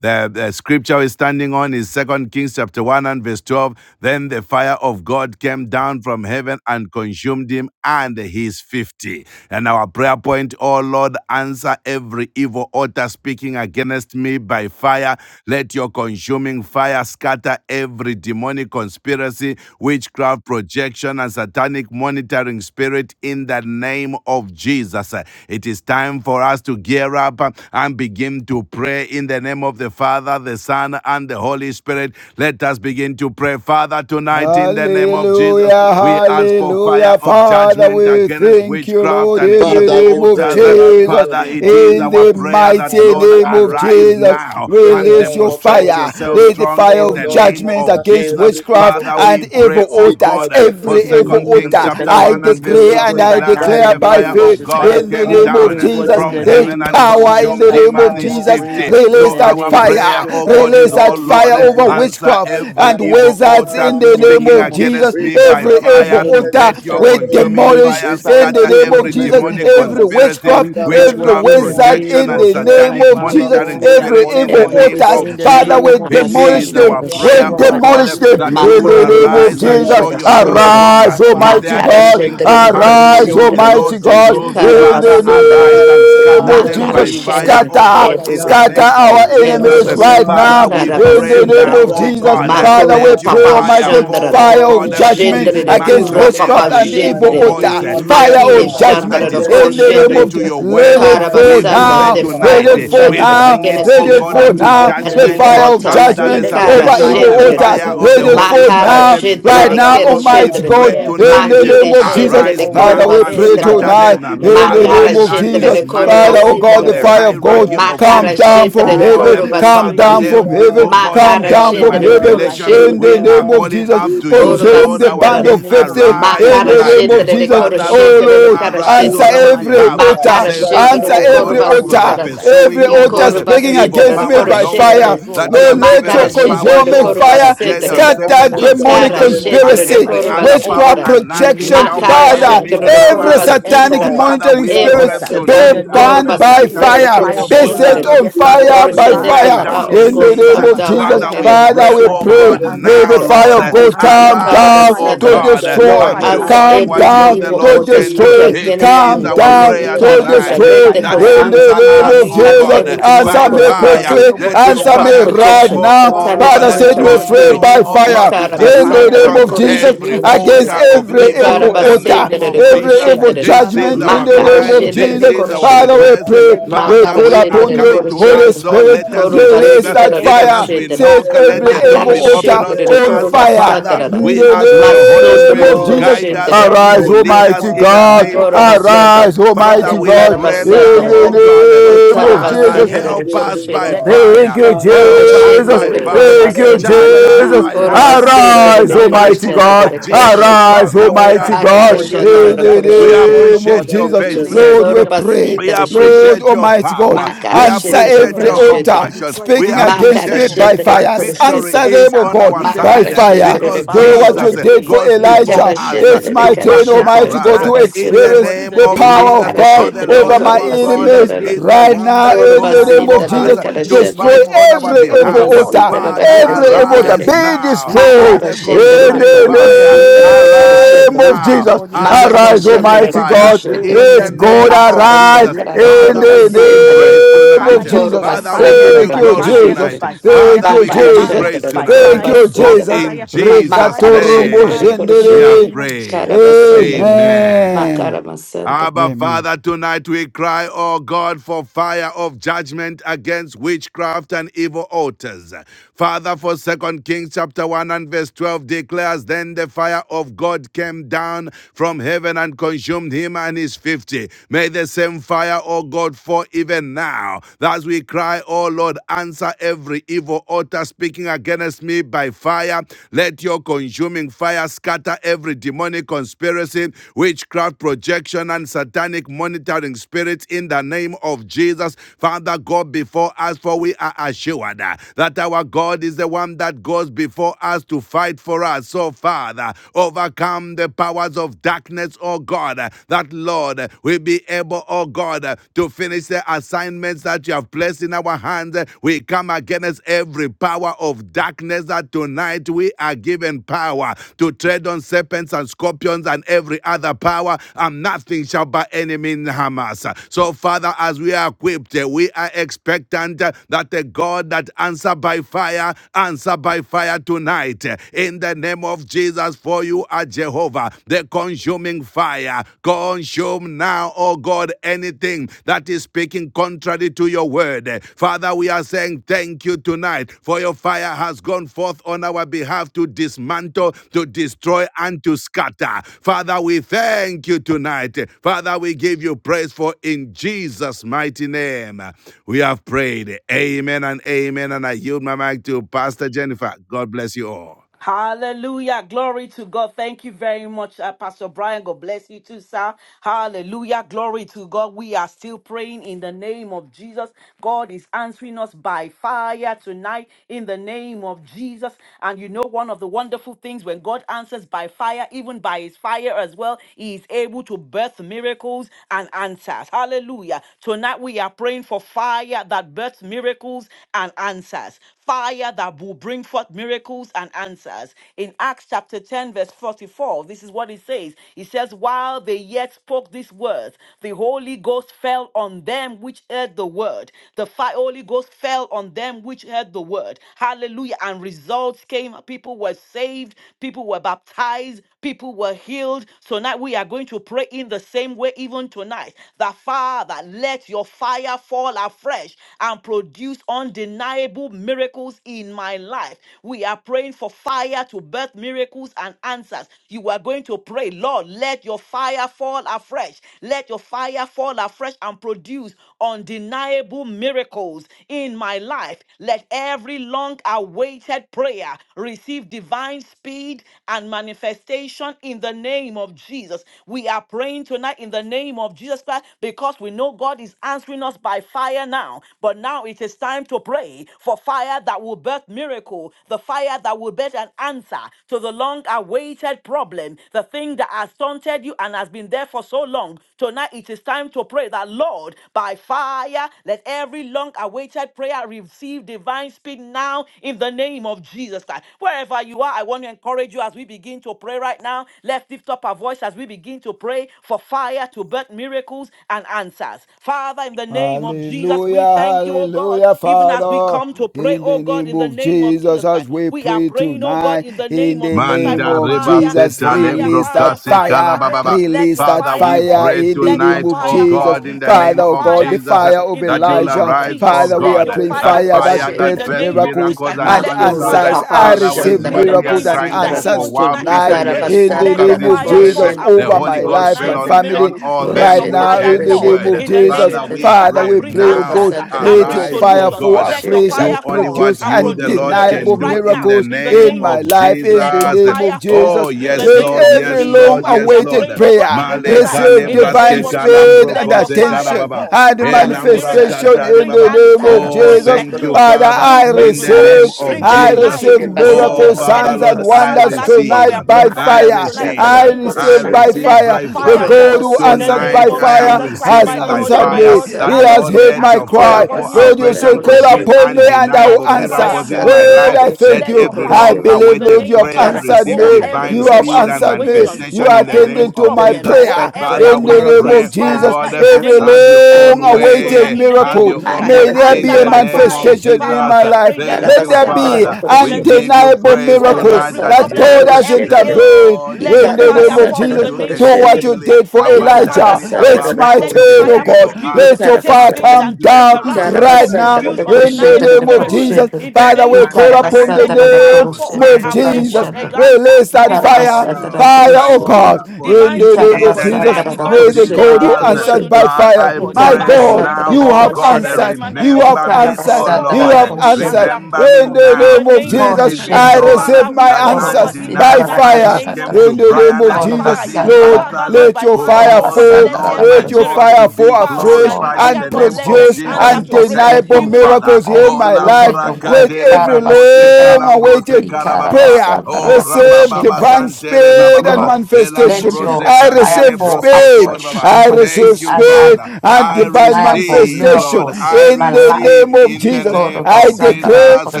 Speaker 1: The, the scripture we're standing on is Second Kings chapter 1 and verse 12. Then the fire of God came down from heaven and consumed him and his 50. And our prayer point, oh Lord, answer every evil altar speaking against me by fire. Let your consuming fire scatter every demonic conspiracy witchcraft, projection, and satanic monitoring spirit in the name of Jesus. It is time for us to gear up uh, and begin to pray in the name of the Father, the Son, and the Holy Spirit. Let us begin to pray, Father, tonight in the name of Jesus.
Speaker 3: Hallelujah,
Speaker 1: We ask for fire
Speaker 3: hallelujah.
Speaker 1: of
Speaker 3: Father,
Speaker 1: judgment
Speaker 3: we
Speaker 1: against
Speaker 3: thank you,
Speaker 1: witchcraft
Speaker 3: Lord,
Speaker 1: and
Speaker 3: in the
Speaker 1: evil
Speaker 2: Father, we
Speaker 3: name of
Speaker 1: altars.
Speaker 2: pray
Speaker 1: Uh,
Speaker 2: right now in
Speaker 3: Jesus,
Speaker 2: the
Speaker 1: Father,
Speaker 2: name
Speaker 1: it
Speaker 2: of
Speaker 1: is
Speaker 3: in
Speaker 1: our
Speaker 3: the
Speaker 2: Jesus,
Speaker 1: prayer that,
Speaker 2: by
Speaker 3: mighty
Speaker 2: the
Speaker 1: Lord,
Speaker 3: name
Speaker 2: blood
Speaker 3: of
Speaker 2: of
Speaker 1: arise
Speaker 3: Jesus.
Speaker 2: Jesus,
Speaker 1: now
Speaker 2: with the
Speaker 1: and
Speaker 3: Release
Speaker 2: help
Speaker 3: your
Speaker 2: of the
Speaker 1: demonstrate
Speaker 2: Holy
Speaker 1: yourself
Speaker 3: fire,
Speaker 1: yourself
Speaker 2: Spirit.
Speaker 3: let the
Speaker 1: strong
Speaker 3: fire
Speaker 1: in
Speaker 2: Oh
Speaker 3: of
Speaker 1: the
Speaker 2: Lord,
Speaker 1: name
Speaker 3: judgment
Speaker 1: of
Speaker 2: answer
Speaker 3: against
Speaker 1: Jesus.
Speaker 2: every
Speaker 3: witchcraft
Speaker 2: evil
Speaker 1: Father,
Speaker 2: altar
Speaker 1: we
Speaker 3: and
Speaker 1: pray,
Speaker 3: evil
Speaker 1: oh
Speaker 2: speaking
Speaker 3: altars,
Speaker 1: God, uh,
Speaker 2: against
Speaker 1: for
Speaker 3: every
Speaker 4: In the
Speaker 2: Nick,
Speaker 3: evil
Speaker 1: Second
Speaker 4: name of
Speaker 1: Kings
Speaker 3: altar.
Speaker 4: Jesus,
Speaker 2: speaking
Speaker 4: let
Speaker 1: chapter
Speaker 4: it
Speaker 3: I
Speaker 4: be
Speaker 1: 1 and
Speaker 2: against
Speaker 1: verse
Speaker 4: removed,
Speaker 3: decree
Speaker 4: oh
Speaker 1: 12
Speaker 3: and
Speaker 4: God,
Speaker 2: Molenga,
Speaker 3: I
Speaker 4: right
Speaker 1: declares,
Speaker 4: now. In
Speaker 2: by
Speaker 1: Then
Speaker 4: the
Speaker 3: declare
Speaker 1: the
Speaker 3: by
Speaker 4: name
Speaker 1: fire
Speaker 4: of
Speaker 2: fire,
Speaker 3: faith
Speaker 1: of
Speaker 4: Jesus Christ,
Speaker 2: by
Speaker 1: God
Speaker 3: in the
Speaker 1: came
Speaker 4: we
Speaker 3: name
Speaker 2: fire,
Speaker 4: pray,
Speaker 3: of
Speaker 1: down
Speaker 4: oh
Speaker 1: uh,
Speaker 4: God,
Speaker 3: Jesus.
Speaker 2: right
Speaker 4: in
Speaker 1: from
Speaker 4: the
Speaker 3: There's
Speaker 2: now.
Speaker 1: heaven
Speaker 4: name
Speaker 1: and
Speaker 4: of
Speaker 3: power
Speaker 2: Father,
Speaker 4: Jesus
Speaker 3: in the
Speaker 1: consumed
Speaker 2: by
Speaker 4: Christ,
Speaker 1: him
Speaker 3: name of
Speaker 1: and
Speaker 4: Father,
Speaker 1: his
Speaker 4: we
Speaker 3: Jesus.
Speaker 4: pray.
Speaker 2: fire,
Speaker 1: 50.
Speaker 4: In
Speaker 1: So
Speaker 3: Release
Speaker 4: the
Speaker 2: right
Speaker 3: that
Speaker 1: our
Speaker 4: name
Speaker 2: now.
Speaker 4: of
Speaker 1: prayer,
Speaker 3: fire,
Speaker 4: Jesus
Speaker 1: oh
Speaker 3: Release
Speaker 4: Christ,
Speaker 1: God,
Speaker 2: Oh
Speaker 4: we
Speaker 1: is,
Speaker 3: release
Speaker 4: God,
Speaker 1: oh
Speaker 3: that
Speaker 2: God,
Speaker 4: we
Speaker 2: we
Speaker 3: fire
Speaker 1: Lord,
Speaker 4: pray,
Speaker 1: uh,
Speaker 3: over
Speaker 4: oh
Speaker 2: pray
Speaker 4: God,
Speaker 1: answer
Speaker 3: witchcraft
Speaker 2: by
Speaker 1: every
Speaker 3: and
Speaker 2: fire
Speaker 1: evil
Speaker 3: wizards
Speaker 1: altar
Speaker 3: in
Speaker 2: now,
Speaker 4: In
Speaker 3: the
Speaker 4: the
Speaker 2: oh
Speaker 3: name
Speaker 1: speaking
Speaker 3: of
Speaker 4: name
Speaker 2: God.
Speaker 4: of
Speaker 3: Jesus.
Speaker 1: against
Speaker 4: Jesus.
Speaker 2: We
Speaker 1: me
Speaker 2: call
Speaker 1: by
Speaker 3: Every
Speaker 4: In the
Speaker 2: upon
Speaker 3: evil
Speaker 1: fire.
Speaker 2: you,
Speaker 4: name of
Speaker 3: altar
Speaker 1: Let
Speaker 4: Jesus
Speaker 2: ancient
Speaker 1: your
Speaker 4: Christ.
Speaker 2: of
Speaker 3: we
Speaker 4: In the
Speaker 2: days.
Speaker 1: consuming
Speaker 4: name of
Speaker 3: demolish
Speaker 1: fire
Speaker 2: We
Speaker 4: Jesus, Christ,
Speaker 2: call
Speaker 4: we
Speaker 3: in the
Speaker 1: scatter
Speaker 4: pray, oh
Speaker 2: upon
Speaker 4: God,
Speaker 3: name of
Speaker 2: you,
Speaker 1: every
Speaker 4: in the
Speaker 3: Jesus.
Speaker 4: name
Speaker 2: merciful
Speaker 1: demonic
Speaker 4: of
Speaker 3: Every
Speaker 2: God.
Speaker 4: Jesus. Christ.
Speaker 1: conspiracy,
Speaker 4: We
Speaker 3: witchcraft,
Speaker 2: Answer
Speaker 4: pray, oh
Speaker 2: by
Speaker 4: God,
Speaker 3: every
Speaker 1: witchcraft,
Speaker 4: in the
Speaker 2: fire.
Speaker 3: wizard
Speaker 1: projection,
Speaker 4: name
Speaker 3: in
Speaker 4: of
Speaker 1: and
Speaker 2: Oh
Speaker 3: the
Speaker 4: Jesus
Speaker 2: God,
Speaker 3: name
Speaker 4: Christ,
Speaker 1: satanic
Speaker 3: of
Speaker 2: you
Speaker 4: Father,
Speaker 3: Jesus.
Speaker 1: monitoring
Speaker 4: Lord, we are
Speaker 2: consuming
Speaker 3: Every
Speaker 1: spirits
Speaker 4: calling
Speaker 1: in
Speaker 3: evil
Speaker 1: the
Speaker 2: fire.
Speaker 4: upon
Speaker 5: every
Speaker 4: you.
Speaker 1: name
Speaker 3: altars,
Speaker 2: You
Speaker 5: wizard,
Speaker 4: In
Speaker 1: of
Speaker 4: the
Speaker 3: Father,
Speaker 1: Jesus.
Speaker 2: scatter.
Speaker 3: we
Speaker 4: name of
Speaker 1: It
Speaker 4: Jesus Christ,
Speaker 3: demolish
Speaker 1: is
Speaker 5: Ikarabasendra,
Speaker 4: let
Speaker 3: them.
Speaker 1: our
Speaker 2: Scatter
Speaker 4: it
Speaker 2: right
Speaker 3: We
Speaker 4: be
Speaker 1: prayer,
Speaker 4: God
Speaker 1: oh
Speaker 2: now
Speaker 4: right
Speaker 1: God,
Speaker 4: now.
Speaker 3: demolish
Speaker 4: In
Speaker 2: in
Speaker 4: the
Speaker 3: them
Speaker 2: the
Speaker 1: that
Speaker 4: name
Speaker 1: you
Speaker 3: in
Speaker 4: of
Speaker 2: name
Speaker 1: will
Speaker 4: Jesus
Speaker 2: of
Speaker 3: the
Speaker 4: Christ,
Speaker 5: Makoro
Speaker 3: name
Speaker 2: Jesus
Speaker 3: of
Speaker 1: arise
Speaker 4: let
Speaker 1: and
Speaker 4: it
Speaker 2: Christ,
Speaker 3: Jesus.
Speaker 5: Basendra,
Speaker 1: show
Speaker 2: the
Speaker 4: God in the
Speaker 2: Son of
Speaker 4: name
Speaker 1: yourself
Speaker 2: the
Speaker 4: of
Speaker 5: Shendra,
Speaker 4: Jesus
Speaker 2: living
Speaker 1: stronger.
Speaker 3: Arise,
Speaker 4: Christ,
Speaker 2: God.
Speaker 1: Is
Speaker 4: Father, we
Speaker 3: Almighty
Speaker 1: there
Speaker 5: makara
Speaker 4: pray,
Speaker 3: God.
Speaker 4: God,
Speaker 2: Father,
Speaker 1: anything
Speaker 2: we
Speaker 1: too
Speaker 4: in the
Speaker 2: pray
Speaker 1: hard for
Speaker 3: Arise,
Speaker 1: you,
Speaker 4: name of
Speaker 2: in
Speaker 1: the
Speaker 5: Ikarabashindarabashindarab,
Speaker 2: the
Speaker 3: Almighty
Speaker 1: Lord,
Speaker 4: Jesus
Speaker 1: to
Speaker 2: name
Speaker 4: Christ,
Speaker 3: God.
Speaker 2: of
Speaker 4: in
Speaker 1: do?
Speaker 4: the
Speaker 2: Jesus,
Speaker 4: Lord,
Speaker 3: In
Speaker 4: in the
Speaker 1: Father,
Speaker 4: name of Jesus.
Speaker 5: Makorabashindarabashindarab,
Speaker 1: arise
Speaker 2: by
Speaker 1: and
Speaker 2: the
Speaker 5: Makarashindarabashindarab,
Speaker 3: the
Speaker 2: blood
Speaker 3: name
Speaker 1: scatter
Speaker 3: of
Speaker 4: Father,
Speaker 2: of
Speaker 1: them
Speaker 5: makara
Speaker 4: Lord,
Speaker 3: Jesus.
Speaker 1: by
Speaker 4: in the
Speaker 2: Jesus,
Speaker 4: name
Speaker 1: fire,
Speaker 5: Makarashindarab,
Speaker 4: of
Speaker 1: oh
Speaker 4: Jesus
Speaker 3: Scatter,
Speaker 2: right
Speaker 1: God,
Speaker 5: every
Speaker 4: Christ,
Speaker 1: in
Speaker 2: now,
Speaker 1: the
Speaker 4: Father,
Speaker 3: scatter
Speaker 4: we
Speaker 5: witchcraft,
Speaker 1: name
Speaker 3: our
Speaker 4: pray.
Speaker 1: of
Speaker 2: Almighty
Speaker 4: In
Speaker 5: every
Speaker 2: God.
Speaker 4: the
Speaker 1: Jesus.
Speaker 3: enemies
Speaker 5: sorcerer,
Speaker 3: right
Speaker 4: name of
Speaker 2: Father,
Speaker 1: Father,
Speaker 3: now
Speaker 4: Jesus
Speaker 2: we
Speaker 1: we
Speaker 4: Christ,
Speaker 3: in
Speaker 4: let
Speaker 1: pray
Speaker 3: the
Speaker 4: Your
Speaker 2: pray
Speaker 4: will oh
Speaker 3: name
Speaker 5: Ikarabasindra,
Speaker 1: now,
Speaker 3: of
Speaker 2: right
Speaker 1: oh
Speaker 4: right
Speaker 3: Jesus.
Speaker 4: now,
Speaker 2: now,
Speaker 4: in
Speaker 1: God,
Speaker 4: the
Speaker 2: Jehovah.
Speaker 4: name
Speaker 3: Father,
Speaker 4: of
Speaker 3: we
Speaker 1: let
Speaker 5: Makoro
Speaker 4: Jesus
Speaker 3: pray,
Speaker 1: your
Speaker 4: Christ.
Speaker 5: papa
Speaker 3: oh my
Speaker 1: fire
Speaker 2: Jehovah.
Speaker 3: God,
Speaker 4: Father,
Speaker 1: fall,
Speaker 4: Lord,
Speaker 5: Ikarabasindarab,
Speaker 1: oh
Speaker 4: we
Speaker 3: fire
Speaker 2: Oh
Speaker 4: pray,
Speaker 3: of
Speaker 1: God,
Speaker 4: God,
Speaker 2: Lord,
Speaker 4: in the
Speaker 3: judgment
Speaker 4: name of
Speaker 2: appear
Speaker 4: Jesus
Speaker 3: against
Speaker 2: now,
Speaker 4: Christ,
Speaker 1: dismantle
Speaker 5: kura
Speaker 4: let
Speaker 5: papa
Speaker 4: it
Speaker 3: witchcraft
Speaker 1: every
Speaker 3: and
Speaker 4: be.
Speaker 3: the
Speaker 2: appear
Speaker 3: evil
Speaker 1: evil
Speaker 4: In the
Speaker 2: now,
Speaker 5: Kurapapashindarab,
Speaker 1: voice,
Speaker 3: altar.
Speaker 4: name of
Speaker 2: appear
Speaker 3: Fire
Speaker 1: every
Speaker 4: Jesus
Speaker 5: Makide
Speaker 3: of
Speaker 2: now.
Speaker 4: Christ,
Speaker 1: voice
Speaker 4: Father,
Speaker 2: In
Speaker 1: that
Speaker 3: judgment
Speaker 5: Shandara
Speaker 1: is
Speaker 2: the
Speaker 4: Lord,
Speaker 5: Dokoro
Speaker 3: in
Speaker 4: in
Speaker 2: name
Speaker 4: the
Speaker 2: of
Speaker 3: the
Speaker 4: name
Speaker 3: name
Speaker 1: contrary
Speaker 4: of
Speaker 5: Shendere
Speaker 3: of
Speaker 1: to
Speaker 4: Jesus
Speaker 3: Je-
Speaker 2: Jesus
Speaker 1: your
Speaker 4: Christ.
Speaker 2: Christ,
Speaker 3: let
Speaker 1: word.
Speaker 4: Father,
Speaker 3: it
Speaker 2: the Son
Speaker 4: we
Speaker 2: of
Speaker 3: fall
Speaker 4: are
Speaker 1: We
Speaker 2: the
Speaker 4: praying
Speaker 5: Karabasanda,
Speaker 4: right
Speaker 3: now.
Speaker 1: bread
Speaker 2: living
Speaker 5: the
Speaker 4: now,
Speaker 2: God.
Speaker 5: fire
Speaker 3: Let
Speaker 4: God,
Speaker 1: tonight.
Speaker 3: it
Speaker 5: of
Speaker 1: eh,
Speaker 4: in the
Speaker 3: fall
Speaker 4: name
Speaker 1: We
Speaker 4: of
Speaker 5: judgment
Speaker 4: Jesus
Speaker 3: now.
Speaker 1: bring
Speaker 4: Christ.
Speaker 1: it,
Speaker 2: Father,
Speaker 5: against
Speaker 3: Let
Speaker 1: oh
Speaker 4: Let
Speaker 3: it
Speaker 1: God,
Speaker 4: it
Speaker 3: fall
Speaker 4: be,
Speaker 5: witchcraft
Speaker 4: oh
Speaker 1: unto
Speaker 3: now.
Speaker 2: appear
Speaker 4: God, in the
Speaker 5: and
Speaker 3: The
Speaker 5: evil
Speaker 1: judgment
Speaker 4: name
Speaker 2: now.
Speaker 1: eh,
Speaker 4: of
Speaker 3: fire of
Speaker 4: Jesus
Speaker 2: In
Speaker 5: altars.
Speaker 4: Christ.
Speaker 1: under
Speaker 2: the
Speaker 1: the
Speaker 3: judgment
Speaker 4: Let
Speaker 2: name
Speaker 4: there
Speaker 2: of
Speaker 4: be
Speaker 5: Ikara
Speaker 3: over
Speaker 1: subjection of
Speaker 3: evil
Speaker 2: Jesus
Speaker 4: fire,
Speaker 1: the
Speaker 4: oh
Speaker 2: Christ,
Speaker 5: Shendere
Speaker 2: the
Speaker 3: altars.
Speaker 4: God,
Speaker 1: fire
Speaker 4: of
Speaker 2: Son
Speaker 4: your
Speaker 1: of
Speaker 2: of
Speaker 3: Let
Speaker 1: the
Speaker 2: the
Speaker 4: judgment
Speaker 3: it
Speaker 1: Holy
Speaker 3: fall
Speaker 2: living
Speaker 4: against
Speaker 5: Makara
Speaker 2: God.
Speaker 1: Spirit.
Speaker 3: now.
Speaker 1: eh.
Speaker 4: every,
Speaker 2: We
Speaker 5: Shendere
Speaker 3: Right
Speaker 5: the
Speaker 1: Father,
Speaker 3: now,
Speaker 4: every
Speaker 2: thank
Speaker 5: Kere
Speaker 2: you,
Speaker 1: Lord,
Speaker 4: altar
Speaker 1: we
Speaker 3: Almighty
Speaker 5: Shendere
Speaker 2: Almighty
Speaker 1: pray
Speaker 3: God,
Speaker 2: God.
Speaker 4: every
Speaker 3: in
Speaker 1: tonight.
Speaker 3: the
Speaker 2: We
Speaker 1: eh,
Speaker 4: altar,
Speaker 5: Makide
Speaker 3: name
Speaker 2: thank
Speaker 3: of
Speaker 2: you, the
Speaker 3: Jesus.
Speaker 4: every
Speaker 2: King
Speaker 5: Shendere the
Speaker 1: Arise
Speaker 2: of
Speaker 4: altar,
Speaker 3: Father,
Speaker 2: Kings.
Speaker 1: now
Speaker 5: Koroba
Speaker 3: we
Speaker 1: and
Speaker 3: pray
Speaker 2: We
Speaker 4: every
Speaker 5: Sidere
Speaker 1: scatter
Speaker 2: thank you, the
Speaker 3: tonight
Speaker 4: altar,
Speaker 1: them. eh.
Speaker 2: King
Speaker 4: in
Speaker 2: of
Speaker 4: the
Speaker 3: in the
Speaker 4: name
Speaker 2: Glory.
Speaker 5: Makara
Speaker 3: name
Speaker 4: of
Speaker 1: Arise
Speaker 3: of
Speaker 1: and
Speaker 4: Jesus
Speaker 2: We
Speaker 5: Shendere
Speaker 4: Christ.
Speaker 3: Jesus.
Speaker 5: the
Speaker 2: thank you, you, the
Speaker 4: Let
Speaker 5: Koroba
Speaker 3: Father,
Speaker 1: dismantle,
Speaker 2: Lord
Speaker 3: oh
Speaker 4: there
Speaker 1: oh
Speaker 2: of
Speaker 4: be,
Speaker 3: God,
Speaker 1: God,
Speaker 4: oh
Speaker 3: the
Speaker 5: Sidere
Speaker 1: the
Speaker 2: Lords,
Speaker 4: God,
Speaker 3: fire
Speaker 4: in the
Speaker 3: of God,
Speaker 4: name
Speaker 1: hierarchy
Speaker 2: right
Speaker 4: of
Speaker 1: of
Speaker 3: come
Speaker 5: Makara
Speaker 4: Jesus Christ.
Speaker 2: now,
Speaker 3: down
Speaker 1: witchcraft,
Speaker 3: from
Speaker 1: oh
Speaker 5: Shendere de
Speaker 2: in
Speaker 4: Father,
Speaker 2: the
Speaker 1: God. eh.
Speaker 3: heaven,
Speaker 4: we
Speaker 5: Koroba
Speaker 4: are
Speaker 2: name
Speaker 3: come
Speaker 2: of
Speaker 1: Father,
Speaker 4: praying, oh
Speaker 5: Sidere
Speaker 3: down from
Speaker 4: God, in the
Speaker 1: every,
Speaker 3: heaven,
Speaker 1: oh
Speaker 2: Jesus.
Speaker 4: name of
Speaker 1: God,
Speaker 4: Jesus
Speaker 3: come
Speaker 4: Christ.
Speaker 5: Makara
Speaker 2: By
Speaker 3: down
Speaker 1: every
Speaker 2: the
Speaker 3: from
Speaker 4: Father,
Speaker 5: Shendere de
Speaker 2: blood
Speaker 3: heaven
Speaker 4: Lord,
Speaker 5: Koro
Speaker 2: of
Speaker 4: I
Speaker 1: manipulation,
Speaker 4: pray, oh
Speaker 3: in
Speaker 4: God,
Speaker 3: the
Speaker 1: we
Speaker 4: in
Speaker 5: Shendere
Speaker 4: the
Speaker 1: are
Speaker 3: name of
Speaker 2: Jesus,
Speaker 4: name
Speaker 1: calling
Speaker 4: of
Speaker 3: Jesus.
Speaker 1: up
Speaker 2: we
Speaker 4: Jesus
Speaker 1: to
Speaker 4: Christ,
Speaker 1: you,
Speaker 4: we
Speaker 1: the
Speaker 2: pray
Speaker 5: Korva
Speaker 3: Consume
Speaker 1: Lord
Speaker 4: pray.
Speaker 3: the
Speaker 1: our
Speaker 4: In
Speaker 5: sidra.
Speaker 3: band
Speaker 2: right
Speaker 4: the
Speaker 1: King.
Speaker 3: of
Speaker 2: now,
Speaker 4: name
Speaker 3: 50
Speaker 4: of Jesus
Speaker 2: Almighty
Speaker 1: Arise
Speaker 4: Christ,
Speaker 3: in
Speaker 5: Makara
Speaker 3: the
Speaker 4: Father, I
Speaker 3: name
Speaker 1: tonight.
Speaker 2: God.
Speaker 4: pray,
Speaker 1: eh.
Speaker 4: oh
Speaker 3: of
Speaker 5: shedra
Speaker 4: God,
Speaker 5: de
Speaker 4: in
Speaker 3: Jesus.
Speaker 4: the
Speaker 5: koro
Speaker 2: Father,
Speaker 1: Father,
Speaker 2: your
Speaker 4: name
Speaker 3: Oh
Speaker 4: of
Speaker 1: Lord
Speaker 5: shedra
Speaker 1: God,
Speaker 4: Jesus
Speaker 5: de
Speaker 2: consuming
Speaker 3: Lord,
Speaker 5: kara
Speaker 4: Christ.
Speaker 1: arise
Speaker 2: fire,
Speaker 4: Oh
Speaker 3: answer
Speaker 1: on
Speaker 5: shedra.
Speaker 4: Lord,
Speaker 1: our
Speaker 4: my
Speaker 3: every
Speaker 4: God, we
Speaker 1: behalf.
Speaker 4: are
Speaker 3: altar,
Speaker 5: Makara
Speaker 4: selecting
Speaker 1: Save
Speaker 2: right
Speaker 4: you, oh
Speaker 1: us,
Speaker 2: now
Speaker 5: shedra
Speaker 2: in
Speaker 3: answer
Speaker 4: God,
Speaker 1: O
Speaker 5: de
Speaker 2: the
Speaker 4: in the
Speaker 2: name
Speaker 3: every
Speaker 2: of
Speaker 5: korva
Speaker 4: name
Speaker 1: God,
Speaker 4: of
Speaker 1: from
Speaker 2: Jesus.
Speaker 1: the
Speaker 3: altar,
Speaker 5: sidra.
Speaker 4: Jesus Christ.
Speaker 1: pursuing,
Speaker 3: every
Speaker 4: In
Speaker 2: Every
Speaker 5: I
Speaker 4: the
Speaker 1: O
Speaker 3: altar
Speaker 4: name
Speaker 1: God,
Speaker 4: of
Speaker 2: demonic
Speaker 5: korva
Speaker 4: Jesus,
Speaker 3: speaking
Speaker 4: every
Speaker 1: evil
Speaker 5: sidra
Speaker 3: against
Speaker 5: de
Speaker 3: me
Speaker 4: altar
Speaker 1: powers,
Speaker 5: koro
Speaker 2: conspiracy,
Speaker 3: by
Speaker 2: of
Speaker 4: is
Speaker 1: knowing uh,
Speaker 2: God,
Speaker 3: fire.
Speaker 5: shedra.
Speaker 4: destroyed,
Speaker 1: that
Speaker 4: oh
Speaker 2: and
Speaker 1: you
Speaker 3: Lord,
Speaker 4: God,
Speaker 1: have
Speaker 3: let
Speaker 1: given
Speaker 4: in
Speaker 2: witchcraft
Speaker 3: your
Speaker 5: Makara
Speaker 4: the
Speaker 1: us
Speaker 4: name of
Speaker 1: power,
Speaker 5: shedra de
Speaker 2: projection,
Speaker 3: consuming
Speaker 1: O
Speaker 2: of
Speaker 4: Jesus Christ.
Speaker 1: God,
Speaker 5: korva
Speaker 1: to
Speaker 2: God,
Speaker 3: fire
Speaker 4: Let
Speaker 1: tread on
Speaker 5: sidra.
Speaker 4: every
Speaker 2: satanic
Speaker 3: scatter
Speaker 1: serpents
Speaker 4: altar
Speaker 5: I
Speaker 1: and
Speaker 4: in
Speaker 2: monitoring
Speaker 4: the
Speaker 3: demonic
Speaker 5: kara
Speaker 1: scorpions
Speaker 4: name of
Speaker 2: Spirit,
Speaker 1: and
Speaker 5: shedra
Speaker 3: conspiracy
Speaker 5: de
Speaker 4: Jesus,
Speaker 2: in
Speaker 4: by
Speaker 1: every
Speaker 2: the
Speaker 3: every
Speaker 5: korva
Speaker 2: name
Speaker 4: every
Speaker 1: other
Speaker 2: of
Speaker 1: power,
Speaker 3: witchcraft
Speaker 4: altar
Speaker 5: sidra.
Speaker 2: Jesus,
Speaker 1: and
Speaker 4: in
Speaker 2: we
Speaker 4: the
Speaker 1: nothing
Speaker 4: name
Speaker 3: projection,
Speaker 4: of
Speaker 2: pray
Speaker 1: shall
Speaker 4: Jesus, the
Speaker 1: by
Speaker 5: Makara
Speaker 2: that
Speaker 4: fire
Speaker 1: any
Speaker 3: Father,
Speaker 4: of
Speaker 2: our
Speaker 1: means
Speaker 5: shedra de
Speaker 4: judgment
Speaker 2: Father,
Speaker 1: harm
Speaker 2: the
Speaker 4: fall
Speaker 3: every
Speaker 5: korva
Speaker 1: us.
Speaker 4: against
Speaker 2: time is
Speaker 4: every
Speaker 1: So,
Speaker 3: satanic
Speaker 5: sidra.
Speaker 2: now.
Speaker 4: witchcraft
Speaker 1: Father,
Speaker 4: and
Speaker 3: monitoring
Speaker 1: we
Speaker 4: evil
Speaker 5: Every
Speaker 3: spirit
Speaker 1: pray
Speaker 2: Scatter
Speaker 4: altar
Speaker 2: every
Speaker 4: in
Speaker 3: be
Speaker 1: tonight
Speaker 4: the
Speaker 5: satanic
Speaker 4: name of
Speaker 2: demonic
Speaker 3: burned
Speaker 5: korva
Speaker 1: against the
Speaker 3: by
Speaker 4: Jesus. Let
Speaker 5: sidra
Speaker 1: satanic
Speaker 4: the
Speaker 5: de
Speaker 2: conspiracy
Speaker 3: fire,
Speaker 5: koro
Speaker 4: fire
Speaker 1: evil
Speaker 4: of
Speaker 3: be
Speaker 1: altars
Speaker 2: now,
Speaker 3: set
Speaker 4: judgment,
Speaker 5: shedra.
Speaker 1: uh,
Speaker 3: on
Speaker 4: yes,
Speaker 2: in
Speaker 1: that
Speaker 2: the
Speaker 4: Lord.
Speaker 3: fire
Speaker 5: Lord,
Speaker 1: comes
Speaker 3: by
Speaker 2: name
Speaker 1: to
Speaker 5: shall
Speaker 2: of
Speaker 5: let
Speaker 1: wear
Speaker 5: the
Speaker 3: fire.
Speaker 4: Father,
Speaker 2: Jesus.
Speaker 5: fire
Speaker 4: in
Speaker 1: down
Speaker 4: the
Speaker 1: the
Speaker 5: of
Speaker 3: In
Speaker 4: name
Speaker 3: the
Speaker 4: of
Speaker 5: God
Speaker 4: Jesus,
Speaker 1: saints.
Speaker 3: name
Speaker 2: Witchcraft
Speaker 5: come
Speaker 3: of
Speaker 4: by
Speaker 5: down
Speaker 3: Jesus,
Speaker 5: from
Speaker 4: fire
Speaker 1: Father, we
Speaker 5: heaven
Speaker 2: projection,
Speaker 4: answer,
Speaker 5: and
Speaker 3: Father,
Speaker 1: pray,
Speaker 3: we
Speaker 4: by
Speaker 5: consume
Speaker 1: O
Speaker 2: scatter
Speaker 5: him
Speaker 3: pray,
Speaker 4: fire
Speaker 1: God,
Speaker 2: them
Speaker 3: may
Speaker 4: answer,
Speaker 1: now,
Speaker 2: now.
Speaker 3: the
Speaker 1: Lord,
Speaker 4: by
Speaker 3: fire
Speaker 1: Lord.
Speaker 3: of
Speaker 5: and
Speaker 4: fire
Speaker 2: And
Speaker 3: God
Speaker 5: 50.
Speaker 2: the
Speaker 4: answer,
Speaker 3: come
Speaker 4: by
Speaker 1: Arise,
Speaker 3: down
Speaker 2: satanic
Speaker 4: fire
Speaker 1: O
Speaker 3: to
Speaker 5: Ikarabasadara.
Speaker 4: answer,
Speaker 1: God,
Speaker 2: monitoring
Speaker 4: by
Speaker 3: destroy,
Speaker 5: Lord,
Speaker 1: and
Speaker 4: fire
Speaker 1: do
Speaker 2: spirits,
Speaker 5: answer
Speaker 4: answer,
Speaker 1: only
Speaker 3: come
Speaker 2: in
Speaker 1: what
Speaker 4: in
Speaker 5: every
Speaker 4: the
Speaker 2: the
Speaker 1: you,
Speaker 3: down
Speaker 1: the
Speaker 5: evil
Speaker 4: name
Speaker 2: name
Speaker 4: of
Speaker 3: to
Speaker 2: of
Speaker 1: Lord,
Speaker 5: altar
Speaker 1: can
Speaker 4: Jesus
Speaker 1: do.
Speaker 5: speaking
Speaker 3: destroy,
Speaker 2: Jesus,
Speaker 1: It
Speaker 5: against
Speaker 2: by
Speaker 1: is
Speaker 3: come
Speaker 5: me
Speaker 2: the
Speaker 1: our
Speaker 4: in
Speaker 5: and
Speaker 4: the
Speaker 3: down
Speaker 5: say,
Speaker 1: prayer
Speaker 2: blood
Speaker 4: name
Speaker 2: of
Speaker 4: of
Speaker 3: to
Speaker 4: Jesus Christ.
Speaker 1: tonight
Speaker 5: Karabasa,
Speaker 2: Jesus,
Speaker 3: destroy.
Speaker 5: let
Speaker 4: By
Speaker 5: the
Speaker 4: fire,
Speaker 1: that
Speaker 3: In
Speaker 5: consuming
Speaker 2: Abba
Speaker 4: answer
Speaker 1: answer
Speaker 4: in
Speaker 3: the
Speaker 4: the
Speaker 3: name
Speaker 5: back
Speaker 2: Father,
Speaker 1: us,
Speaker 3: of
Speaker 2: now
Speaker 4: name
Speaker 2: we
Speaker 1: O
Speaker 4: of
Speaker 5: scatter
Speaker 4: Jesus
Speaker 2: pray
Speaker 3: Jesus,
Speaker 5: every
Speaker 1: God,
Speaker 4: Christ.
Speaker 1: by
Speaker 3: answer
Speaker 5: demonic
Speaker 4: Father,
Speaker 3: me
Speaker 2: right
Speaker 4: we are
Speaker 1: fire.
Speaker 4: praying,
Speaker 5: conspiracy,
Speaker 3: quickly,
Speaker 4: oh
Speaker 2: now,
Speaker 4: God,
Speaker 1: Let
Speaker 4: in
Speaker 1: your
Speaker 4: the
Speaker 3: answer
Speaker 2: right
Speaker 4: name
Speaker 3: me
Speaker 5: witchcraft
Speaker 1: fire
Speaker 4: of Jesus
Speaker 2: now.
Speaker 1: come
Speaker 3: right
Speaker 4: Christ.
Speaker 5: projection,
Speaker 1: forth,
Speaker 3: now.
Speaker 1: O
Speaker 4: Father,
Speaker 3: Father,
Speaker 5: satanic
Speaker 1: God,
Speaker 3: Father,
Speaker 4: Lord, we
Speaker 2: Father,
Speaker 3: set
Speaker 4: pray, oh
Speaker 3: me
Speaker 5: monitoring
Speaker 4: God, in
Speaker 3: free
Speaker 4: the
Speaker 5: spirit.
Speaker 1: consume,
Speaker 3: by
Speaker 4: name
Speaker 1: O
Speaker 4: of Jesus Christ.
Speaker 3: fire
Speaker 1: God, to
Speaker 4: By
Speaker 3: in
Speaker 2: we
Speaker 3: the
Speaker 4: fire,
Speaker 5: Ikarabasadara,
Speaker 3: name
Speaker 5: the
Speaker 2: pray.
Speaker 1: destruction
Speaker 3: of
Speaker 4: answer
Speaker 5: quarter
Speaker 4: in the
Speaker 3: Jesus
Speaker 5: shed
Speaker 1: every
Speaker 4: name
Speaker 5: in
Speaker 4: of Jesus
Speaker 3: against
Speaker 5: Jesus.
Speaker 1: altar
Speaker 4: Christ.
Speaker 2: Marakataram
Speaker 1: of
Speaker 3: every
Speaker 4: We
Speaker 1: evil
Speaker 4: pray, oh
Speaker 3: evil
Speaker 1: in
Speaker 4: God,
Speaker 1: the
Speaker 4: in the
Speaker 3: altar,
Speaker 1: name
Speaker 2: brokotakaram
Speaker 5: Ikarabasadara, the
Speaker 4: name
Speaker 1: of
Speaker 4: of
Speaker 5: quarter
Speaker 3: every
Speaker 4: Jesus
Speaker 1: Jesus.
Speaker 5: shed
Speaker 2: brokotarama.
Speaker 3: evil
Speaker 4: Christ.
Speaker 1: This
Speaker 4: Father,
Speaker 1: is
Speaker 3: judgment
Speaker 4: we are
Speaker 2: Miriam
Speaker 3: in
Speaker 1: our
Speaker 3: the
Speaker 4: praying, oh
Speaker 5: Makara
Speaker 2: dere
Speaker 3: name
Speaker 4: God,
Speaker 1: cry.
Speaker 3: of
Speaker 4: in
Speaker 5: shed
Speaker 4: the
Speaker 1: This
Speaker 5: the
Speaker 3: Jesus.
Speaker 1: is
Speaker 4: name
Speaker 5: quarter
Speaker 2: brokotarama.
Speaker 4: of
Speaker 1: our
Speaker 5: shed
Speaker 3: Father,
Speaker 4: Jesus Christ.
Speaker 3: we
Speaker 1: request.
Speaker 4: Let
Speaker 3: pray,
Speaker 4: it
Speaker 2: Atara
Speaker 4: be.
Speaker 3: we
Speaker 1: Father,
Speaker 5: Makara
Speaker 3: call
Speaker 4: In
Speaker 2: buku.
Speaker 1: we
Speaker 4: the
Speaker 5: shed
Speaker 4: name
Speaker 1: are
Speaker 3: upon
Speaker 4: of
Speaker 2: And
Speaker 5: the
Speaker 4: Jesus,
Speaker 3: you,
Speaker 2: we
Speaker 1: coming
Speaker 4: Christ.
Speaker 5: quarter
Speaker 1: to
Speaker 2: pray,
Speaker 5: shed
Speaker 4: let
Speaker 3: Holy
Speaker 4: the
Speaker 1: us, Lord.
Speaker 4: fire
Speaker 3: Spirit,
Speaker 2: Father,
Speaker 1: Let
Speaker 4: fall, oh
Speaker 1: us
Speaker 4: God, and
Speaker 1: receive.
Speaker 3: release
Speaker 5: Korobasi
Speaker 4: destroy
Speaker 3: that
Speaker 5: the
Speaker 2: release
Speaker 1: Even
Speaker 4: every
Speaker 5: quarter
Speaker 3: fire,
Speaker 1: as
Speaker 2: now,
Speaker 1: we
Speaker 4: evil
Speaker 5: shed
Speaker 3: set
Speaker 1: knock,
Speaker 4: altar
Speaker 1: let
Speaker 3: every
Speaker 4: in
Speaker 1: the
Speaker 2: release
Speaker 4: the
Speaker 1: door
Speaker 5: Makara
Speaker 3: evil
Speaker 1: be
Speaker 4: name
Speaker 2: now,
Speaker 4: of
Speaker 1: open
Speaker 3: altar
Speaker 4: Jesus
Speaker 5: shindere
Speaker 1: unto
Speaker 5: de
Speaker 3: on
Speaker 1: us.
Speaker 4: Christ,
Speaker 2: release
Speaker 5: koroba
Speaker 3: fire
Speaker 4: scatter
Speaker 2: now,
Speaker 1: Father,
Speaker 5: sadara
Speaker 4: every
Speaker 5: da.
Speaker 3: in
Speaker 1: we ask
Speaker 4: ritual,
Speaker 2: release
Speaker 1: for your
Speaker 2: now.
Speaker 4: every
Speaker 1: Holy
Speaker 3: the
Speaker 5: Masondoro
Speaker 3: name
Speaker 1: Spirit
Speaker 4: witchcraft
Speaker 3: of
Speaker 5: de
Speaker 1: to
Speaker 5: koro
Speaker 2: Oh
Speaker 3: Jesus.
Speaker 1: guide
Speaker 4: projection,
Speaker 2: God,
Speaker 1: us.
Speaker 5: shindere.
Speaker 4: every
Speaker 5: Mm.
Speaker 1: To
Speaker 3: Arise,
Speaker 2: thank you,
Speaker 1: lead
Speaker 4: satanic
Speaker 1: us
Speaker 3: Almighty
Speaker 1: in
Speaker 4: monitoring.
Speaker 1: the
Speaker 3: God.
Speaker 2: Father.
Speaker 1: name
Speaker 4: Let them
Speaker 5: Koroba
Speaker 4: be
Speaker 1: of Jesus.
Speaker 5: sadara.
Speaker 4: destroyed.
Speaker 3: Arise,
Speaker 4: Let
Speaker 1: Father,
Speaker 3: Almighty
Speaker 4: them
Speaker 2: Our
Speaker 4: be
Speaker 1: we
Speaker 3: God.
Speaker 5: Ikaraba
Speaker 2: God,
Speaker 1: pray
Speaker 4: destroyed.
Speaker 2: we
Speaker 3: In
Speaker 1: now,
Speaker 5: sadara.
Speaker 4: Let
Speaker 1: oh
Speaker 4: them
Speaker 2: call
Speaker 4: be
Speaker 2: upon
Speaker 1: God.
Speaker 2: you,
Speaker 4: destroyed
Speaker 3: the name
Speaker 4: now
Speaker 3: of
Speaker 5: Ikaraba
Speaker 4: in the
Speaker 1: Father,
Speaker 3: Jesus.
Speaker 4: name
Speaker 2: covenant
Speaker 5: sedere de
Speaker 4: of
Speaker 1: help
Speaker 5: koro
Speaker 1: us
Speaker 4: Jesus.
Speaker 2: keeping
Speaker 1: by
Speaker 5: shindere.
Speaker 4: Let
Speaker 2: God.
Speaker 4: them be
Speaker 3: Thank
Speaker 1: fire.
Speaker 3: you,
Speaker 4: destroyed
Speaker 2: Father,
Speaker 5: Koro
Speaker 4: now
Speaker 1: Help
Speaker 2: thank
Speaker 4: as
Speaker 1: us
Speaker 4: we
Speaker 3: Jesus.
Speaker 5: shindere
Speaker 1: by
Speaker 5: de
Speaker 2: you.
Speaker 4: pray.
Speaker 5: koroba
Speaker 1: fire.
Speaker 4: Let
Speaker 3: Thank
Speaker 4: them
Speaker 3: you,
Speaker 2: Thank
Speaker 4: be
Speaker 2: you,
Speaker 5: sedere.
Speaker 1: Charge
Speaker 2: King
Speaker 4: destroyed
Speaker 1: us
Speaker 4: now
Speaker 3: Jesus.
Speaker 1: by
Speaker 4: as
Speaker 5: Koroba
Speaker 2: Jesus.
Speaker 4: we
Speaker 1: fire.
Speaker 4: pray
Speaker 2: Thank
Speaker 1: In
Speaker 5: sedere
Speaker 3: Arise,
Speaker 2: you,
Speaker 4: in
Speaker 5: de
Speaker 1: the
Speaker 4: the
Speaker 2: King
Speaker 5: kara
Speaker 2: of
Speaker 4: name
Speaker 3: Almighty
Speaker 1: mighty
Speaker 4: of
Speaker 2: Kings.
Speaker 4: Jesus
Speaker 1: name
Speaker 5: shindere
Speaker 3: God.
Speaker 4: Christ.
Speaker 5: de
Speaker 1: of
Speaker 5: kara
Speaker 2: Thank
Speaker 4: Be
Speaker 1: Jesus.
Speaker 2: you,
Speaker 5: shindere.
Speaker 2: King
Speaker 4: destroyed as
Speaker 2: of
Speaker 3: Arise,
Speaker 4: we
Speaker 1: Father, we
Speaker 4: pray
Speaker 2: Glory.
Speaker 1: are
Speaker 3: Almighty
Speaker 4: right now in
Speaker 5: Bakara
Speaker 4: the
Speaker 3: God.
Speaker 1: grateful
Speaker 2: Thank
Speaker 4: name
Speaker 2: you,
Speaker 4: of
Speaker 5: shatara
Speaker 3: In
Speaker 2: Lord
Speaker 1: tonight.
Speaker 4: Jesus.
Speaker 2: of
Speaker 3: the
Speaker 4: Christ.
Speaker 5: rakara
Speaker 1: We
Speaker 4: We
Speaker 2: Lords.
Speaker 5: shatara.
Speaker 4: call
Speaker 3: name
Speaker 4: upon
Speaker 3: of
Speaker 1: appreciate
Speaker 2: Father,
Speaker 1: your
Speaker 2: we
Speaker 4: you
Speaker 3: Jesus.
Speaker 4: in the
Speaker 2: bless
Speaker 4: name
Speaker 2: your
Speaker 1: faithfulness.
Speaker 4: of
Speaker 3: Lord,
Speaker 4: in
Speaker 3: we
Speaker 5: Jisatoro
Speaker 2: name.
Speaker 4: the place of
Speaker 3: pray.
Speaker 1: We
Speaker 4: prayer.
Speaker 5: basitara
Speaker 4: Be
Speaker 5: shatara.
Speaker 3: Lord,
Speaker 1: appreciate your
Speaker 4: destroyed.
Speaker 3: Almighty
Speaker 4: Be
Speaker 3: God,
Speaker 1: power. We
Speaker 5: Makara
Speaker 4: destroyed. Be
Speaker 3: answer
Speaker 5: shatara
Speaker 1: appreciate
Speaker 4: destroyed
Speaker 3: every
Speaker 5: rakara
Speaker 1: your
Speaker 4: now
Speaker 3: altar
Speaker 5: shatara.
Speaker 4: be
Speaker 1: compassion.
Speaker 4: destroyed
Speaker 1: We
Speaker 3: speaking
Speaker 4: now in the
Speaker 3: against
Speaker 5: Makara
Speaker 3: me
Speaker 4: name
Speaker 1: appreciate
Speaker 4: of
Speaker 1: uh,
Speaker 3: by
Speaker 5: shatara
Speaker 4: Jesus.
Speaker 1: that
Speaker 3: fire.
Speaker 5: rakara
Speaker 4: In this
Speaker 1: victory
Speaker 3: Answer
Speaker 5: shatara.
Speaker 4: place
Speaker 1: is
Speaker 3: them, oh
Speaker 4: now,
Speaker 1: on
Speaker 3: God,
Speaker 1: our
Speaker 4: in the
Speaker 3: by
Speaker 1: side
Speaker 5: Makara
Speaker 4: name
Speaker 1: uh,
Speaker 4: of
Speaker 3: fire.
Speaker 4: Jesus,
Speaker 5: shatara
Speaker 1: because
Speaker 5: rakara
Speaker 3: Do
Speaker 4: Father, Lord,
Speaker 3: what
Speaker 4: I
Speaker 3: you
Speaker 1: Jesus uh,
Speaker 5: shatara.
Speaker 3: did
Speaker 4: pray
Speaker 3: for
Speaker 1: goes
Speaker 4: in the
Speaker 1: before
Speaker 4: name
Speaker 5: Ikara
Speaker 3: Elijah.
Speaker 4: of Jesus,
Speaker 1: us uh,
Speaker 4: let
Speaker 3: It's
Speaker 5: shatara
Speaker 4: it be
Speaker 3: my
Speaker 1: to
Speaker 5: rakara
Speaker 4: destroyed
Speaker 3: turn,
Speaker 1: battle
Speaker 4: now.
Speaker 1: for
Speaker 5: shatara
Speaker 3: Almighty God,
Speaker 1: us. uh,
Speaker 5: rakara
Speaker 4: As
Speaker 3: to
Speaker 4: we
Speaker 1: In
Speaker 4: pray,
Speaker 1: the
Speaker 4: oh
Speaker 5: basitara.
Speaker 3: experience
Speaker 4: God, in
Speaker 1: name
Speaker 4: the
Speaker 3: the
Speaker 1: of
Speaker 4: name of
Speaker 3: power of
Speaker 1: Jesus,
Speaker 5: Makara
Speaker 4: Jesus,
Speaker 3: God
Speaker 1: for the
Speaker 5: shedra
Speaker 4: let
Speaker 5: da
Speaker 3: over
Speaker 1: Lord
Speaker 4: there
Speaker 3: my
Speaker 4: be, oh
Speaker 1: our
Speaker 5: koroba
Speaker 4: God,
Speaker 3: enemy
Speaker 1: God
Speaker 4: in
Speaker 1: uh,
Speaker 4: the
Speaker 5: sindra da
Speaker 1: is
Speaker 4: name
Speaker 1: the
Speaker 4: of
Speaker 3: right
Speaker 1: one
Speaker 4: Jesus.
Speaker 3: now
Speaker 1: that
Speaker 3: in
Speaker 5: koroba
Speaker 1: goes
Speaker 3: the
Speaker 4: Father,
Speaker 3: name
Speaker 1: before
Speaker 4: we
Speaker 3: of
Speaker 5: sindra
Speaker 4: pray,
Speaker 5: da
Speaker 1: us
Speaker 4: oh
Speaker 3: Jesus.
Speaker 1: uh,
Speaker 4: God,
Speaker 5: kara
Speaker 4: in
Speaker 1: to
Speaker 4: the
Speaker 3: Destroy
Speaker 5: shedra
Speaker 4: name
Speaker 1: fight
Speaker 4: of
Speaker 1: on our
Speaker 3: every
Speaker 4: Jesus.
Speaker 3: evil
Speaker 5: koroba
Speaker 1: behalf. Uh,
Speaker 4: Lord
Speaker 3: altar,
Speaker 4: God,
Speaker 5: sindra
Speaker 4: we
Speaker 5: da
Speaker 1: Father,
Speaker 5: kara
Speaker 4: pray, oh
Speaker 3: every
Speaker 4: God,
Speaker 3: evil
Speaker 5: shedra
Speaker 4: in the
Speaker 3: altar
Speaker 5: da
Speaker 1: arise
Speaker 4: name
Speaker 3: be
Speaker 4: of Jesus.
Speaker 1: now
Speaker 3: destroyed
Speaker 1: as
Speaker 4: Let
Speaker 5: makara
Speaker 1: a
Speaker 4: it be, oh God,
Speaker 5: shedra
Speaker 3: in
Speaker 5: da
Speaker 4: right
Speaker 1: consuming
Speaker 3: the
Speaker 4: now,
Speaker 5: koroba
Speaker 4: in the
Speaker 1: fire.
Speaker 4: name
Speaker 5: sindra
Speaker 4: of
Speaker 5: da
Speaker 4: Jesus.
Speaker 5: kara
Speaker 4: Christ.
Speaker 1: Arise
Speaker 3: name
Speaker 5: shedra
Speaker 4: Oh
Speaker 3: of
Speaker 4: my
Speaker 1: now
Speaker 3: Jesus.
Speaker 4: God, in the
Speaker 1: as a
Speaker 4: name
Speaker 5: makara
Speaker 4: of
Speaker 3: Arise,
Speaker 4: Jesus.
Speaker 1: consuming
Speaker 5: shedra
Speaker 4: Christ.
Speaker 5: da
Speaker 3: Almighty
Speaker 5: koroba
Speaker 4: We
Speaker 1: fire
Speaker 3: God.
Speaker 4: pray, oh
Speaker 5: shedra
Speaker 1: in
Speaker 4: God, in the
Speaker 1: the
Speaker 3: Let
Speaker 4: name
Speaker 3: God
Speaker 1: name
Speaker 4: of Jesus.
Speaker 1: of
Speaker 5: makara
Speaker 3: arise
Speaker 1: Jesus.
Speaker 4: Let
Speaker 5: shedra da
Speaker 4: it be
Speaker 3: in
Speaker 1: Father,
Speaker 5: koroba
Speaker 1: we
Speaker 3: the
Speaker 4: destroyed
Speaker 1: give
Speaker 4: right
Speaker 1: you
Speaker 4: now
Speaker 5: sindra
Speaker 1: praise
Speaker 4: by
Speaker 3: name
Speaker 5: i
Speaker 3: of
Speaker 1: tonight.
Speaker 4: fire,
Speaker 3: Jesus.
Speaker 5: koroba
Speaker 4: by
Speaker 1: Father, we
Speaker 4: fire,
Speaker 1: give
Speaker 5: sindra
Speaker 1: you
Speaker 3: Thank
Speaker 5: da
Speaker 4: by
Speaker 3: you,
Speaker 5: kara
Speaker 1: glory
Speaker 4: fire,
Speaker 3: Jesus.
Speaker 1: tonight.
Speaker 5: shedra
Speaker 4: by fire,
Speaker 3: Thank
Speaker 1: Father,
Speaker 3: you,
Speaker 1: we
Speaker 4: by
Speaker 5: makara
Speaker 1: give you
Speaker 3: Jesus.
Speaker 4: fire,
Speaker 1: praise
Speaker 5: shedra da
Speaker 4: by
Speaker 1: tonight.
Speaker 3: Thank
Speaker 5: koroba
Speaker 4: fire,
Speaker 3: you,
Speaker 1: For
Speaker 4: by
Speaker 5: sindra
Speaker 3: Jesus.
Speaker 5: da
Speaker 1: in
Speaker 4: fire, by
Speaker 1: Jesus'
Speaker 4: fire,
Speaker 5: makara
Speaker 4: by
Speaker 3: Rekatoromo
Speaker 5: shedra da
Speaker 1: name
Speaker 4: fire,
Speaker 5: koroba
Speaker 4: in
Speaker 1: we
Speaker 4: the
Speaker 5: shedra
Speaker 1: have
Speaker 4: name of
Speaker 1: prayed.
Speaker 5: kara
Speaker 4: Jesus.
Speaker 5: basandra
Speaker 4: Amen.
Speaker 1: Amen.
Speaker 3: Amen.
Speaker 5: Makarabasanda,
Speaker 1: Abba,
Speaker 3: Amen.
Speaker 1: Father, tonight we cry, oh God, for fire of judgment against witchcraft and evil altars. Father, for Second Kings chapter 1 and verse 12 declares, Then the fire of God came down from heaven and consumed him and his 50. May the same fire, oh God, fall even now. thus we cry, oh Lord, answer every evil altar speaking against me enemy by fire. Let your consuming fire scatter every demonic conspiracy, witchcraft, projection, and satanic monitoring spirits in the name of Jesus. Father, go before us, for we are assured uh, that our God is the one that goes before us to fight for us. So, Father, overcome the powers of darkness, oh God, uh, that Lord, uh, we be able, oh God, God, uh, to finish the assignments that you have placed in our hands. Uh, We come against every power of darkness that tonight we are given power to tread on serpents and scorpions and every other power, and nothing shall by any means harm us. Uh, So, Father, as we are equipped, uh, we are expectant uh, that the God that answer by fire, answer by fire tonight. uh, In the name name of Jesus, for you are Jehovah, the consuming fire. Consume now, oh God, anything that is speaking contrary to your word. Father, we are saying thank you tonight, for your fire has gone forth on our behalf to dismantle, to destroy, and to scatter. Father, we thank you tonight. Father, we give you praise for in Jesus' mighty name. We have prayed. Amen and amen. And I yield my mic to Pastor Jennifer. God bless you all.
Speaker 4: Hallelujah. Glory to God. Thank you very much, uh, Pastor Brian. God bless you too, sir. Hallelujah. Glory to God. We are still praying in the name of Jesus. God is answering us by fire tonight in the name of Jesus. And you know, one of the wonderful things when God answers by fire, even by his fire as well, he is able to birth miracles and answers. Hallelujah. Tonight we are praying for fire that births miracles and answers fire that will bring forth miracles and and answers. In Acts chapter 10, verse 44, this is what it says. It says, While they yet spoke these words, the Holy Ghost fell on them which heard the word. The fi- Holy Ghost fell on them which heard the word. Hallelujah. And results came. People were saved. People were baptized. People were healed. So now we are going to pray in the same way, even tonight. That Father, let your fire fall afresh and produce undeniable miracles in my life. We are praying for fire to birth miracles and answers. You are going to pray, Lord, let your fire fall afresh. Let your fire fall afresh and produce undeniable miracles in my life. Let every long awaited prayer receive divine speed and manifestation in the name of Jesus. We are praying tonight in the name of Jesus Christ because we know God is answering us by fire now. But now it is time to pray for fire that will birth miracle, the fire that will birth an answer to the long awaited problem, the thing that has taunted you and has been there for so long. Tonight it is time to pray that, Lord, by fire, let every long awaited prayer receive receive divine speed now in the name of Jesus Christ. Wherever you are, I want to encourage you as we begin to pray right now. Let's lift up our voice as we begin to pray for fire to birth miracles and answers. Father, in the name of Jesus,
Speaker 3: Hallelujah,
Speaker 4: we thank you, oh God,
Speaker 3: hallelujah,
Speaker 4: even as we
Speaker 3: Father
Speaker 4: come to pray,
Speaker 3: in
Speaker 4: oh
Speaker 3: the
Speaker 4: God,
Speaker 3: name
Speaker 4: in the
Speaker 3: of
Speaker 4: name of
Speaker 3: Jesus
Speaker 4: Jesus
Speaker 3: as
Speaker 4: Christ.
Speaker 3: we
Speaker 4: We are
Speaker 3: pray
Speaker 4: praying, oh God,
Speaker 3: tonight.
Speaker 4: in the
Speaker 3: In
Speaker 4: name of
Speaker 3: the
Speaker 4: Jesus Christ
Speaker 3: name
Speaker 4: for
Speaker 1: Manda
Speaker 3: of
Speaker 1: reba
Speaker 4: fire,
Speaker 3: Jesus,
Speaker 1: seta
Speaker 4: fire,
Speaker 3: release
Speaker 1: lembro
Speaker 4: fire,
Speaker 3: that
Speaker 1: kase
Speaker 4: fire,
Speaker 1: kala
Speaker 3: fire,
Speaker 1: ba
Speaker 4: fire.
Speaker 1: ba ba.
Speaker 4: Let
Speaker 3: release
Speaker 4: your
Speaker 3: that
Speaker 1: Father,
Speaker 4: fire
Speaker 1: we
Speaker 3: fire
Speaker 4: fall.
Speaker 1: pray
Speaker 3: in the
Speaker 4: Let your
Speaker 3: name
Speaker 1: tonight,
Speaker 3: of
Speaker 1: oh
Speaker 4: fire
Speaker 3: Jesus.
Speaker 1: God,
Speaker 4: fall.
Speaker 1: in the
Speaker 4: Let
Speaker 3: Father,
Speaker 1: name
Speaker 4: your
Speaker 3: oh
Speaker 1: of
Speaker 3: God, the
Speaker 4: fire
Speaker 1: Jesus, eh,
Speaker 4: fall
Speaker 3: fire of
Speaker 4: in the
Speaker 1: that you'll
Speaker 4: name of
Speaker 3: Elijah.
Speaker 1: arise,
Speaker 4: Jesus.
Speaker 1: oh
Speaker 3: Father, we
Speaker 4: Let
Speaker 3: are
Speaker 1: God,
Speaker 4: your
Speaker 1: eh,
Speaker 3: praying
Speaker 5: Karabasanda,
Speaker 1: that
Speaker 4: fire
Speaker 3: fire
Speaker 4: fall
Speaker 1: fire
Speaker 3: that
Speaker 1: that
Speaker 4: in the
Speaker 3: birth
Speaker 5: Kuroshendra,
Speaker 1: birth
Speaker 4: name of Jesus
Speaker 3: miracles
Speaker 1: miracles
Speaker 4: Christ.
Speaker 1: and
Speaker 3: and
Speaker 4: Let your
Speaker 1: answers.
Speaker 5: Makuru
Speaker 1: eh,
Speaker 4: fire
Speaker 3: answers.
Speaker 5: Papa
Speaker 3: I
Speaker 4: fall, oh
Speaker 1: Father,
Speaker 4: God,
Speaker 3: receive
Speaker 1: is
Speaker 4: in
Speaker 1: what
Speaker 4: the
Speaker 5: Jandra
Speaker 1: we are
Speaker 3: miracles
Speaker 4: name of
Speaker 3: and
Speaker 4: Jesus
Speaker 1: crying
Speaker 4: Christ.
Speaker 1: for.
Speaker 5: Masindra,
Speaker 1: For
Speaker 3: answers
Speaker 4: Even
Speaker 1: while
Speaker 4: tonight, as we
Speaker 1: Peter
Speaker 3: tonight
Speaker 1: yet
Speaker 4: pray,
Speaker 3: in the
Speaker 1: spoke
Speaker 4: let
Speaker 1: up
Speaker 5: Ikarabasandra,
Speaker 4: your
Speaker 3: name
Speaker 1: these
Speaker 3: of
Speaker 4: fire
Speaker 1: words,
Speaker 4: fall
Speaker 1: eh,
Speaker 3: Jesus
Speaker 5: Kuroshendra,
Speaker 4: and
Speaker 1: the
Speaker 3: over
Speaker 4: produce
Speaker 1: Holy
Speaker 3: my
Speaker 1: Ghost
Speaker 3: life,
Speaker 1: fell
Speaker 3: my
Speaker 4: undeniable
Speaker 1: on,
Speaker 5: Kuroshendra,
Speaker 3: family,
Speaker 1: on
Speaker 4: miracles.
Speaker 1: all
Speaker 4: Let
Speaker 3: right
Speaker 4: your
Speaker 1: them which
Speaker 5: Kuroshendra,
Speaker 3: now
Speaker 4: fire
Speaker 3: in
Speaker 1: heard
Speaker 3: the
Speaker 1: the
Speaker 4: fall
Speaker 3: name
Speaker 1: word.
Speaker 3: of
Speaker 5: Kuroshendra,
Speaker 4: in the
Speaker 3: Jesus.
Speaker 4: name
Speaker 1: Father,
Speaker 4: of
Speaker 1: we
Speaker 4: Jesus
Speaker 5: Kuroshendra,
Speaker 4: Christ
Speaker 3: Father,
Speaker 4: and
Speaker 1: pray
Speaker 3: we
Speaker 4: bring
Speaker 3: pray, oh
Speaker 1: now,
Speaker 3: God,
Speaker 4: answers uh,
Speaker 5: Kurabasandra,
Speaker 4: and
Speaker 3: let
Speaker 4: bring
Speaker 3: your of
Speaker 1: arise,
Speaker 3: fire
Speaker 5: Kuroshendra,
Speaker 1: oh
Speaker 4: solutions.
Speaker 3: fall
Speaker 1: God.
Speaker 4: Let your
Speaker 3: afresh
Speaker 5: Kuroshendra,
Speaker 1: Do
Speaker 4: fire
Speaker 3: and
Speaker 1: only
Speaker 4: fall
Speaker 1: what
Speaker 3: produce
Speaker 4: and
Speaker 1: you, the
Speaker 4: produce
Speaker 1: Lord,
Speaker 4: miracles
Speaker 5: Kuroshendra,
Speaker 3: undeniable
Speaker 1: can do
Speaker 4: right
Speaker 1: in
Speaker 4: now
Speaker 1: the
Speaker 3: miracles
Speaker 4: in the
Speaker 1: name
Speaker 3: in
Speaker 4: name
Speaker 3: my
Speaker 4: of
Speaker 1: of
Speaker 4: Jesus Christ.
Speaker 3: life in the
Speaker 4: Let your
Speaker 1: Jesus.
Speaker 3: name of
Speaker 4: fire fall
Speaker 1: Oh,
Speaker 3: Jesus.
Speaker 4: in the
Speaker 1: yes,
Speaker 3: Let
Speaker 4: name
Speaker 1: Lord.
Speaker 4: of
Speaker 3: every
Speaker 1: Yes,
Speaker 5: Kuroshendra,
Speaker 4: Jesus
Speaker 3: long
Speaker 1: Lord.
Speaker 4: Christ.
Speaker 1: Yes,
Speaker 4: We are
Speaker 5: Kuroshendra,
Speaker 1: Lord.
Speaker 3: awaited
Speaker 4: praying, oh God,
Speaker 3: prayer
Speaker 4: even
Speaker 1: Male
Speaker 4: tonight
Speaker 1: kale
Speaker 3: receive
Speaker 4: in the
Speaker 5: Karabasandra,
Speaker 3: divine
Speaker 4: name
Speaker 1: braske
Speaker 4: of Jesus Christ,
Speaker 3: speed
Speaker 1: kalambro
Speaker 3: and
Speaker 4: let your
Speaker 1: kose
Speaker 5: Kuroshendra,
Speaker 4: fire
Speaker 3: attention
Speaker 1: karababa.
Speaker 4: fall
Speaker 3: and
Speaker 4: and
Speaker 5: Ikara
Speaker 4: bring
Speaker 1: Elambra
Speaker 5: Basa, Ikarabasa
Speaker 4: miracles,
Speaker 3: manifestation
Speaker 1: katari
Speaker 3: in
Speaker 4: bring
Speaker 3: the
Speaker 1: baba.
Speaker 3: name
Speaker 4: answers,
Speaker 3: of
Speaker 5: daraba.
Speaker 1: Oh,
Speaker 4: bring
Speaker 5: Baso,
Speaker 3: Jesus.
Speaker 1: thank you,
Speaker 5: dorodo.
Speaker 4: testimonies,
Speaker 3: Father,
Speaker 1: Father,
Speaker 4: bring
Speaker 3: I
Speaker 4: praise
Speaker 1: in the
Speaker 5: Makara
Speaker 4: reports,
Speaker 1: name
Speaker 3: receive,
Speaker 1: of
Speaker 4: bring
Speaker 3: I
Speaker 5: shendere de
Speaker 1: Jesus.
Speaker 3: receive
Speaker 5: kire
Speaker 4: undeniable,
Speaker 1: Oh,
Speaker 3: miracles,
Speaker 4: notable
Speaker 5: basandara la
Speaker 1: Father,
Speaker 3: signs,
Speaker 5: kore
Speaker 1: Lord,
Speaker 3: and
Speaker 4: evidence.
Speaker 1: I
Speaker 4: Father,
Speaker 3: wonders
Speaker 5: basandara
Speaker 4: that is what
Speaker 1: receive,
Speaker 4: we are
Speaker 3: tonight
Speaker 5: de
Speaker 3: by
Speaker 4: praying for
Speaker 1: I
Speaker 5: makara
Speaker 4: even
Speaker 3: fire.
Speaker 4: tonight in the
Speaker 1: receive,
Speaker 5: shendere
Speaker 3: I
Speaker 5: de
Speaker 4: name
Speaker 5: kore
Speaker 4: of
Speaker 1: I
Speaker 4: Jesus.
Speaker 3: receive by
Speaker 5: shendere
Speaker 1: receive
Speaker 4: Let
Speaker 3: fire.
Speaker 4: your
Speaker 1: by
Speaker 3: The
Speaker 4: fire
Speaker 5: ikore
Speaker 1: fire.
Speaker 3: God
Speaker 4: fall
Speaker 3: who
Speaker 4: in the
Speaker 3: answers
Speaker 5: basandara de
Speaker 4: name
Speaker 1: Tonight
Speaker 3: by
Speaker 5: kore
Speaker 4: of
Speaker 1: I am
Speaker 3: fire
Speaker 4: Jesus
Speaker 5: shendere
Speaker 4: Christ,
Speaker 3: has
Speaker 4: my
Speaker 1: receiving by
Speaker 4: Lord and
Speaker 3: answered
Speaker 5: ikore
Speaker 4: my
Speaker 1: fire
Speaker 3: me.
Speaker 4: God,
Speaker 1: that
Speaker 3: He
Speaker 4: as
Speaker 5: basandara
Speaker 4: we
Speaker 5: de
Speaker 3: has
Speaker 1: Lord
Speaker 3: has
Speaker 4: pray
Speaker 3: heard
Speaker 1: let
Speaker 4: and
Speaker 3: my
Speaker 4: we
Speaker 1: your
Speaker 4: call
Speaker 5: ikore
Speaker 1: fire
Speaker 3: cry.
Speaker 4: upon
Speaker 1: for
Speaker 4: you
Speaker 3: Lord,
Speaker 4: even
Speaker 3: you
Speaker 5: basandara de
Speaker 4: tonight
Speaker 1: oppression
Speaker 3: said,
Speaker 5: kore
Speaker 4: in the
Speaker 3: Call
Speaker 1: produce
Speaker 4: name of
Speaker 3: upon me
Speaker 5: shendere
Speaker 4: Jesus.
Speaker 3: and I will
Speaker 4: Let
Speaker 1: undeniable
Speaker 4: your
Speaker 5: ikara
Speaker 3: answer.
Speaker 4: fire
Speaker 1: miracles in
Speaker 4: fall,
Speaker 1: my
Speaker 5: basandara
Speaker 4: oh
Speaker 5: de
Speaker 3: Lord,
Speaker 1: life.
Speaker 3: I
Speaker 4: God.
Speaker 5: kore
Speaker 1: Let
Speaker 3: thank
Speaker 4: Let
Speaker 3: you.
Speaker 5: shendere
Speaker 4: your
Speaker 1: every
Speaker 5: kore
Speaker 3: I
Speaker 4: fire
Speaker 1: long
Speaker 4: fall
Speaker 5: shendere
Speaker 4: in
Speaker 3: believe,
Speaker 4: the
Speaker 3: Lord,
Speaker 1: awaited
Speaker 3: you
Speaker 4: name
Speaker 3: have
Speaker 4: of Jesus
Speaker 1: prayer
Speaker 5: ikara
Speaker 4: Christ
Speaker 3: answered
Speaker 1: receive
Speaker 4: over
Speaker 3: me.
Speaker 5: basandara de
Speaker 4: every
Speaker 1: divine
Speaker 3: You
Speaker 5: kore
Speaker 3: have
Speaker 1: speed
Speaker 5: shendere
Speaker 4: difficulty
Speaker 1: and
Speaker 3: answered
Speaker 4: situation,
Speaker 3: me.
Speaker 5: First,
Speaker 3: You
Speaker 1: manifestation
Speaker 4: over
Speaker 3: are
Speaker 1: in the
Speaker 5: the,
Speaker 4: every
Speaker 1: name
Speaker 3: attending to
Speaker 1: of
Speaker 5: the
Speaker 3: my
Speaker 4: problem,
Speaker 1: Jesus.
Speaker 5: fire
Speaker 4: over
Speaker 3: prayer.
Speaker 5: that
Speaker 4: every
Speaker 1: Father,
Speaker 5: birth,
Speaker 3: In
Speaker 1: we
Speaker 3: the name
Speaker 4: adversity.
Speaker 3: of
Speaker 1: pray,
Speaker 5: miracles
Speaker 1: oh
Speaker 5: and
Speaker 3: Jesus,
Speaker 4: Father,
Speaker 1: God,
Speaker 4: in the
Speaker 3: every
Speaker 4: name of
Speaker 5: answers.
Speaker 1: have
Speaker 4: Jesus
Speaker 1: your
Speaker 4: Christ,
Speaker 3: long
Speaker 5: Ikore
Speaker 1: own
Speaker 4: even
Speaker 3: awaited
Speaker 5: basandara.
Speaker 4: tonight,
Speaker 1: way,
Speaker 4: in the
Speaker 1: have
Speaker 4: name
Speaker 3: miracle,
Speaker 4: of
Speaker 1: your
Speaker 4: Jesus
Speaker 1: own
Speaker 4: Christ,
Speaker 3: may
Speaker 1: way
Speaker 5: Makara
Speaker 3: there
Speaker 1: in
Speaker 4: answer
Speaker 3: be a
Speaker 1: the
Speaker 5: shendere
Speaker 4: by
Speaker 5: de kore
Speaker 1: name of
Speaker 4: fire.
Speaker 5: shendere.
Speaker 3: manifestation in
Speaker 4: Father,
Speaker 1: Jesus.
Speaker 3: my
Speaker 4: we are
Speaker 3: life.
Speaker 4: praying, let your
Speaker 1: Thank
Speaker 3: Let
Speaker 1: you,
Speaker 3: there
Speaker 4: fire
Speaker 3: be
Speaker 1: Father.
Speaker 4: fall in the
Speaker 1: We
Speaker 5: Karabasandaraporoshetere.
Speaker 1: give
Speaker 4: name of
Speaker 1: you
Speaker 4: Jesus
Speaker 3: undeniable
Speaker 4: Christ,
Speaker 1: praise
Speaker 4: over
Speaker 3: miracles
Speaker 1: tonight
Speaker 4: every
Speaker 1: that
Speaker 3: that
Speaker 4: problem,
Speaker 3: God
Speaker 1: yes,
Speaker 4: over
Speaker 3: has
Speaker 4: every
Speaker 1: the
Speaker 5: Karabasandaraporoshetere.
Speaker 4: illness.
Speaker 3: intervened.
Speaker 1: Lord
Speaker 4: Let
Speaker 1: is
Speaker 4: your
Speaker 3: In the
Speaker 4: fire
Speaker 3: name
Speaker 1: able
Speaker 3: of
Speaker 4: fall
Speaker 1: to
Speaker 4: in
Speaker 3: Jesus,
Speaker 4: the
Speaker 1: do
Speaker 4: name
Speaker 3: do
Speaker 4: of
Speaker 3: what
Speaker 5: Ikarabasandaraporoshetere.
Speaker 3: you
Speaker 4: Jesus
Speaker 1: exceedingly
Speaker 4: Christ.
Speaker 3: did for
Speaker 4: Let your fire
Speaker 3: Elijah.
Speaker 1: abundantly
Speaker 4: fall
Speaker 3: It's
Speaker 1: above
Speaker 4: and
Speaker 3: my
Speaker 1: all
Speaker 4: let
Speaker 1: we
Speaker 4: your
Speaker 3: turn,
Speaker 1: can
Speaker 3: oh
Speaker 4: fire
Speaker 5: Ikarabasandaraporoshetere.
Speaker 1: think or
Speaker 3: God.
Speaker 4: produce,
Speaker 1: ask,
Speaker 3: Let your
Speaker 4: change
Speaker 3: fire
Speaker 4: things
Speaker 5: Ikarabasandar-
Speaker 1: according
Speaker 3: come
Speaker 4: and
Speaker 1: to
Speaker 4: turn
Speaker 1: the
Speaker 4: it
Speaker 3: down
Speaker 1: power
Speaker 4: around
Speaker 1: that is
Speaker 3: right
Speaker 4: to
Speaker 1: at
Speaker 3: now
Speaker 1: work
Speaker 4: produce
Speaker 1: within
Speaker 3: in
Speaker 1: us,
Speaker 3: the
Speaker 5: Ikarabasandaraporoshetere.
Speaker 4: undeniable
Speaker 3: name of
Speaker 1: Lord.
Speaker 4: miracles
Speaker 3: Jesus.
Speaker 4: in the
Speaker 1: Let
Speaker 3: Father,
Speaker 4: name
Speaker 3: we
Speaker 4: of
Speaker 3: call
Speaker 4: Jesus Christ.
Speaker 3: upon the
Speaker 4: Let
Speaker 1: undeniable
Speaker 4: your
Speaker 5: Ikarabasandaraporoshetere.
Speaker 4: fire
Speaker 1: miracles,
Speaker 4: fall
Speaker 3: name of
Speaker 1: signs,
Speaker 4: and
Speaker 1: and
Speaker 4: bring
Speaker 3: Jesus.
Speaker 4: forth
Speaker 5: Karashatere.
Speaker 1: wonders
Speaker 4: answers.
Speaker 3: Release that
Speaker 4: Divine
Speaker 1: Fall,
Speaker 3: fire,
Speaker 4: speed,
Speaker 1: Lord,
Speaker 3: fire,
Speaker 4: divine
Speaker 3: oh
Speaker 1: fall
Speaker 5: Ikarabasandaraporoshetere.
Speaker 3: God,
Speaker 4: speed,
Speaker 1: upon
Speaker 3: in
Speaker 4: divine
Speaker 1: me
Speaker 3: the
Speaker 4: speed, oh
Speaker 3: name
Speaker 1: in
Speaker 3: of
Speaker 4: God.
Speaker 1: the
Speaker 3: Jesus.
Speaker 4: By
Speaker 1: name of
Speaker 4: divine
Speaker 3: May the
Speaker 4: speed, let
Speaker 3: God
Speaker 4: there
Speaker 3: who
Speaker 4: be
Speaker 1: Jesus.
Speaker 3: answered
Speaker 5: Ikarabasandaraporoshetere.
Speaker 3: by
Speaker 1: Father,
Speaker 4: resolutions,
Speaker 3: fire,
Speaker 4: oh
Speaker 1: I
Speaker 4: God.
Speaker 3: my
Speaker 4: By
Speaker 1: pray
Speaker 3: God,
Speaker 4: divine
Speaker 1: now,
Speaker 4: speed,
Speaker 3: you
Speaker 4: oh
Speaker 1: oh
Speaker 3: have
Speaker 4: God, let
Speaker 1: God,
Speaker 4: there
Speaker 5: Ikarabasandaraporoshetere.
Speaker 4: be a
Speaker 3: answered, you have
Speaker 1: remember
Speaker 4: manifestation
Speaker 1: me, oh
Speaker 4: of
Speaker 3: answered,
Speaker 4: what we
Speaker 3: you
Speaker 1: Lord,
Speaker 4: have
Speaker 3: have
Speaker 4: believed and we
Speaker 3: answered.
Speaker 5: Ikarabasandaraporoshetere.
Speaker 4: have
Speaker 1: remember
Speaker 4: prayed
Speaker 1: me
Speaker 3: In
Speaker 4: for
Speaker 3: the
Speaker 4: in
Speaker 1: now.
Speaker 4: the
Speaker 3: name of
Speaker 4: name of
Speaker 1: Let
Speaker 5: Toro
Speaker 3: Jesus,
Speaker 1: it
Speaker 4: Jesus
Speaker 1: be
Speaker 4: Christ.
Speaker 3: I
Speaker 5: Shendra,
Speaker 1: known
Speaker 3: receive
Speaker 4: Father,
Speaker 3: my
Speaker 4: we
Speaker 1: that
Speaker 4: pray,
Speaker 5: Toro
Speaker 4: oh God,
Speaker 3: answers
Speaker 4: even
Speaker 3: by
Speaker 5: Basindra
Speaker 1: undeniable
Speaker 4: tonight in the
Speaker 3: fire.
Speaker 1: answers
Speaker 4: name of
Speaker 1: came
Speaker 5: Karashandra,
Speaker 1: to
Speaker 3: In
Speaker 4: Jesus
Speaker 3: the
Speaker 4: Christ.
Speaker 3: name
Speaker 1: Brian,
Speaker 3: of
Speaker 4: By
Speaker 5: Toro
Speaker 3: Jesus,
Speaker 1: that
Speaker 4: fire,
Speaker 1: these
Speaker 3: Lord,
Speaker 5: Basandra,
Speaker 4: Father,
Speaker 1: answers
Speaker 4: Lord,
Speaker 3: let
Speaker 4: by
Speaker 3: your
Speaker 1: will
Speaker 4: fire,
Speaker 5: Toro
Speaker 3: fire
Speaker 4: oh
Speaker 3: fall
Speaker 4: God,
Speaker 1: cause the
Speaker 4: let
Speaker 3: people.
Speaker 4: there
Speaker 1: Lord
Speaker 5: Basandra
Speaker 4: be a
Speaker 1: my
Speaker 3: Let
Speaker 5: Korosh.
Speaker 3: your
Speaker 1: God to
Speaker 3: fire
Speaker 4: miracle.
Speaker 1: be
Speaker 3: fall
Speaker 5: It was
Speaker 4: Father, by
Speaker 3: afresh
Speaker 5: spoken
Speaker 1: glorified in
Speaker 4: fire,
Speaker 3: and
Speaker 1: the
Speaker 5: with
Speaker 4: God,
Speaker 1: name
Speaker 5: those
Speaker 4: let
Speaker 1: of
Speaker 4: there
Speaker 5: words,
Speaker 4: be
Speaker 3: produce
Speaker 5: or
Speaker 1: Jesus.
Speaker 4: answers
Speaker 5: it
Speaker 4: to
Speaker 5: was
Speaker 4: prayers,
Speaker 1: Thank
Speaker 5: felt
Speaker 3: undeniable
Speaker 1: you,
Speaker 5: on
Speaker 4: even
Speaker 5: them
Speaker 4: as we
Speaker 1: Father.
Speaker 3: miracles
Speaker 4: pray,
Speaker 5: all
Speaker 3: in
Speaker 1: Oh,
Speaker 4: even
Speaker 3: my
Speaker 5: who
Speaker 3: life.
Speaker 5: heard
Speaker 1: lambra
Speaker 5: the
Speaker 3: Let
Speaker 5: word
Speaker 1: katere
Speaker 3: every
Speaker 1: bakoste
Speaker 3: long
Speaker 5: Karabasindra,
Speaker 1: kalambrose
Speaker 3: awaited
Speaker 1: karababa.
Speaker 3: prayer
Speaker 1: Oh,
Speaker 5: Ikarabasandra
Speaker 3: receive
Speaker 1: rabababa
Speaker 3: divine
Speaker 5: Koroshendra.
Speaker 1: santere
Speaker 3: speed and
Speaker 1: bababa.
Speaker 5: Lord, let
Speaker 3: manifestation.
Speaker 5: your
Speaker 1: Elambrose
Speaker 3: I
Speaker 5: fire
Speaker 1: kakele
Speaker 3: receive
Speaker 5: fall
Speaker 1: broske
Speaker 3: speed.
Speaker 5: afresh
Speaker 1: korbaba.
Speaker 5: and
Speaker 3: I receive
Speaker 1: Thank
Speaker 5: produce
Speaker 1: you,
Speaker 5: an,
Speaker 3: speed
Speaker 5: an
Speaker 1: Father.
Speaker 3: and
Speaker 1: I
Speaker 3: divine
Speaker 5: undeniable
Speaker 1: receive,
Speaker 3: manifestation
Speaker 1: Lord.
Speaker 5: miracles
Speaker 1: I
Speaker 5: in
Speaker 3: in
Speaker 5: my
Speaker 3: the
Speaker 5: life.
Speaker 3: name
Speaker 1: receive
Speaker 3: of
Speaker 1: in the
Speaker 3: Jesus.
Speaker 1: name
Speaker 5: Ikoro
Speaker 3: I
Speaker 1: of
Speaker 3: declare
Speaker 1: Jesus.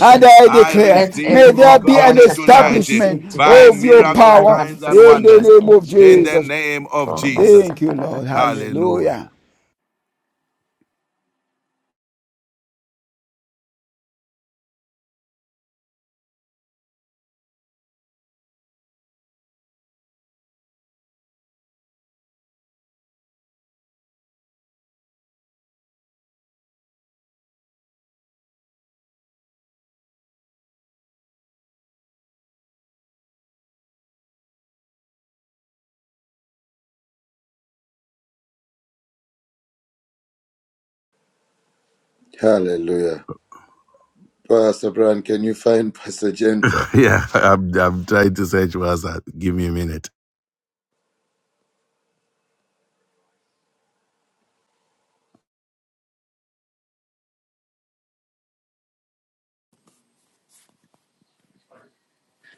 Speaker 3: and I
Speaker 1: I
Speaker 3: declare,
Speaker 5: let
Speaker 1: receive,
Speaker 3: may
Speaker 5: every
Speaker 1: oh
Speaker 3: there
Speaker 5: long
Speaker 3: be
Speaker 1: God,
Speaker 3: an
Speaker 5: awaited prayer
Speaker 1: tonight eh,
Speaker 3: establishment
Speaker 5: receive
Speaker 1: by
Speaker 5: divine
Speaker 3: of your
Speaker 5: speed
Speaker 1: miracle
Speaker 5: and
Speaker 3: power
Speaker 1: signs and
Speaker 3: in the
Speaker 1: wonders
Speaker 5: manifestation
Speaker 3: name
Speaker 5: in
Speaker 3: of
Speaker 1: in the
Speaker 5: Jesus.
Speaker 3: Jesus.
Speaker 1: name of
Speaker 5: Lord, my
Speaker 1: Jesus.
Speaker 3: Thank
Speaker 5: son, da,
Speaker 3: you,
Speaker 5: da, da,
Speaker 3: Lord.
Speaker 5: da.
Speaker 1: Hallelujah.
Speaker 3: Hallelujah.
Speaker 2: Hallelujah. Pastor Brian, can you find Pastor Jennifer?
Speaker 1: Yeah, I'm, I'm trying to search WhatsApp. Give me a minute.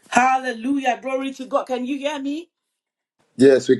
Speaker 4: Hallelujah. Glory to God. Can you hear me?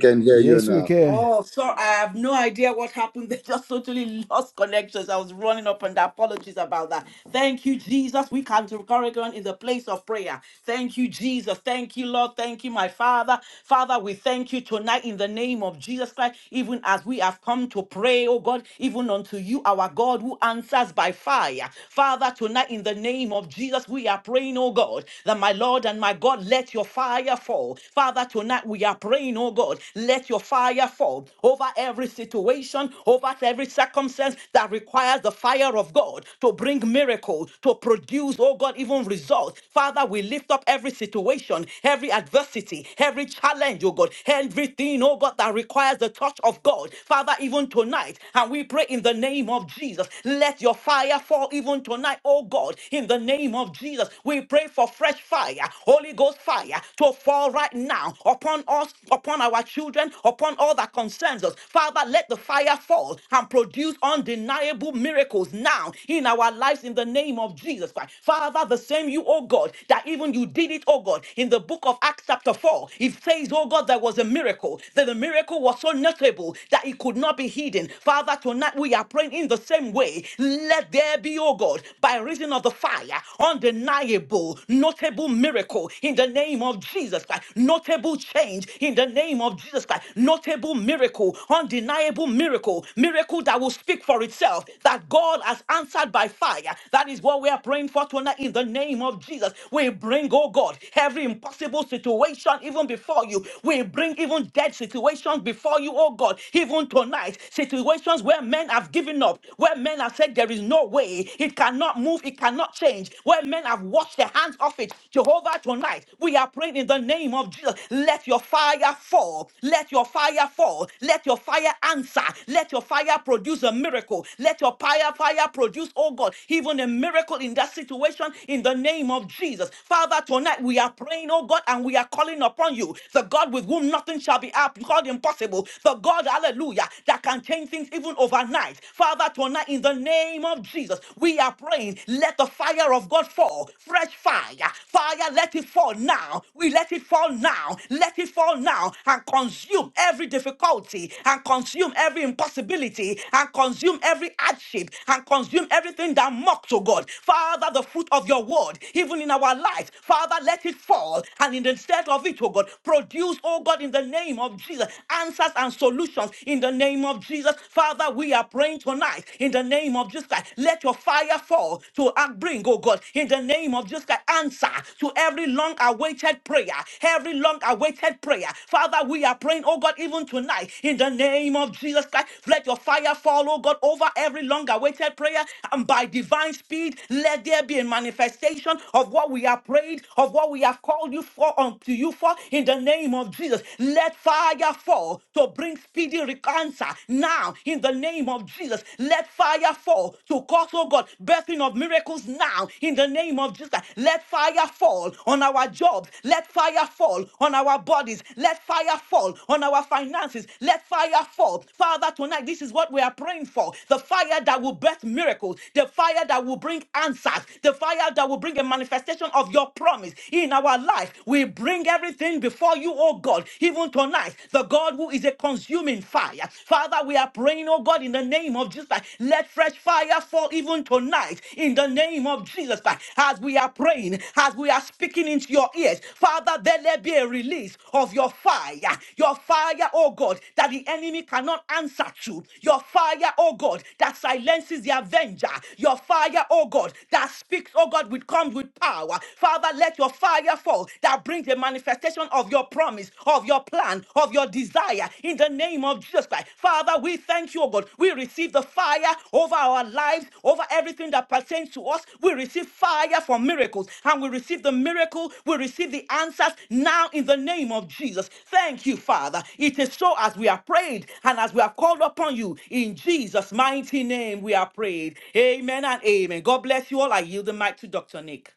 Speaker 2: I can hear you
Speaker 3: Yes, we
Speaker 2: now.
Speaker 3: can.
Speaker 4: Oh, sorry. I have no idea what happened. They just totally lost connections. I was running up and down. Apologies about that. Thank you, Jesus. We come to Corrigan in the place of prayer. Thank you, Jesus. Thank you, Lord. Thank you, my Father. Father, we thank you tonight in the name of Jesus Christ, even as we have come to pray, oh God, even unto you, our God, who answers by fire. Father, tonight in the name of Jesus, we are praying, oh God, that my Lord and my God, let your fire fall. Father, tonight we we are praying, oh God, let your fire fall over every situation, over every circumstance that requires the fire of God to bring miracles, to produce, oh God, even results. Father, we lift up every situation, every adversity, every challenge, oh God, everything, oh God, that requires the touch of God. Father, even tonight, and we pray in the name of Jesus, let your fire fall even tonight, oh God, in the name of Jesus. We pray for fresh fire, Holy Ghost fire fire to fall right now upon us, upon our children, upon all that concerns us. Father, let the fire fall and produce undeniable miracles now in our lives in the name of Jesus Christ. Father, the same you, oh God, that even you did it, oh God, in the book of Acts chapter 4, it says, oh God, there was a miracle, that the miracle was so notable that it could not be hidden. Father, tonight we are praying in the same way. Let there be, oh God, by reason of the fire, undeniable notable, notable miracle in the name of Jesus Christ, notable change in the name of Jesus Christ, notable miracle, undeniable miracle, miracle that will speak for itself, that God has answered by fire. That is what we are praying for tonight in the name of Jesus. We bring, oh God, every impossible situation even before you. We bring even dead situations before you, oh God, even tonight. Situations where men have given up, where men have said there is no way, it cannot move, it cannot change. Where men have washed their hands off it, Jehovah, tonight we are praying in the name of Jesus. Let your fire fall. Let your fire fall. Let your fire answer. Let your fire produce a miracle. Let your fire, fire produce, oh God, even a miracle in that situation in the name of Jesus. Father, tonight we are praying, oh God, and we are calling upon you, the God with whom nothing shall be up- called impossible, the God, hallelujah, that can change things even overnight. Father, tonight in in the name of Jesus, we are praying, let the fire of God fall. Fresh fire. Fire, let it fall now. We let it fall now. Let it fall now and consume every difficulty and consume every impossibility and consume every hardship and consume everything that mocks, oh God. Father, the fruit of your word, even in our life, Father, let it fall and in the stead of it, oh God, produce, oh God, in the name of Jesus, answers and solutions in the name of Jesus. Jesus. Father, we are praying tonight in the name of Jesus Christ. Let your fire fall to uh, bring, oh God, in the name of Jesus Christ, answer to every long awaited prayer, every long awaited prayer. Father, we are praying, oh God, even tonight in the name of Jesus Christ. Let your fire fall, oh God, over every long awaited prayer and by divine speed, let there be a manifestation of what we have prayed, of what we have called you for unto you for in the name of Jesus. Let fire fall to bring speedy answer now in the name of Jesus. Let fire fall to cause, oh God, birthing of miracles now in the name of Jesus. Let fire fall on our jobs. Let fire fall on our bodies. Let fire fall on our finances. Let fire fall. Father, tonight, this is what we are praying for the fire that will birth miracles, the fire that will bring answers, the fire that will bring a manifestation of your promise in our life. We bring everything before you, oh God, even tonight, the God who is a consuming fire. Father, we are praying, oh God, in the name of Jesus Christ, let fresh fire fall even tonight, in the name of Jesus Christ, as we are praying, as we are speaking into your ears. Father, there let be a release of your fire, your fire, oh God, that the enemy cannot answer to, your fire, oh God, that silences the avenger, your fire, oh God, that speaks, oh God, with comes with power. Father, let your fire fall that brings the manifestation of your promise, of your plan, of your desire in the name of Jesus Christ. Father, we thank you, O God. We receive the fire over our lives, over everything that pertains to us. We receive fire for miracles and we receive the miracle. We receive the answers now in the name of Jesus. Thank you, Father. It is so as we are prayed and as we are called upon you in Jesus' mighty name we are prayed. Amen and amen. God bless you all. I yield the mic to Dr. Nick.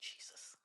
Speaker 4: Jesus.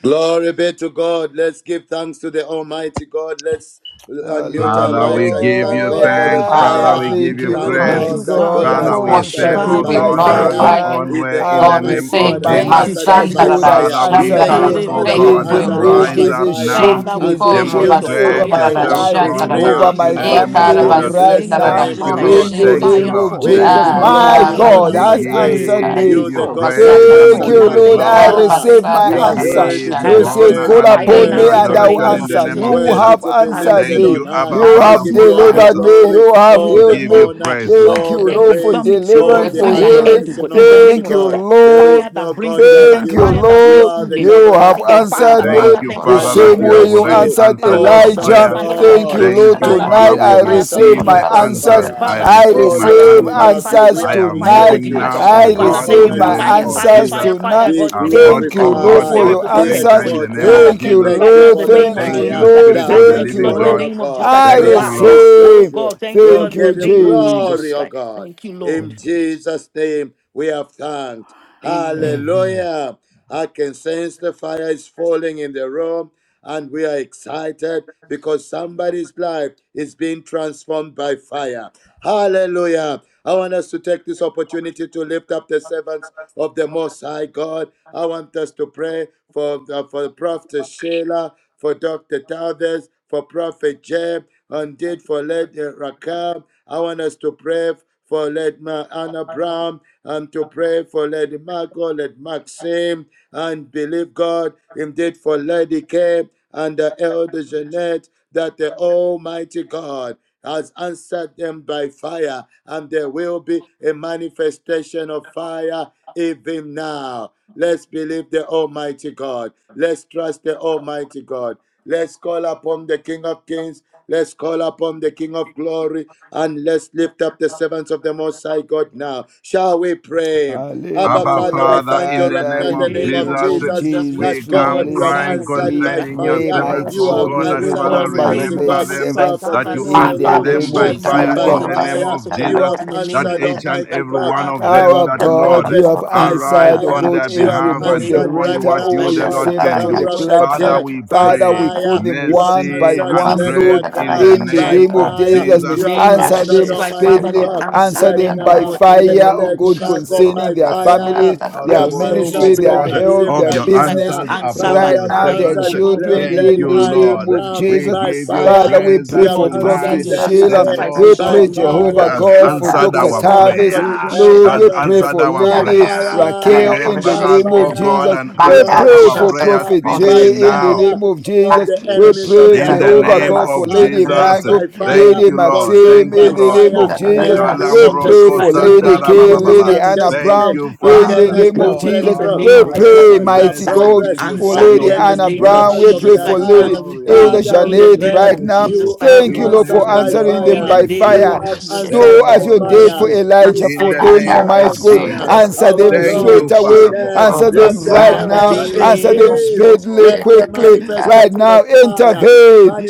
Speaker 2: Glory be to God. Let's give thanks to the Almighty God. Let's unmute our
Speaker 4: Thank you,
Speaker 1: Father,
Speaker 4: Lord.
Speaker 1: we
Speaker 2: mics and
Speaker 1: give
Speaker 2: thank
Speaker 1: you
Speaker 5: Thank
Speaker 2: God
Speaker 4: Thank
Speaker 2: for
Speaker 4: you,
Speaker 5: you,
Speaker 2: the
Speaker 1: thanks. Father,
Speaker 3: Hallelujah.
Speaker 1: we
Speaker 5: Father.
Speaker 4: Jesus.
Speaker 2: fire.
Speaker 1: give
Speaker 5: We
Speaker 3: Thank
Speaker 5: Give
Speaker 3: you,
Speaker 1: you
Speaker 5: you
Speaker 2: Thank
Speaker 3: Lord.
Speaker 1: praise.
Speaker 3: My
Speaker 4: Make
Speaker 2: God
Speaker 4: your
Speaker 5: praise.
Speaker 2: that
Speaker 3: God
Speaker 4: fire
Speaker 2: God
Speaker 5: We
Speaker 1: Father,
Speaker 2: has
Speaker 3: has
Speaker 4: fall.
Speaker 1: we
Speaker 2: answered
Speaker 1: say,
Speaker 5: worship
Speaker 3: answered
Speaker 2: us
Speaker 5: you.
Speaker 3: me
Speaker 1: oh
Speaker 4: Father,
Speaker 2: by
Speaker 5: We
Speaker 4: we
Speaker 3: by
Speaker 1: God, have
Speaker 4: thank
Speaker 1: your
Speaker 2: fire.
Speaker 4: you.
Speaker 5: glorify
Speaker 3: fire.
Speaker 5: you.
Speaker 1: own
Speaker 2: If
Speaker 1: way
Speaker 2: The
Speaker 1: in
Speaker 3: I've
Speaker 1: the
Speaker 5: Lord, we
Speaker 1: name
Speaker 2: Almighty
Speaker 1: of
Speaker 3: received
Speaker 2: God
Speaker 5: thank you.
Speaker 3: my
Speaker 2: has
Speaker 4: Thank
Speaker 5: My
Speaker 1: Jesus.
Speaker 4: you,
Speaker 2: answered us
Speaker 3: answers.
Speaker 5: son, da,
Speaker 2: by
Speaker 5: da,
Speaker 3: God
Speaker 4: Jesus.
Speaker 5: da,
Speaker 3: has
Speaker 2: fire.
Speaker 1: Father,
Speaker 5: shan,
Speaker 1: we
Speaker 5: da,
Speaker 3: answered
Speaker 5: da,
Speaker 2: Thank
Speaker 1: ask,
Speaker 2: you,
Speaker 3: me.
Speaker 5: We
Speaker 1: oh
Speaker 2: Father,
Speaker 5: thank
Speaker 3: There
Speaker 2: for
Speaker 5: you
Speaker 1: God,
Speaker 3: is
Speaker 5: for
Speaker 3: a
Speaker 5: your
Speaker 2: answering us
Speaker 3: move, there
Speaker 1: rise
Speaker 5: goodness.
Speaker 2: by
Speaker 4: Ekerebo-shandarabushke.
Speaker 3: is
Speaker 1: up
Speaker 3: a
Speaker 2: fire.
Speaker 1: now.
Speaker 5: Thank
Speaker 4: Father,
Speaker 3: shift,
Speaker 5: you.
Speaker 3: there
Speaker 4: we
Speaker 2: And
Speaker 3: is a
Speaker 4: pray,
Speaker 2: thank
Speaker 5: Koro,
Speaker 2: you
Speaker 4: let
Speaker 5: ba,
Speaker 4: your
Speaker 3: change
Speaker 2: that
Speaker 5: si,
Speaker 2: your
Speaker 1: Demonstrate
Speaker 3: over
Speaker 5: da,
Speaker 4: fire
Speaker 5: da,
Speaker 3: my
Speaker 5: da,
Speaker 4: fall
Speaker 2: fire
Speaker 1: yourself
Speaker 4: in
Speaker 3: life,
Speaker 4: the
Speaker 5: shan,
Speaker 2: is
Speaker 5: da, da,
Speaker 1: strong
Speaker 4: name
Speaker 5: da.
Speaker 4: of
Speaker 3: over
Speaker 1: now
Speaker 2: real.
Speaker 1: in
Speaker 4: Jesus
Speaker 3: my
Speaker 1: the
Speaker 4: God.
Speaker 5: E,
Speaker 2: Oh,
Speaker 1: name of
Speaker 5: kara,
Speaker 3: family
Speaker 2: Father,
Speaker 4: Ah,
Speaker 2: we
Speaker 4: in
Speaker 1: Jesus.
Speaker 4: the
Speaker 5: si,
Speaker 3: right
Speaker 2: bless
Speaker 5: da,
Speaker 4: name
Speaker 2: your
Speaker 5: da,
Speaker 4: of
Speaker 3: now.
Speaker 5: da,
Speaker 1: Thank
Speaker 2: name
Speaker 4: Jesus
Speaker 2: and
Speaker 1: you,
Speaker 5: koro,
Speaker 4: God,
Speaker 2: we
Speaker 1: Lord.
Speaker 3: In
Speaker 4: let
Speaker 5: she,
Speaker 4: your
Speaker 3: the
Speaker 5: da,
Speaker 1: Thank
Speaker 2: exalt
Speaker 1: you,
Speaker 3: name
Speaker 4: fire
Speaker 2: you.
Speaker 3: of
Speaker 1: Lord.
Speaker 2: We
Speaker 4: fall.
Speaker 2: give
Speaker 1: Thank
Speaker 3: Jesus,
Speaker 2: you
Speaker 1: you,
Speaker 5: Ah,
Speaker 1: Lord.
Speaker 3: my
Speaker 2: glory,
Speaker 5: kara,
Speaker 4: Undeniable,
Speaker 5: ba,
Speaker 3: God
Speaker 2: honor,
Speaker 1: We
Speaker 3: has
Speaker 2: and
Speaker 4: notable
Speaker 2: praise.
Speaker 4: miracle.
Speaker 3: answered
Speaker 4: Let it
Speaker 1: give
Speaker 3: me.
Speaker 2: You, the
Speaker 1: you
Speaker 4: fall.
Speaker 2: God that
Speaker 4: Let
Speaker 1: praise
Speaker 4: it
Speaker 1: and we
Speaker 3: Thank
Speaker 4: fall.
Speaker 2: answers
Speaker 1: give
Speaker 3: you,
Speaker 4: Now,
Speaker 2: by
Speaker 1: you
Speaker 3: Lord.
Speaker 4: thank you,
Speaker 3: I
Speaker 1: glory.
Speaker 4: Lord. We
Speaker 2: fire.
Speaker 3: receive
Speaker 4: thank you
Speaker 3: my
Speaker 4: for
Speaker 2: You
Speaker 1: We
Speaker 2: are
Speaker 4: this.
Speaker 3: answer.
Speaker 2: worthy
Speaker 1: give
Speaker 2: to
Speaker 4: I
Speaker 1: you
Speaker 3: You
Speaker 2: be
Speaker 5: Arabasatarakoshataram.
Speaker 3: said,
Speaker 4: receive
Speaker 1: honor
Speaker 4: my
Speaker 3: Call
Speaker 2: praised,
Speaker 1: and we
Speaker 4: fire
Speaker 1: give
Speaker 3: upon
Speaker 5: Thank
Speaker 3: me
Speaker 1: you
Speaker 4: now
Speaker 5: you,
Speaker 2: worthy
Speaker 4: in
Speaker 3: and
Speaker 4: the
Speaker 2: to
Speaker 5: Father.
Speaker 3: I
Speaker 2: be
Speaker 3: will
Speaker 4: name
Speaker 1: adoration
Speaker 4: of
Speaker 1: in the
Speaker 3: answer.
Speaker 2: worshipped,
Speaker 1: name
Speaker 4: Jesus.
Speaker 1: of
Speaker 5: Thank
Speaker 3: You
Speaker 5: you.
Speaker 1: Jesus.
Speaker 2: worthy
Speaker 3: have
Speaker 2: to
Speaker 5: Lord.
Speaker 2: be
Speaker 4: I
Speaker 3: answered
Speaker 2: lifted
Speaker 1: Thank
Speaker 3: me.
Speaker 4: receive.
Speaker 1: you,
Speaker 2: on high.
Speaker 1: Abba
Speaker 4: I
Speaker 3: You
Speaker 2: We
Speaker 1: Father,
Speaker 3: have
Speaker 2: give
Speaker 4: receive
Speaker 1: for
Speaker 2: you all the
Speaker 4: fire
Speaker 3: delivered me.
Speaker 4: to
Speaker 1: answers.
Speaker 4: fall
Speaker 2: glory,
Speaker 3: You
Speaker 4: upon
Speaker 5: Arabasatarakoshataram.
Speaker 3: have
Speaker 1: We
Speaker 2: all
Speaker 4: him.
Speaker 3: healed
Speaker 2: the
Speaker 1: give
Speaker 3: me.
Speaker 1: you
Speaker 2: honor,
Speaker 1: praise,
Speaker 4: Jesus Christ.
Speaker 1: Lord.
Speaker 3: Thank
Speaker 2: all
Speaker 3: you,
Speaker 2: the
Speaker 4: Every
Speaker 3: Lord, for
Speaker 2: praise,
Speaker 4: infirmity,
Speaker 5: The
Speaker 4: God,
Speaker 2: all
Speaker 3: deliverance,
Speaker 4: it
Speaker 2: the
Speaker 5: greater
Speaker 3: for
Speaker 4: brings an
Speaker 5: I am,
Speaker 3: healing.
Speaker 4: end, God,
Speaker 2: adoration,
Speaker 4: in the
Speaker 5: Lord,
Speaker 2: Almighty
Speaker 4: name
Speaker 3: Thank
Speaker 4: of
Speaker 3: you,
Speaker 4: Jesus
Speaker 2: God.
Speaker 4: Christ.
Speaker 2: There is
Speaker 4: Fire
Speaker 3: Lord.
Speaker 2: no
Speaker 4: that brings
Speaker 2: God like
Speaker 4: deliverance,
Speaker 3: Thank you,
Speaker 2: you.
Speaker 4: fire that
Speaker 2: You
Speaker 4: brings
Speaker 3: Lord.
Speaker 2: are the
Speaker 4: healing,
Speaker 3: You have
Speaker 4: fire,
Speaker 2: covenant keeping
Speaker 3: answered
Speaker 4: Father,
Speaker 3: me
Speaker 1: Thank
Speaker 2: God,
Speaker 4: Father,
Speaker 1: you,
Speaker 4: thank you
Speaker 3: the
Speaker 4: for
Speaker 2: and
Speaker 1: Father,
Speaker 2: we
Speaker 1: that
Speaker 3: same
Speaker 4: fire
Speaker 1: you
Speaker 3: way
Speaker 5: Arabasatarakoshataram.
Speaker 4: for
Speaker 1: have
Speaker 2: bless
Speaker 3: you
Speaker 1: already
Speaker 4: healing,
Speaker 2: you,
Speaker 3: answered
Speaker 1: answered
Speaker 4: Father,
Speaker 1: our
Speaker 4: thank you
Speaker 2: awesome
Speaker 4: for
Speaker 3: Elijah.
Speaker 1: prayers.
Speaker 4: fire for
Speaker 3: Thank
Speaker 2: God.
Speaker 3: you,
Speaker 4: healing,
Speaker 1: Thank
Speaker 3: Lord.
Speaker 1: you,
Speaker 4: Father,
Speaker 2: Thank
Speaker 5: Orobasitarakoshataram.
Speaker 4: thank
Speaker 1: Father.
Speaker 4: you
Speaker 3: Tonight
Speaker 2: you
Speaker 4: for
Speaker 1: We
Speaker 3: I
Speaker 2: for
Speaker 4: fire for
Speaker 3: receive
Speaker 2: answering
Speaker 1: receive
Speaker 3: my
Speaker 1: the
Speaker 2: us
Speaker 4: healing, oh my
Speaker 2: by
Speaker 4: God,
Speaker 1: answers.
Speaker 3: answers.
Speaker 2: fire.
Speaker 1: I
Speaker 4: Father,
Speaker 5: Orobasitarakoshataram.
Speaker 4: thank
Speaker 3: I
Speaker 4: you
Speaker 1: receive
Speaker 4: for
Speaker 2: Oh
Speaker 1: my
Speaker 4: fire
Speaker 2: Lord,
Speaker 4: for
Speaker 3: receive
Speaker 2: we
Speaker 1: answer.
Speaker 4: healing,
Speaker 2: love
Speaker 4: fire,
Speaker 2: you.
Speaker 3: answers
Speaker 2: We
Speaker 4: thank
Speaker 1: I
Speaker 4: you for
Speaker 1: am
Speaker 4: fire for
Speaker 2: appreciate
Speaker 3: tonight.
Speaker 1: moving
Speaker 2: you.
Speaker 1: now,
Speaker 4: deliverance.
Speaker 1: O
Speaker 3: I
Speaker 2: And we
Speaker 4: Father,
Speaker 5: Arabasatarakoshataram.
Speaker 1: God,
Speaker 4: thank
Speaker 3: receive
Speaker 4: you
Speaker 1: in
Speaker 2: honor
Speaker 4: for
Speaker 1: the
Speaker 3: my
Speaker 2: you,
Speaker 1: name
Speaker 4: fire,
Speaker 2: King of
Speaker 1: of
Speaker 4: fire,
Speaker 3: answers
Speaker 2: Kings.
Speaker 4: fire,
Speaker 1: Jesus.
Speaker 5: Orobasitarakoshataram.
Speaker 4: fire,
Speaker 3: tonight.
Speaker 2: Be
Speaker 4: God, in the name of
Speaker 1: Above,
Speaker 4: Jesus
Speaker 3: Thank
Speaker 4: Christ,
Speaker 1: O
Speaker 3: you,
Speaker 4: for
Speaker 1: God,
Speaker 3: Lord,
Speaker 2: glorified.
Speaker 3: for
Speaker 1: all
Speaker 4: miracle,
Speaker 3: your
Speaker 1: the
Speaker 4: for
Speaker 2: Be
Speaker 1: things
Speaker 3: answers.
Speaker 1: in
Speaker 4: testimony.
Speaker 1: the name of
Speaker 4: Father,
Speaker 2: exalted.
Speaker 3: Thank you,
Speaker 4: thank
Speaker 1: Jesus.
Speaker 4: you
Speaker 2: Thank
Speaker 4: right
Speaker 2: you
Speaker 4: now in
Speaker 3: Lord.
Speaker 4: the
Speaker 2: for the
Speaker 4: name
Speaker 3: Thank
Speaker 4: of
Speaker 3: you,
Speaker 1: Thank you,
Speaker 4: Jesus
Speaker 2: fire
Speaker 4: Christ.
Speaker 3: Lord.
Speaker 1: Spirit
Speaker 2: that
Speaker 4: I
Speaker 1: of the
Speaker 3: Thank
Speaker 4: thank
Speaker 2: has
Speaker 4: you,
Speaker 3: you,
Speaker 1: living
Speaker 4: Lord, in the
Speaker 2: fallen,
Speaker 3: Lord.
Speaker 1: God.
Speaker 2: oh
Speaker 4: name of Jesus
Speaker 2: God.
Speaker 4: Christ for
Speaker 3: I
Speaker 1: Thank
Speaker 2: We
Speaker 1: you,
Speaker 4: fire.
Speaker 1: Lord.
Speaker 4: Oh
Speaker 2: appreciate
Speaker 3: receive.
Speaker 2: you.
Speaker 4: God, thank you,
Speaker 2: We'll
Speaker 4: Lord,
Speaker 3: Thank
Speaker 4: in the
Speaker 3: you,
Speaker 2: give you
Speaker 4: name of Jesus
Speaker 3: Jesus.
Speaker 2: glory, oh
Speaker 4: Christ.
Speaker 2: God.
Speaker 4: Thank you, Lord.
Speaker 2: In
Speaker 3: Thank you, Jesus.
Speaker 2: Jesus' name, we have thanked.
Speaker 4: Amen.
Speaker 3: Amen.
Speaker 2: Hallelujah. I can sense the fire is
Speaker 5: Orobasatarakoshataram.
Speaker 2: falling in the room, and we are excited because somebody's life is being transformed by fire. Hallelujah. I want us to take this opportunity to lift up the servants of the Most High God. I want us to pray for, uh, for Prophet Sheila, for Dr. Tavis, for Prophet Jeb, indeed for Lady Raquel. I want us to pray for let Ma- Anna Brown and to pray for Lady Margot, let Maxim and believe God indeed for Lady Kay and the Elder Jeanette that the Almighty God has answered them by fire and there will be a manifestation of fire even now. Let's believe the Almighty God. Let's trust the Almighty God. Let's call upon the King of Kings Let's call upon the King of glory and let's lift up the servants of the Most High God now. Shall we pray? Abba,
Speaker 1: Abba
Speaker 2: Father, we
Speaker 3: Hallelujah,
Speaker 1: Father,
Speaker 2: thank
Speaker 1: in
Speaker 2: you
Speaker 1: the
Speaker 2: right
Speaker 3: Father,
Speaker 2: now
Speaker 1: name
Speaker 2: in
Speaker 4: In
Speaker 1: of
Speaker 2: the
Speaker 3: in
Speaker 4: the
Speaker 3: the
Speaker 2: name
Speaker 4: name
Speaker 2: of
Speaker 4: of
Speaker 3: name of
Speaker 1: Jesus,
Speaker 2: Jesus
Speaker 4: Jesus, we
Speaker 3: Jesus,
Speaker 1: we
Speaker 2: that
Speaker 4: speak, oh
Speaker 5: But
Speaker 3: we
Speaker 5: I'm
Speaker 4: God,
Speaker 2: God,
Speaker 1: come
Speaker 4: in the
Speaker 2: you
Speaker 3: live,
Speaker 2: have
Speaker 5: so
Speaker 4: name
Speaker 1: crying
Speaker 4: of
Speaker 2: answered
Speaker 3: we
Speaker 4: Jesus
Speaker 2: by
Speaker 4: Christ.
Speaker 1: concerning your
Speaker 3: pray,
Speaker 2: fire.
Speaker 5: that
Speaker 1: servants,
Speaker 4: Lord
Speaker 3: mighty
Speaker 2: You
Speaker 5: much
Speaker 1: O
Speaker 2: have
Speaker 3: God,
Speaker 4: God, we
Speaker 1: God,
Speaker 3: we
Speaker 1: that
Speaker 4: pray, oh
Speaker 2: answered,
Speaker 4: God,
Speaker 1: Father,
Speaker 4: in the
Speaker 3: remember your
Speaker 4: name
Speaker 2: Almighty
Speaker 4: of
Speaker 3: maid
Speaker 1: remember
Speaker 2: God,
Speaker 5: applause.
Speaker 4: Jesus
Speaker 1: them,
Speaker 4: Christ,
Speaker 3: servants
Speaker 2: Prophet
Speaker 1: that
Speaker 4: Father,
Speaker 1: you
Speaker 5: Shit,
Speaker 4: Lord, I
Speaker 3: in
Speaker 4: pray,
Speaker 1: answer
Speaker 3: the
Speaker 4: oh
Speaker 2: Sheila,
Speaker 4: God,
Speaker 1: them
Speaker 3: name
Speaker 4: in the
Speaker 1: by
Speaker 2: right
Speaker 3: of
Speaker 4: name of
Speaker 2: now
Speaker 1: fire
Speaker 2: by
Speaker 4: all
Speaker 1: in
Speaker 3: Jesus.
Speaker 4: the
Speaker 1: the name
Speaker 2: fire.
Speaker 4: servants
Speaker 1: of
Speaker 4: of the
Speaker 2: You
Speaker 1: Jesus,
Speaker 4: Lord,
Speaker 2: have
Speaker 4: in the name
Speaker 1: that
Speaker 4: of
Speaker 2: answered,
Speaker 1: each
Speaker 4: Jesus
Speaker 1: and
Speaker 2: Almighty
Speaker 4: Christ,
Speaker 1: every
Speaker 2: God,
Speaker 1: one of
Speaker 4: Father,
Speaker 2: uh,
Speaker 1: them,
Speaker 3: Our
Speaker 1: that
Speaker 2: Dr.
Speaker 1: Lord,
Speaker 3: God, you
Speaker 2: Tavis,
Speaker 3: have
Speaker 2: by
Speaker 1: arise
Speaker 3: answered, oh
Speaker 1: on
Speaker 2: fire.
Speaker 3: God,
Speaker 1: their
Speaker 2: You have
Speaker 3: every
Speaker 1: behalf
Speaker 4: In the
Speaker 1: and do
Speaker 4: name
Speaker 2: answered
Speaker 4: of
Speaker 1: only
Speaker 2: right
Speaker 3: moderator,
Speaker 1: what
Speaker 4: Jesus
Speaker 2: now,
Speaker 1: you,
Speaker 2: oh
Speaker 3: all
Speaker 4: Christ,
Speaker 1: the
Speaker 3: your
Speaker 4: we
Speaker 2: God.
Speaker 1: Lord,
Speaker 4: go to
Speaker 2: You
Speaker 3: servants
Speaker 1: can
Speaker 3: on
Speaker 2: have
Speaker 4: pray,
Speaker 1: do.
Speaker 3: the
Speaker 4: God.
Speaker 2: Prophet
Speaker 1: Father,
Speaker 3: platform.
Speaker 2: Jay
Speaker 1: we
Speaker 2: by
Speaker 3: Father,
Speaker 1: pray
Speaker 3: we call
Speaker 2: fire.
Speaker 3: them
Speaker 2: You
Speaker 4: Yes,
Speaker 3: one
Speaker 2: have
Speaker 3: by
Speaker 1: mercy
Speaker 2: answered
Speaker 1: and
Speaker 3: one,
Speaker 2: let
Speaker 4: continue.
Speaker 1: grace
Speaker 3: Lord,
Speaker 1: in the
Speaker 2: Raquel
Speaker 3: in the
Speaker 2: by
Speaker 1: name
Speaker 3: name
Speaker 1: of
Speaker 3: of
Speaker 2: fire.
Speaker 3: Jesus.
Speaker 4: in the
Speaker 2: You
Speaker 1: Jesus.
Speaker 2: have
Speaker 4: name of
Speaker 3: Answer
Speaker 1: Thank
Speaker 2: answered
Speaker 4: Jesus
Speaker 3: them
Speaker 1: you,
Speaker 4: Christ,
Speaker 1: Abba
Speaker 2: Almighty
Speaker 4: Father,
Speaker 3: speedily,
Speaker 4: let
Speaker 2: God
Speaker 1: Father. We
Speaker 4: answer
Speaker 3: answer
Speaker 2: right
Speaker 1: ask
Speaker 3: them
Speaker 4: them, oh
Speaker 3: by
Speaker 1: for
Speaker 2: now.
Speaker 4: God,
Speaker 1: you
Speaker 4: in the
Speaker 2: Yes,
Speaker 3: fire,
Speaker 1: now
Speaker 4: name
Speaker 3: oh
Speaker 4: of
Speaker 2: Lady
Speaker 3: God,
Speaker 1: that
Speaker 4: Jesus.
Speaker 2: Margot
Speaker 1: let there
Speaker 3: concerning
Speaker 2: by
Speaker 1: be
Speaker 3: their
Speaker 1: a
Speaker 3: families,
Speaker 2: fire.
Speaker 1: mighty
Speaker 2: You
Speaker 3: their
Speaker 2: have
Speaker 4: Yes,
Speaker 1: outpouring,
Speaker 4: Lord, we
Speaker 1: O
Speaker 2: answered
Speaker 3: ministry,
Speaker 4: pray in
Speaker 2: Lady
Speaker 3: their
Speaker 1: God,
Speaker 4: the name
Speaker 3: health,
Speaker 2: Maxim
Speaker 4: of
Speaker 3: their
Speaker 1: of
Speaker 2: by
Speaker 1: your
Speaker 4: Jesus
Speaker 3: business,
Speaker 4: Christ.
Speaker 2: fire.
Speaker 1: answers
Speaker 4: Answer
Speaker 1: upon
Speaker 4: by
Speaker 3: right
Speaker 1: your
Speaker 2: Father, you
Speaker 3: now,
Speaker 2: have
Speaker 4: fire,
Speaker 3: their
Speaker 1: servants.
Speaker 4: oh
Speaker 2: answered
Speaker 4: God, in the
Speaker 3: children,
Speaker 1: Thank
Speaker 4: name
Speaker 3: in
Speaker 2: Lady
Speaker 1: you,
Speaker 4: of
Speaker 3: the
Speaker 4: Jesus.
Speaker 2: Anna
Speaker 3: name
Speaker 1: Lord.
Speaker 3: of
Speaker 2: Brown
Speaker 1: We
Speaker 3: Jesus.
Speaker 2: by
Speaker 1: give you
Speaker 3: Father,
Speaker 2: fire.
Speaker 3: we
Speaker 1: praise
Speaker 4: Yes,
Speaker 3: pray
Speaker 2: You
Speaker 1: that
Speaker 2: have
Speaker 3: for
Speaker 4: Lord, in the
Speaker 2: answered
Speaker 4: name
Speaker 3: Prophet
Speaker 1: tonight
Speaker 4: of
Speaker 2: Lady K
Speaker 1: the
Speaker 3: Sheila.
Speaker 4: Jesus Christ,
Speaker 1: Lord
Speaker 4: oh
Speaker 3: We
Speaker 2: by
Speaker 4: God,
Speaker 3: pray,
Speaker 1: our
Speaker 4: in the
Speaker 1: God
Speaker 4: name of
Speaker 3: Jehovah
Speaker 2: fire.
Speaker 1: has
Speaker 4: Jesus.
Speaker 2: You
Speaker 3: God,
Speaker 2: have
Speaker 3: for
Speaker 1: answered
Speaker 3: Dr.
Speaker 4: Yes,
Speaker 2: answered,
Speaker 1: our
Speaker 2: oh
Speaker 4: Lord,
Speaker 2: my
Speaker 4: we
Speaker 3: Tavis.
Speaker 2: God,
Speaker 4: pray,
Speaker 1: prayer,
Speaker 4: oh God.
Speaker 3: Lord,
Speaker 2: Elder
Speaker 1: has
Speaker 3: we pray
Speaker 2: Jeanette
Speaker 1: answered
Speaker 3: for
Speaker 1: our
Speaker 2: by
Speaker 3: Lady
Speaker 1: prayer.
Speaker 5: Ikarabasi,
Speaker 2: fire
Speaker 3: Raquel in
Speaker 1: Remember
Speaker 3: the
Speaker 2: by
Speaker 5: Taranakoroshe,
Speaker 1: us,
Speaker 3: name of
Speaker 1: O God,
Speaker 2: fire,
Speaker 3: Jesus.
Speaker 1: and
Speaker 3: We
Speaker 1: answer
Speaker 2: Lord,
Speaker 3: pray
Speaker 1: our
Speaker 2: right
Speaker 3: for
Speaker 5: Bakarasho,
Speaker 1: prayer
Speaker 2: now,
Speaker 3: Prophet
Speaker 2: by
Speaker 1: speedily
Speaker 3: Jay in
Speaker 5: Taranakoroshe,
Speaker 3: the
Speaker 1: now.
Speaker 2: fire.
Speaker 3: name of
Speaker 2: All
Speaker 3: Jesus.
Speaker 2: the
Speaker 5: Baki, the
Speaker 3: We
Speaker 2: enemies of
Speaker 3: pray,
Speaker 2: their
Speaker 1: In the
Speaker 3: Jehovah
Speaker 1: name
Speaker 2: progress
Speaker 3: God, for
Speaker 1: of
Speaker 5: Shintarakorobasi,
Speaker 2: are
Speaker 3: Lady
Speaker 1: Jesus,
Speaker 2: bent
Speaker 3: Michael,
Speaker 2: by
Speaker 5: Taranakoroshe,
Speaker 1: thank
Speaker 2: fire,
Speaker 3: Lady
Speaker 1: you, Lord.
Speaker 2: consumed
Speaker 3: Maxim
Speaker 1: Thank you,
Speaker 3: in
Speaker 2: by
Speaker 3: the
Speaker 1: Lord.
Speaker 3: name
Speaker 5: Taranakorobasi,
Speaker 2: fire.
Speaker 3: of
Speaker 4: In the
Speaker 1: Oh,
Speaker 3: Jesus.
Speaker 4: name of
Speaker 2: Every
Speaker 5: Taranakarash,
Speaker 3: We
Speaker 1: Kalambro
Speaker 4: Jesus
Speaker 3: pray for
Speaker 4: Christ,
Speaker 2: opposition
Speaker 4: oh
Speaker 3: Lady
Speaker 4: God,
Speaker 1: Kosatara
Speaker 4: in the
Speaker 3: Kay,
Speaker 1: Baba
Speaker 2: against
Speaker 3: Lady
Speaker 1: Baba.
Speaker 4: name
Speaker 2: their
Speaker 4: of
Speaker 3: Anna
Speaker 1: Thank
Speaker 4: Jesus.
Speaker 2: destiny,
Speaker 3: Brown
Speaker 1: you,
Speaker 3: in the
Speaker 4: Father,
Speaker 1: Father.
Speaker 3: name
Speaker 4: we
Speaker 2: against
Speaker 4: pray, oh
Speaker 2: their
Speaker 3: of
Speaker 1: Oh,
Speaker 4: God, in
Speaker 3: Jesus.
Speaker 4: the
Speaker 1: God
Speaker 2: breakthrough,
Speaker 1: of
Speaker 4: name
Speaker 3: We
Speaker 4: of
Speaker 1: grace
Speaker 4: Jesus,
Speaker 3: pray,
Speaker 2: against
Speaker 1: and
Speaker 2: their
Speaker 3: mighty
Speaker 1: mercy,
Speaker 4: answer,
Speaker 5: Akarabaso,
Speaker 1: we
Speaker 3: God,
Speaker 1: give
Speaker 2: progress,
Speaker 1: you
Speaker 3: for
Speaker 4: answer,
Speaker 3: Lady
Speaker 1: praise.
Speaker 4: Lord, in the
Speaker 2: against
Speaker 3: Anna
Speaker 4: name
Speaker 1: You
Speaker 4: of
Speaker 3: Brown.
Speaker 1: are
Speaker 2: miracles
Speaker 3: We
Speaker 2: of
Speaker 3: pray
Speaker 4: Jesus
Speaker 2: their
Speaker 3: for
Speaker 1: indeed
Speaker 4: Christ,
Speaker 2: lives.
Speaker 3: Lady
Speaker 4: Father, we
Speaker 1: glorious,
Speaker 4: pray,
Speaker 3: Elder
Speaker 2: Father,
Speaker 4: in
Speaker 1: mighty,
Speaker 2: we
Speaker 4: the
Speaker 3: Janet
Speaker 4: name
Speaker 2: pray
Speaker 3: right
Speaker 4: of
Speaker 3: now.
Speaker 4: Jesus
Speaker 1: merciful.
Speaker 2: you
Speaker 4: Christ,
Speaker 2: have
Speaker 3: Thank you,
Speaker 1: We
Speaker 4: Lord,
Speaker 3: Lord,
Speaker 1: say
Speaker 2: answered
Speaker 3: for
Speaker 4: God,
Speaker 1: the
Speaker 2: by
Speaker 4: we
Speaker 3: answering
Speaker 4: pray,
Speaker 3: them
Speaker 4: in
Speaker 1: Lord
Speaker 4: the
Speaker 2: fire.
Speaker 3: by
Speaker 1: is
Speaker 4: name
Speaker 2: You
Speaker 4: of
Speaker 1: good.
Speaker 2: have
Speaker 3: fire.
Speaker 4: Jesus
Speaker 1: The
Speaker 4: Christ,
Speaker 2: answered
Speaker 3: Do
Speaker 2: by
Speaker 3: as you
Speaker 1: Lord
Speaker 4: Lord,
Speaker 1: is
Speaker 4: we
Speaker 3: did for
Speaker 2: fire.
Speaker 4: pray,
Speaker 1: good.
Speaker 2: You
Speaker 3: Elijah,
Speaker 4: answer,
Speaker 1: In
Speaker 3: for
Speaker 2: have
Speaker 1: the
Speaker 4: yes,
Speaker 3: them,
Speaker 1: name
Speaker 2: answered
Speaker 4: Lord,
Speaker 2: by
Speaker 4: as
Speaker 3: Almighty
Speaker 1: of
Speaker 4: we
Speaker 3: God.
Speaker 4: do
Speaker 2: fire.
Speaker 4: it.
Speaker 1: Jesus.
Speaker 3: Answer
Speaker 2: Our
Speaker 3: them
Speaker 4: in the
Speaker 1: Thank
Speaker 4: name
Speaker 2: Lord,
Speaker 3: straight
Speaker 4: of
Speaker 1: you,
Speaker 4: Jesus,
Speaker 3: away.
Speaker 1: Father, for
Speaker 2: today,
Speaker 5: Taranakoroshe,
Speaker 3: Answer
Speaker 1: answered
Speaker 3: them
Speaker 2: let the
Speaker 5: Orbasa,
Speaker 3: right
Speaker 1: prayer
Speaker 4: by the
Speaker 3: now.
Speaker 2: fire
Speaker 1: that your
Speaker 5: Taranakoroshe,
Speaker 3: Answer
Speaker 4: name
Speaker 3: them
Speaker 4: of
Speaker 1: servants,
Speaker 2: increase.
Speaker 1: oh
Speaker 4: Jesus Christ,
Speaker 1: God,
Speaker 3: speedily,
Speaker 2: Let
Speaker 1: are
Speaker 2: the
Speaker 3: quickly,
Speaker 5: Taranakoroshe,
Speaker 1: receiving their
Speaker 3: right
Speaker 2: manifestation of
Speaker 3: now.
Speaker 1: prayer
Speaker 2: fire,
Speaker 5: Taranakoroshe,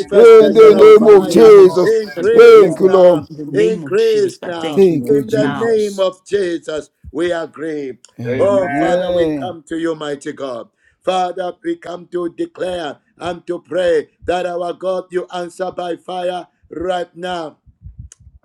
Speaker 1: the name of
Speaker 3: in the
Speaker 1: Jesus.
Speaker 2: of
Speaker 4: Lord, in
Speaker 3: name
Speaker 4: the
Speaker 3: of
Speaker 2: fire,
Speaker 4: name of
Speaker 3: Jesus.
Speaker 1: Oh, thank
Speaker 4: Jesus, we
Speaker 1: you,
Speaker 4: pray,
Speaker 2: increase
Speaker 3: Thank
Speaker 1: Father
Speaker 3: you,
Speaker 4: Lord,
Speaker 1: Lord.
Speaker 3: Lord.
Speaker 2: now,
Speaker 4: in the name of Jesus
Speaker 2: increase
Speaker 4: Christ,
Speaker 2: now.
Speaker 4: thank you,
Speaker 3: Thank
Speaker 4: Lord,
Speaker 3: you,
Speaker 2: In the
Speaker 4: now.
Speaker 2: name
Speaker 3: Jesus.
Speaker 2: of Jesus, we agree. Oh,
Speaker 1: Amen.
Speaker 2: Father, we
Speaker 3: Amen.
Speaker 2: come to you, mighty God. Father, we come to declare and to pray that our God, you answer by fire right now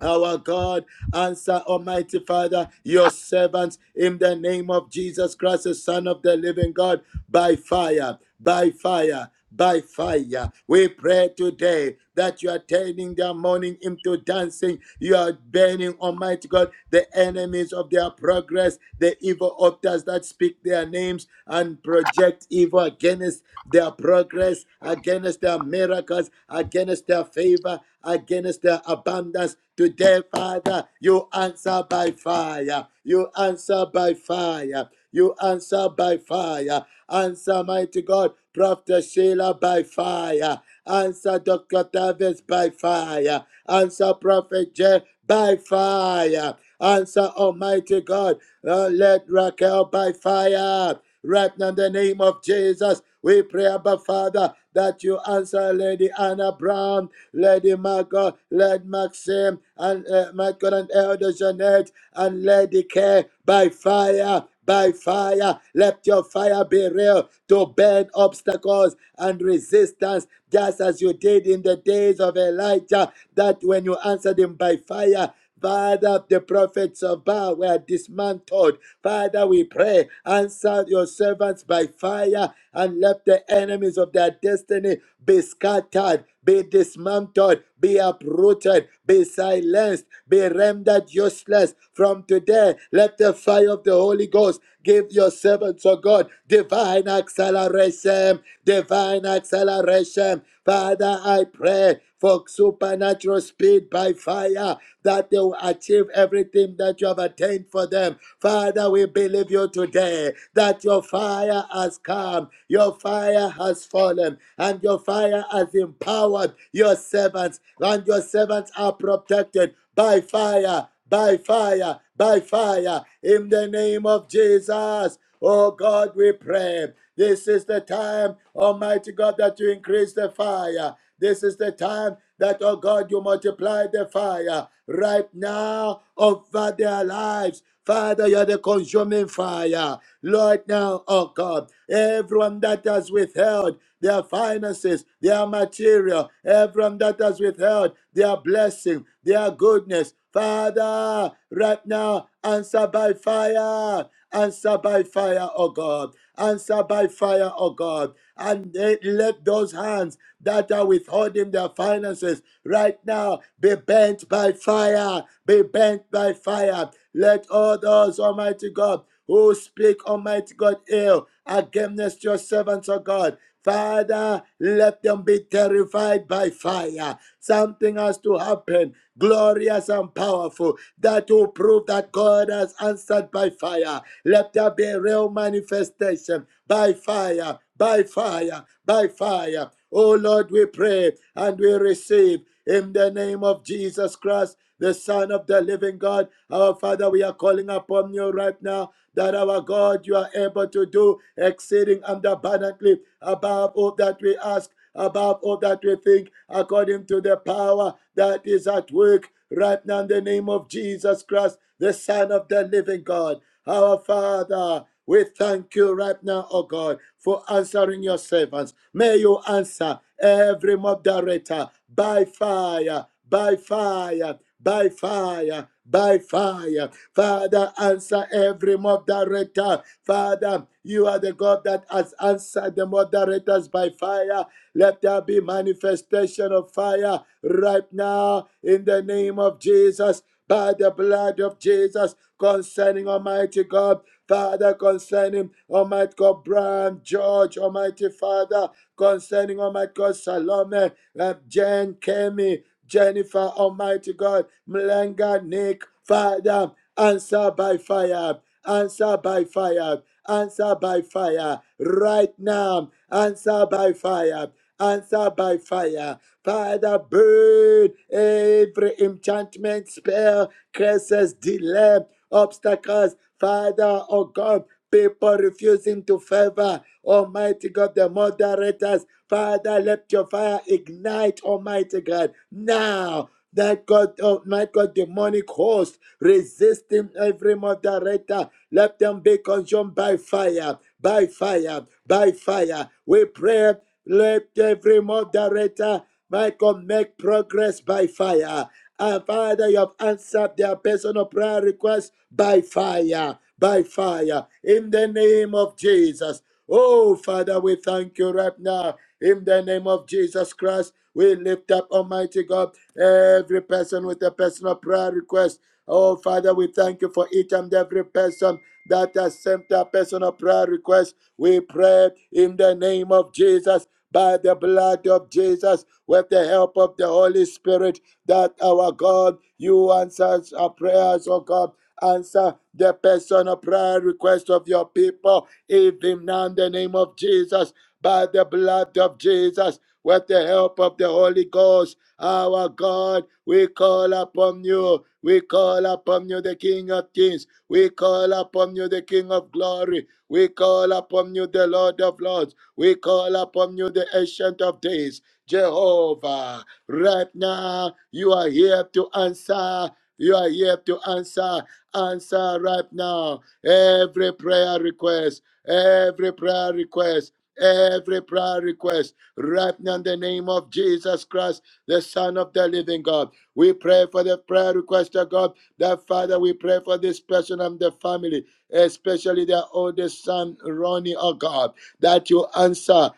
Speaker 2: our God, answer, Almighty Father, your servants in the name of Jesus Christ, the Son of the living God, by fire, by fire, by fire. We pray today that you are turning their mourning into dancing. You are burning, Almighty God, the enemies of their progress, the evil authors that speak their names and project evil against their progress, against their miracles, against their favor, against their abundance abundance. Today, Father, you answer by fire. You answer by fire. You answer by fire. Answer, mighty God, Prophet Sheila by fire. Answer Dr. Tavis by fire. Answer Prophet Jay by fire. Answer Almighty God. Uh, let Raquel by fire. Right now, in the name of Jesus, we pray, Abba Father, that you answer Lady Anna Brown, Lady Margot, Lady Maxim, and uh, Michael and Elder Jeanette, and Lady Care by fire. By fire, let your fire be real to burn obstacles and resistance, just as you did in the days of Elijah. That when you answered him by fire, Father, the prophets of Baal were dismantled. Father, we pray, answer your servants by fire and let the enemies of their destiny be scattered, be dismantled, be uprooted, be silenced, be rendered useless. From today, let the fire of the Holy Ghost give your servants, O God, divine acceleration, divine acceleration, Father, I pray for supernatural speed by fire that they will achieve everything that you have attained for them. Father, we believe you today that your fire has come, your fire has fallen, and your fire has empowered your servants, and your servants are protected by fire, by fire, by fire, in the name of Jesus. Oh God, we pray. This is the time, Almighty God, that you increase the fire. This is the time that, oh God, you multiply the fire right now over their lives. Father, you're the consuming fire. Lord, now, oh God, everyone that has withheld their finances, their material, everyone that has withheld their blessing, their goodness, Father, right now, answer by fire. Answer by fire, O God. Answer by fire, O God. And eh, let those hands that are withholding their finances right now be bent by fire. Be bent by fire. Let all those, Almighty God, who speak, Almighty God, ill against your servants, O God. Father, let them be terrified by fire. Something has to happen, glorious and powerful, that will prove that God has answered by fire. Let there be a real manifestation by fire, by fire, by fire. Oh Lord, we pray and we receive in the name of Jesus Christ, the Son of the living God. Our Father, we are calling upon you right now that our God, you are able to do exceeding and abundantly above all that we ask above all that we think, according to the power that is at work right now in the name of Jesus Christ, the Son of the living God. Our Father, we thank you right now, oh God, for answering your servants. May you answer every mob director by fire, by fire, by fire, by fire. Father, answer every moderator. Father, you are the God that has answered the moderators by fire. Let there be manifestation of fire right now in the name of Jesus. By the blood of Jesus, concerning Almighty God, Father, concerning Almighty God, Brian, George, Almighty Father, concerning Almighty God, Salome, uh, Jen, Kemi, Jennifer, Almighty God, Mlenga, Nick, Father, answer by fire, answer by fire, answer by fire, right now, answer by fire, answer by fire. Father, burn every enchantment, spell, curses, delay, obstacles. Father, oh God, people refusing to favor. Almighty God, the moderators. Father, let your fire ignite, Almighty God. Now, that God, oh my God, demonic host resisting every moderator. Let them be consumed by fire, by fire, by fire. We pray let every moderator, Michael, make progress by fire. And Father, you have answered their personal prayer requests by fire, by fire, in the name of Jesus. Oh, Father, we thank you right now. In the name of Jesus Christ, we lift up, Almighty God, every person with a personal prayer request. Oh, Father, we thank you for each and every person that has sent a personal prayer request. We pray in the name of Jesus, by the blood of Jesus, with the help of the Holy Spirit, that our God, you answer our prayers, oh God. Answer the personal prayer request of your people, even now in the name of Jesus, by the blood of Jesus, with the help of the Holy Ghost. Our God, we call upon you. We call upon you, the King of Kings. We call upon you, the King of Glory. We call upon you, the Lord of Lords. We call upon you, the Ancient of Days. Jehovah. Right now, you are here to answer. You are here to answer. Answer right now. Every prayer request, every prayer request, every prayer request. Right now, in the name of Jesus Christ, the Son of the Living God. We pray for the prayer request of God. That Father, we pray for this person and the family, especially their oldest son, Ronnie, oh God that you answer.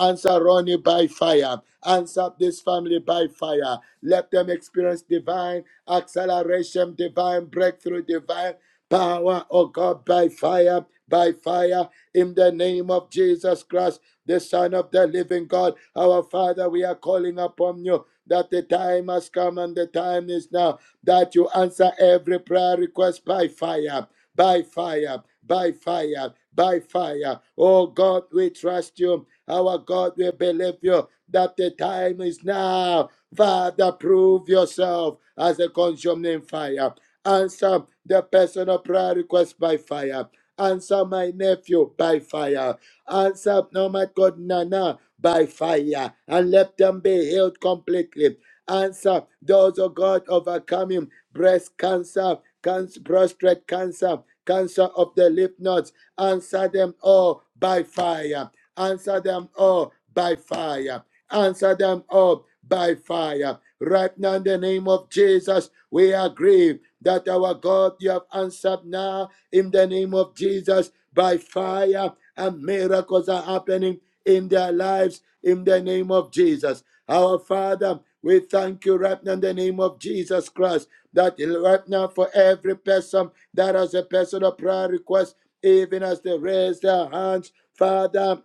Speaker 2: Answer Ronnie by fire. Answer this family by fire. Let them experience divine acceleration, divine breakthrough, divine power, oh God, by fire, by fire, in the name of Jesus Christ, the Son of the living God. Our Father, we are calling upon you that the time has come and the time is now that you answer every prayer request by fire by fire, by fire, by fire. Oh God, we trust you. Our God, we believe you that the time is now. Father, prove yourself as a consuming fire. Answer the personal prayer request by fire. Answer my nephew by fire. Answer, no my God, Nana by fire. And let them be healed completely. Answer those, oh God, overcoming breast cancer, cancer, prostate cancer, cancer of the lymph nodes. Answer them all by fire. Answer them all by fire. Answer them all by fire. Right now, in the name of Jesus, we agree that our God, you have answered now in the name of Jesus by fire, and miracles are happening in their lives in the name of Jesus. Our Father, we thank you right now in the name of Jesus Christ that right now for every person that has a personal prayer request, even as they raise their hands, Father.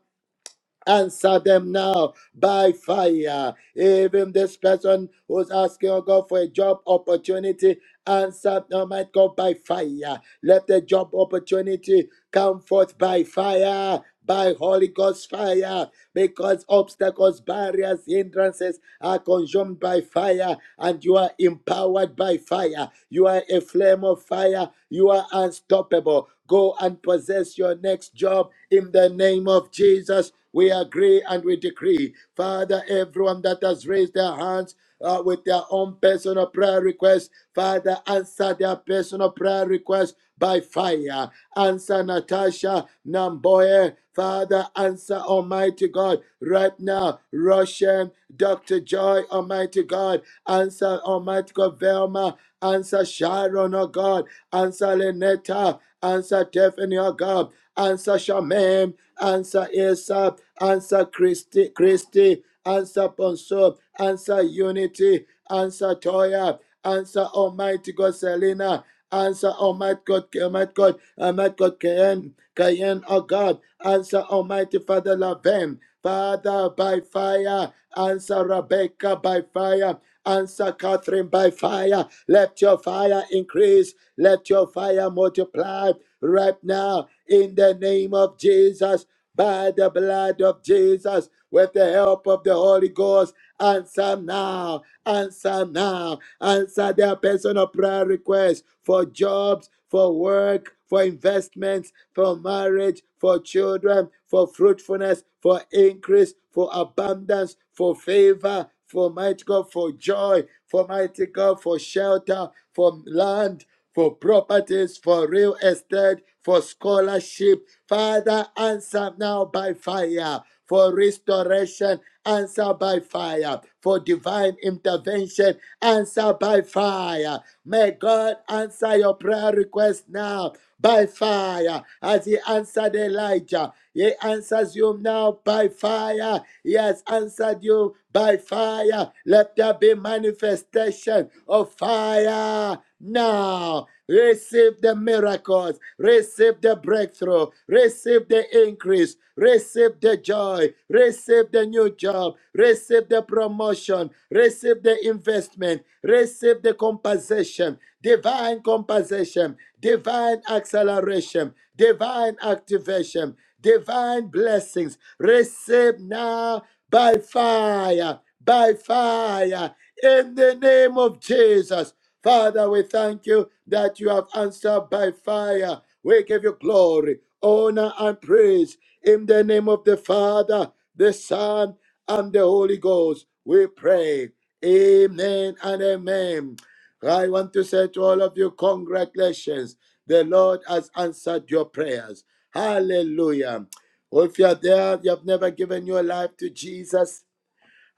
Speaker 2: Answer them now by fire. Even this person who's asking, oh God, for a job opportunity, answer, oh my God, by fire. Let the job opportunity come forth by fire, by Holy Ghost fire, because obstacles, barriers, hindrances are consumed by fire, and you are empowered by fire. You are a flame of fire. You are unstoppable. Go and possess your next job in the name of Jesus. We agree and we decree, Father, everyone that has raised their hands uh, with their own personal prayer request, Father, answer their personal prayer request by fire. Answer Natasha Namboye. Father, answer Almighty God right now. Roshan, Dr. Joy, Almighty God. Answer Almighty God, Velma. Answer Sharon, oh God. Answer Lenetta. Answer Tiffany, oh God answer Shaman, answer Esap, answer Christy. Christy. answer Ponso, answer Unity, answer Toya, answer Almighty God Selena, answer Almighty God, Almighty God, Almighty God Kayen, Kayen, oh God, answer Almighty Father Laven, Father by fire, answer Rebecca by fire, Answer Catherine by fire. Let your fire increase. Let your fire multiply right now in the name of Jesus. By the blood of Jesus, with the help of the Holy Ghost, answer now, answer now, answer their personal prayer requests for jobs, for work, for investments, for marriage, for children, for fruitfulness, for increase, for abundance, for favor, for mighty God, for joy, for mighty God, for shelter, for land, for properties, for real estate, for scholarship. Father, answer now by fire. For restoration, answer by fire. For divine intervention, answer by fire. May God answer your prayer request now by fire, as he answered Elijah. He answers you now by fire. He has answered you by fire. Let there be manifestation of fire now. Receive the miracles, receive the breakthrough, receive the increase, receive the joy, receive the new job, receive the promotion, receive the investment, receive the compensation, divine compensation divine compensation, divine acceleration, divine activation, divine blessings. Receive now by fire, by fire, in the name of Jesus. Father, we thank you that you have answered by fire. We give you glory, honor, and praise in the name of the Father, the Son, and the Holy Ghost. We pray. Amen and amen. I want to say to all of you, congratulations. The Lord has answered your prayers. Hallelujah. Or if you're there, you have never given your life to Jesus,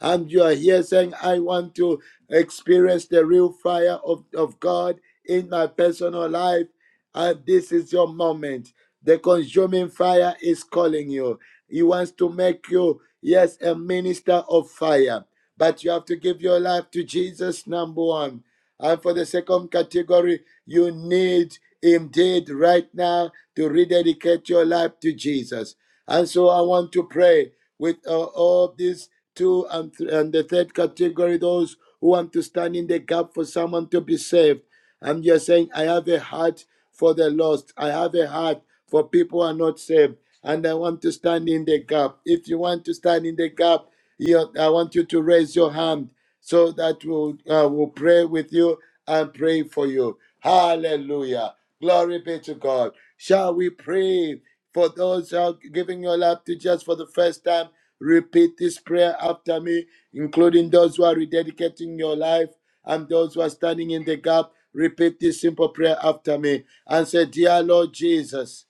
Speaker 2: and you are here saying, I want to experience the real fire of, of God in my personal life, and this is your moment. The consuming fire is calling you. He wants to make you, yes, a minister of fire. But you have to give your life to Jesus, number one. And for the second category, you need indeed right now to rededicate your life to Jesus. And so I want to pray with uh, all these two and, th- and the third category, those who want to stand in the gap for someone to be saved. And you're saying, I have a heart for the lost. I have a heart for people who are not saved. And I want to stand in the gap. If you want to stand in the gap, you, I want you to raise your hand so that we'll, uh, we'll pray with you and pray for you. Hallelujah. Glory be to God. Shall we pray for those who are giving your life to just for the first time? Repeat this prayer after me, including those who are rededicating your life and those who are standing in the gap. Repeat this simple prayer after me and say, Dear Lord Jesus,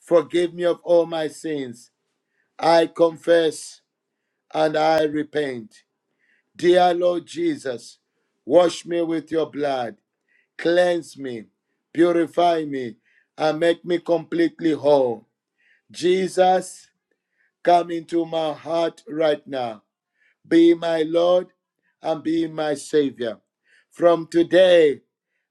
Speaker 2: forgive me of all my sins. I confess and I repent. Dear Lord Jesus, wash me with your blood cleanse me, purify me, and make me completely whole. Jesus, come into my heart right now. Be my Lord and be my Savior. From today,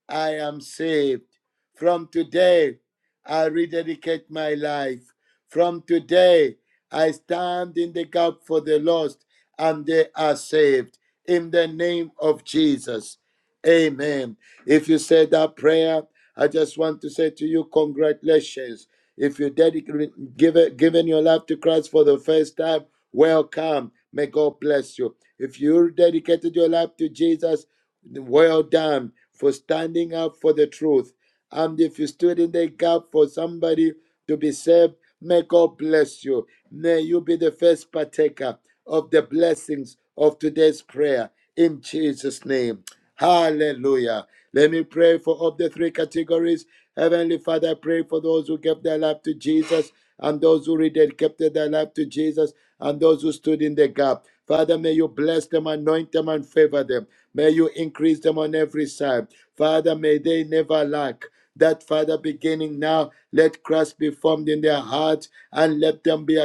Speaker 2: I am saved. From today, I rededicate my life. From today, I stand in the gap for the lost and they are saved. In the name of Jesus. Amen. If you said that prayer, I just want to say to you, congratulations. If you dedicate, give it, given your life to Christ for the first time, welcome. May God bless you. If you dedicated your life to Jesus, well done for standing up for the truth. And if you stood in the gap for somebody to be saved, may God bless you. May you be the first partaker of the blessings of today's prayer in Jesus' name. Hallelujah. Let me pray for all the three categories. Heavenly Father, I pray for those who gave their life to Jesus and those who rededicated their life to Jesus and those who stood in the gap. Father, may you bless them, anoint them, and favor them. May you increase them on every side. Father, may they never lack. That Father, beginning now, let Christ be formed in their hearts and let them be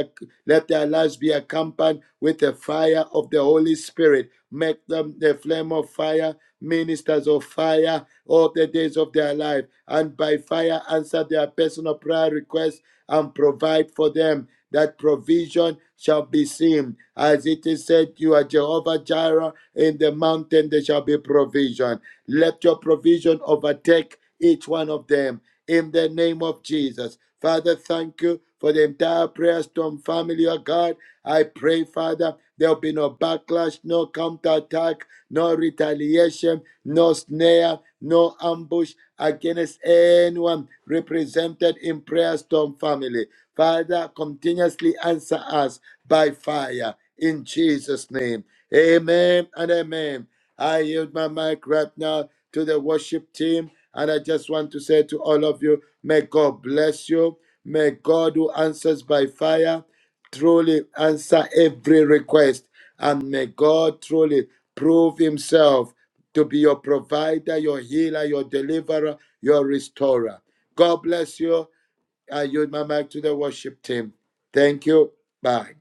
Speaker 2: let their lives be accompanied with the fire of the Holy Spirit. Make them the flame of fire, ministers of fire all the days of their life, and by fire answer their personal prayer requests and provide for them. That provision shall be seen. As it is said, you are Jehovah Jireh. In the mountain there shall be provision. Let your provision overtake each one of them. In the name of Jesus. Father, thank you for the entire prayer storm family, oh God. I pray, Father, there'll be no backlash, no counterattack, no retaliation no snare, no ambush against anyone represented in Prayer Storm family. Father, continuously answer us by fire in Jesus' name. Amen and amen. I yield my mic right now to the worship team, and I just want to say to all of you, may God bless you. May God who answers by fire truly answer every request, and may God truly prove himself to be your provider, your healer, your deliverer, your restorer. God bless you. I yield my mic to the worship team. Thank you. Bye.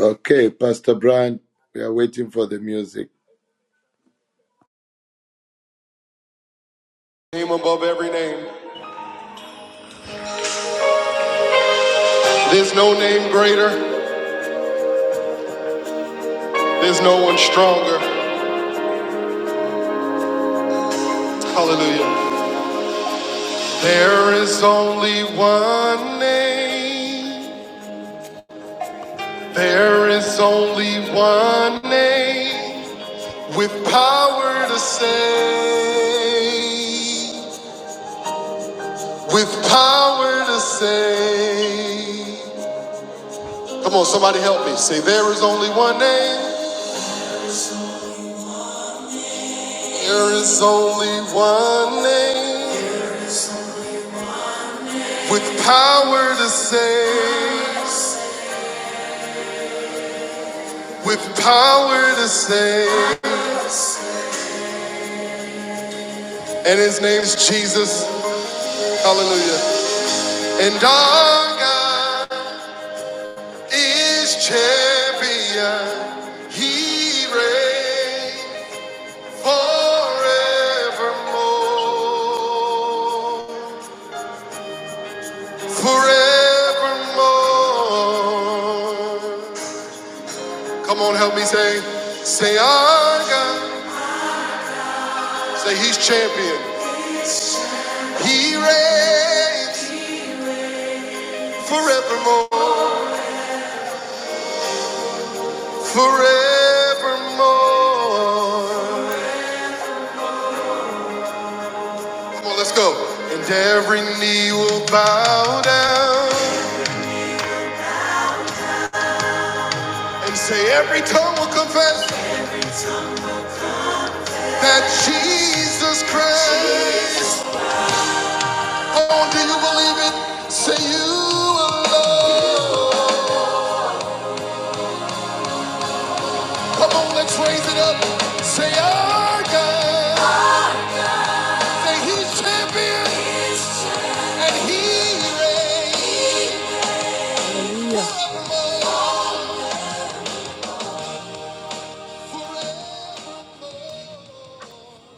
Speaker 2: Okay, Pastor Brian, we are waiting for the music.
Speaker 1: Name above every name. There's no name greater. There's no one stronger. Hallelujah. There is only one name. There is only one name with power to save. With power to save. Come on, somebody help me. Say, there is only one name. There is only one name with power to save, with power to save, and his name's Jesus. Hallelujah. And our God is champion. He reigns forevermore, forevermore. Come on, help me say, say our God. Say he's champion. He reigns forevermore, forevermore. Come on, let's go. And every knee will bow down and say every tongue will confess that Jesus Christ. Oh, do you believe it? Say you alone. Come on, let's raise it up. Say our God. Say he's champion and he reigns forevermore, forevermore.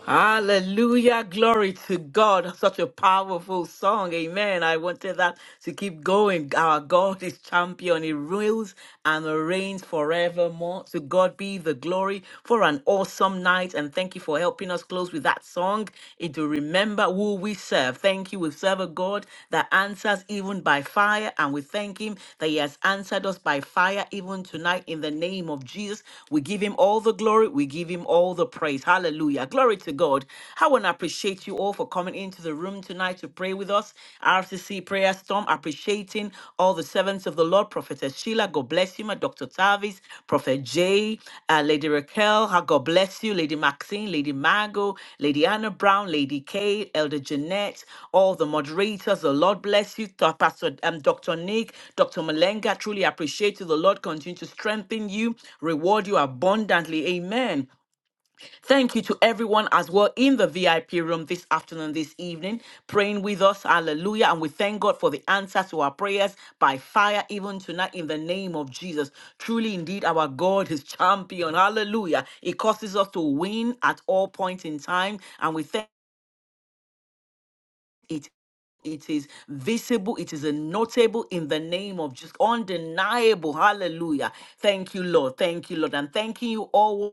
Speaker 4: Hallelujah. Glory to God. Such a powerful song. Amen. I wanted that to keep going. Our God is champion. He rules and reigns forevermore. To God be the glory for an awesome night. And thank you for helping us close with that song. It will remember who we serve. Thank you. We serve a God that answers even by fire. And we thank Him that He has answered us by fire even tonight in the name of Jesus. We give Him all the glory. We give Him all the praise. Hallelujah. Glory to God. I want to appreciate you all for coming into the room tonight to pray with us. RCC Prayer Storm, appreciating all the servants of the Lord. Prophetess Sheila, God bless you, my Dr. Tavis, Prophet Jay, uh, Lady Raquel, ah, God bless you, Lady Maxine, Lady Margot, Lady Anna Brown, Lady Kay, Elder Jeanette, all the moderators. The Lord bless you, Th- Pastor um, Dr. Nick, Dr. Malenga. Truly appreciate you. The Lord continue to strengthen you, reward you abundantly. Amen. Thank you to everyone as well in the VIP room this afternoon, this evening, praying with us. Hallelujah. And we thank God for the answer to our prayers by fire, even tonight, in the name of Jesus. Truly, indeed, our God is champion. Hallelujah. It causes us to win at all points in time. And we thank it it is visible, it is a notable in the name of just undeniable. Hallelujah. Thank you, Lord. Thank you, Lord. And thanking you all.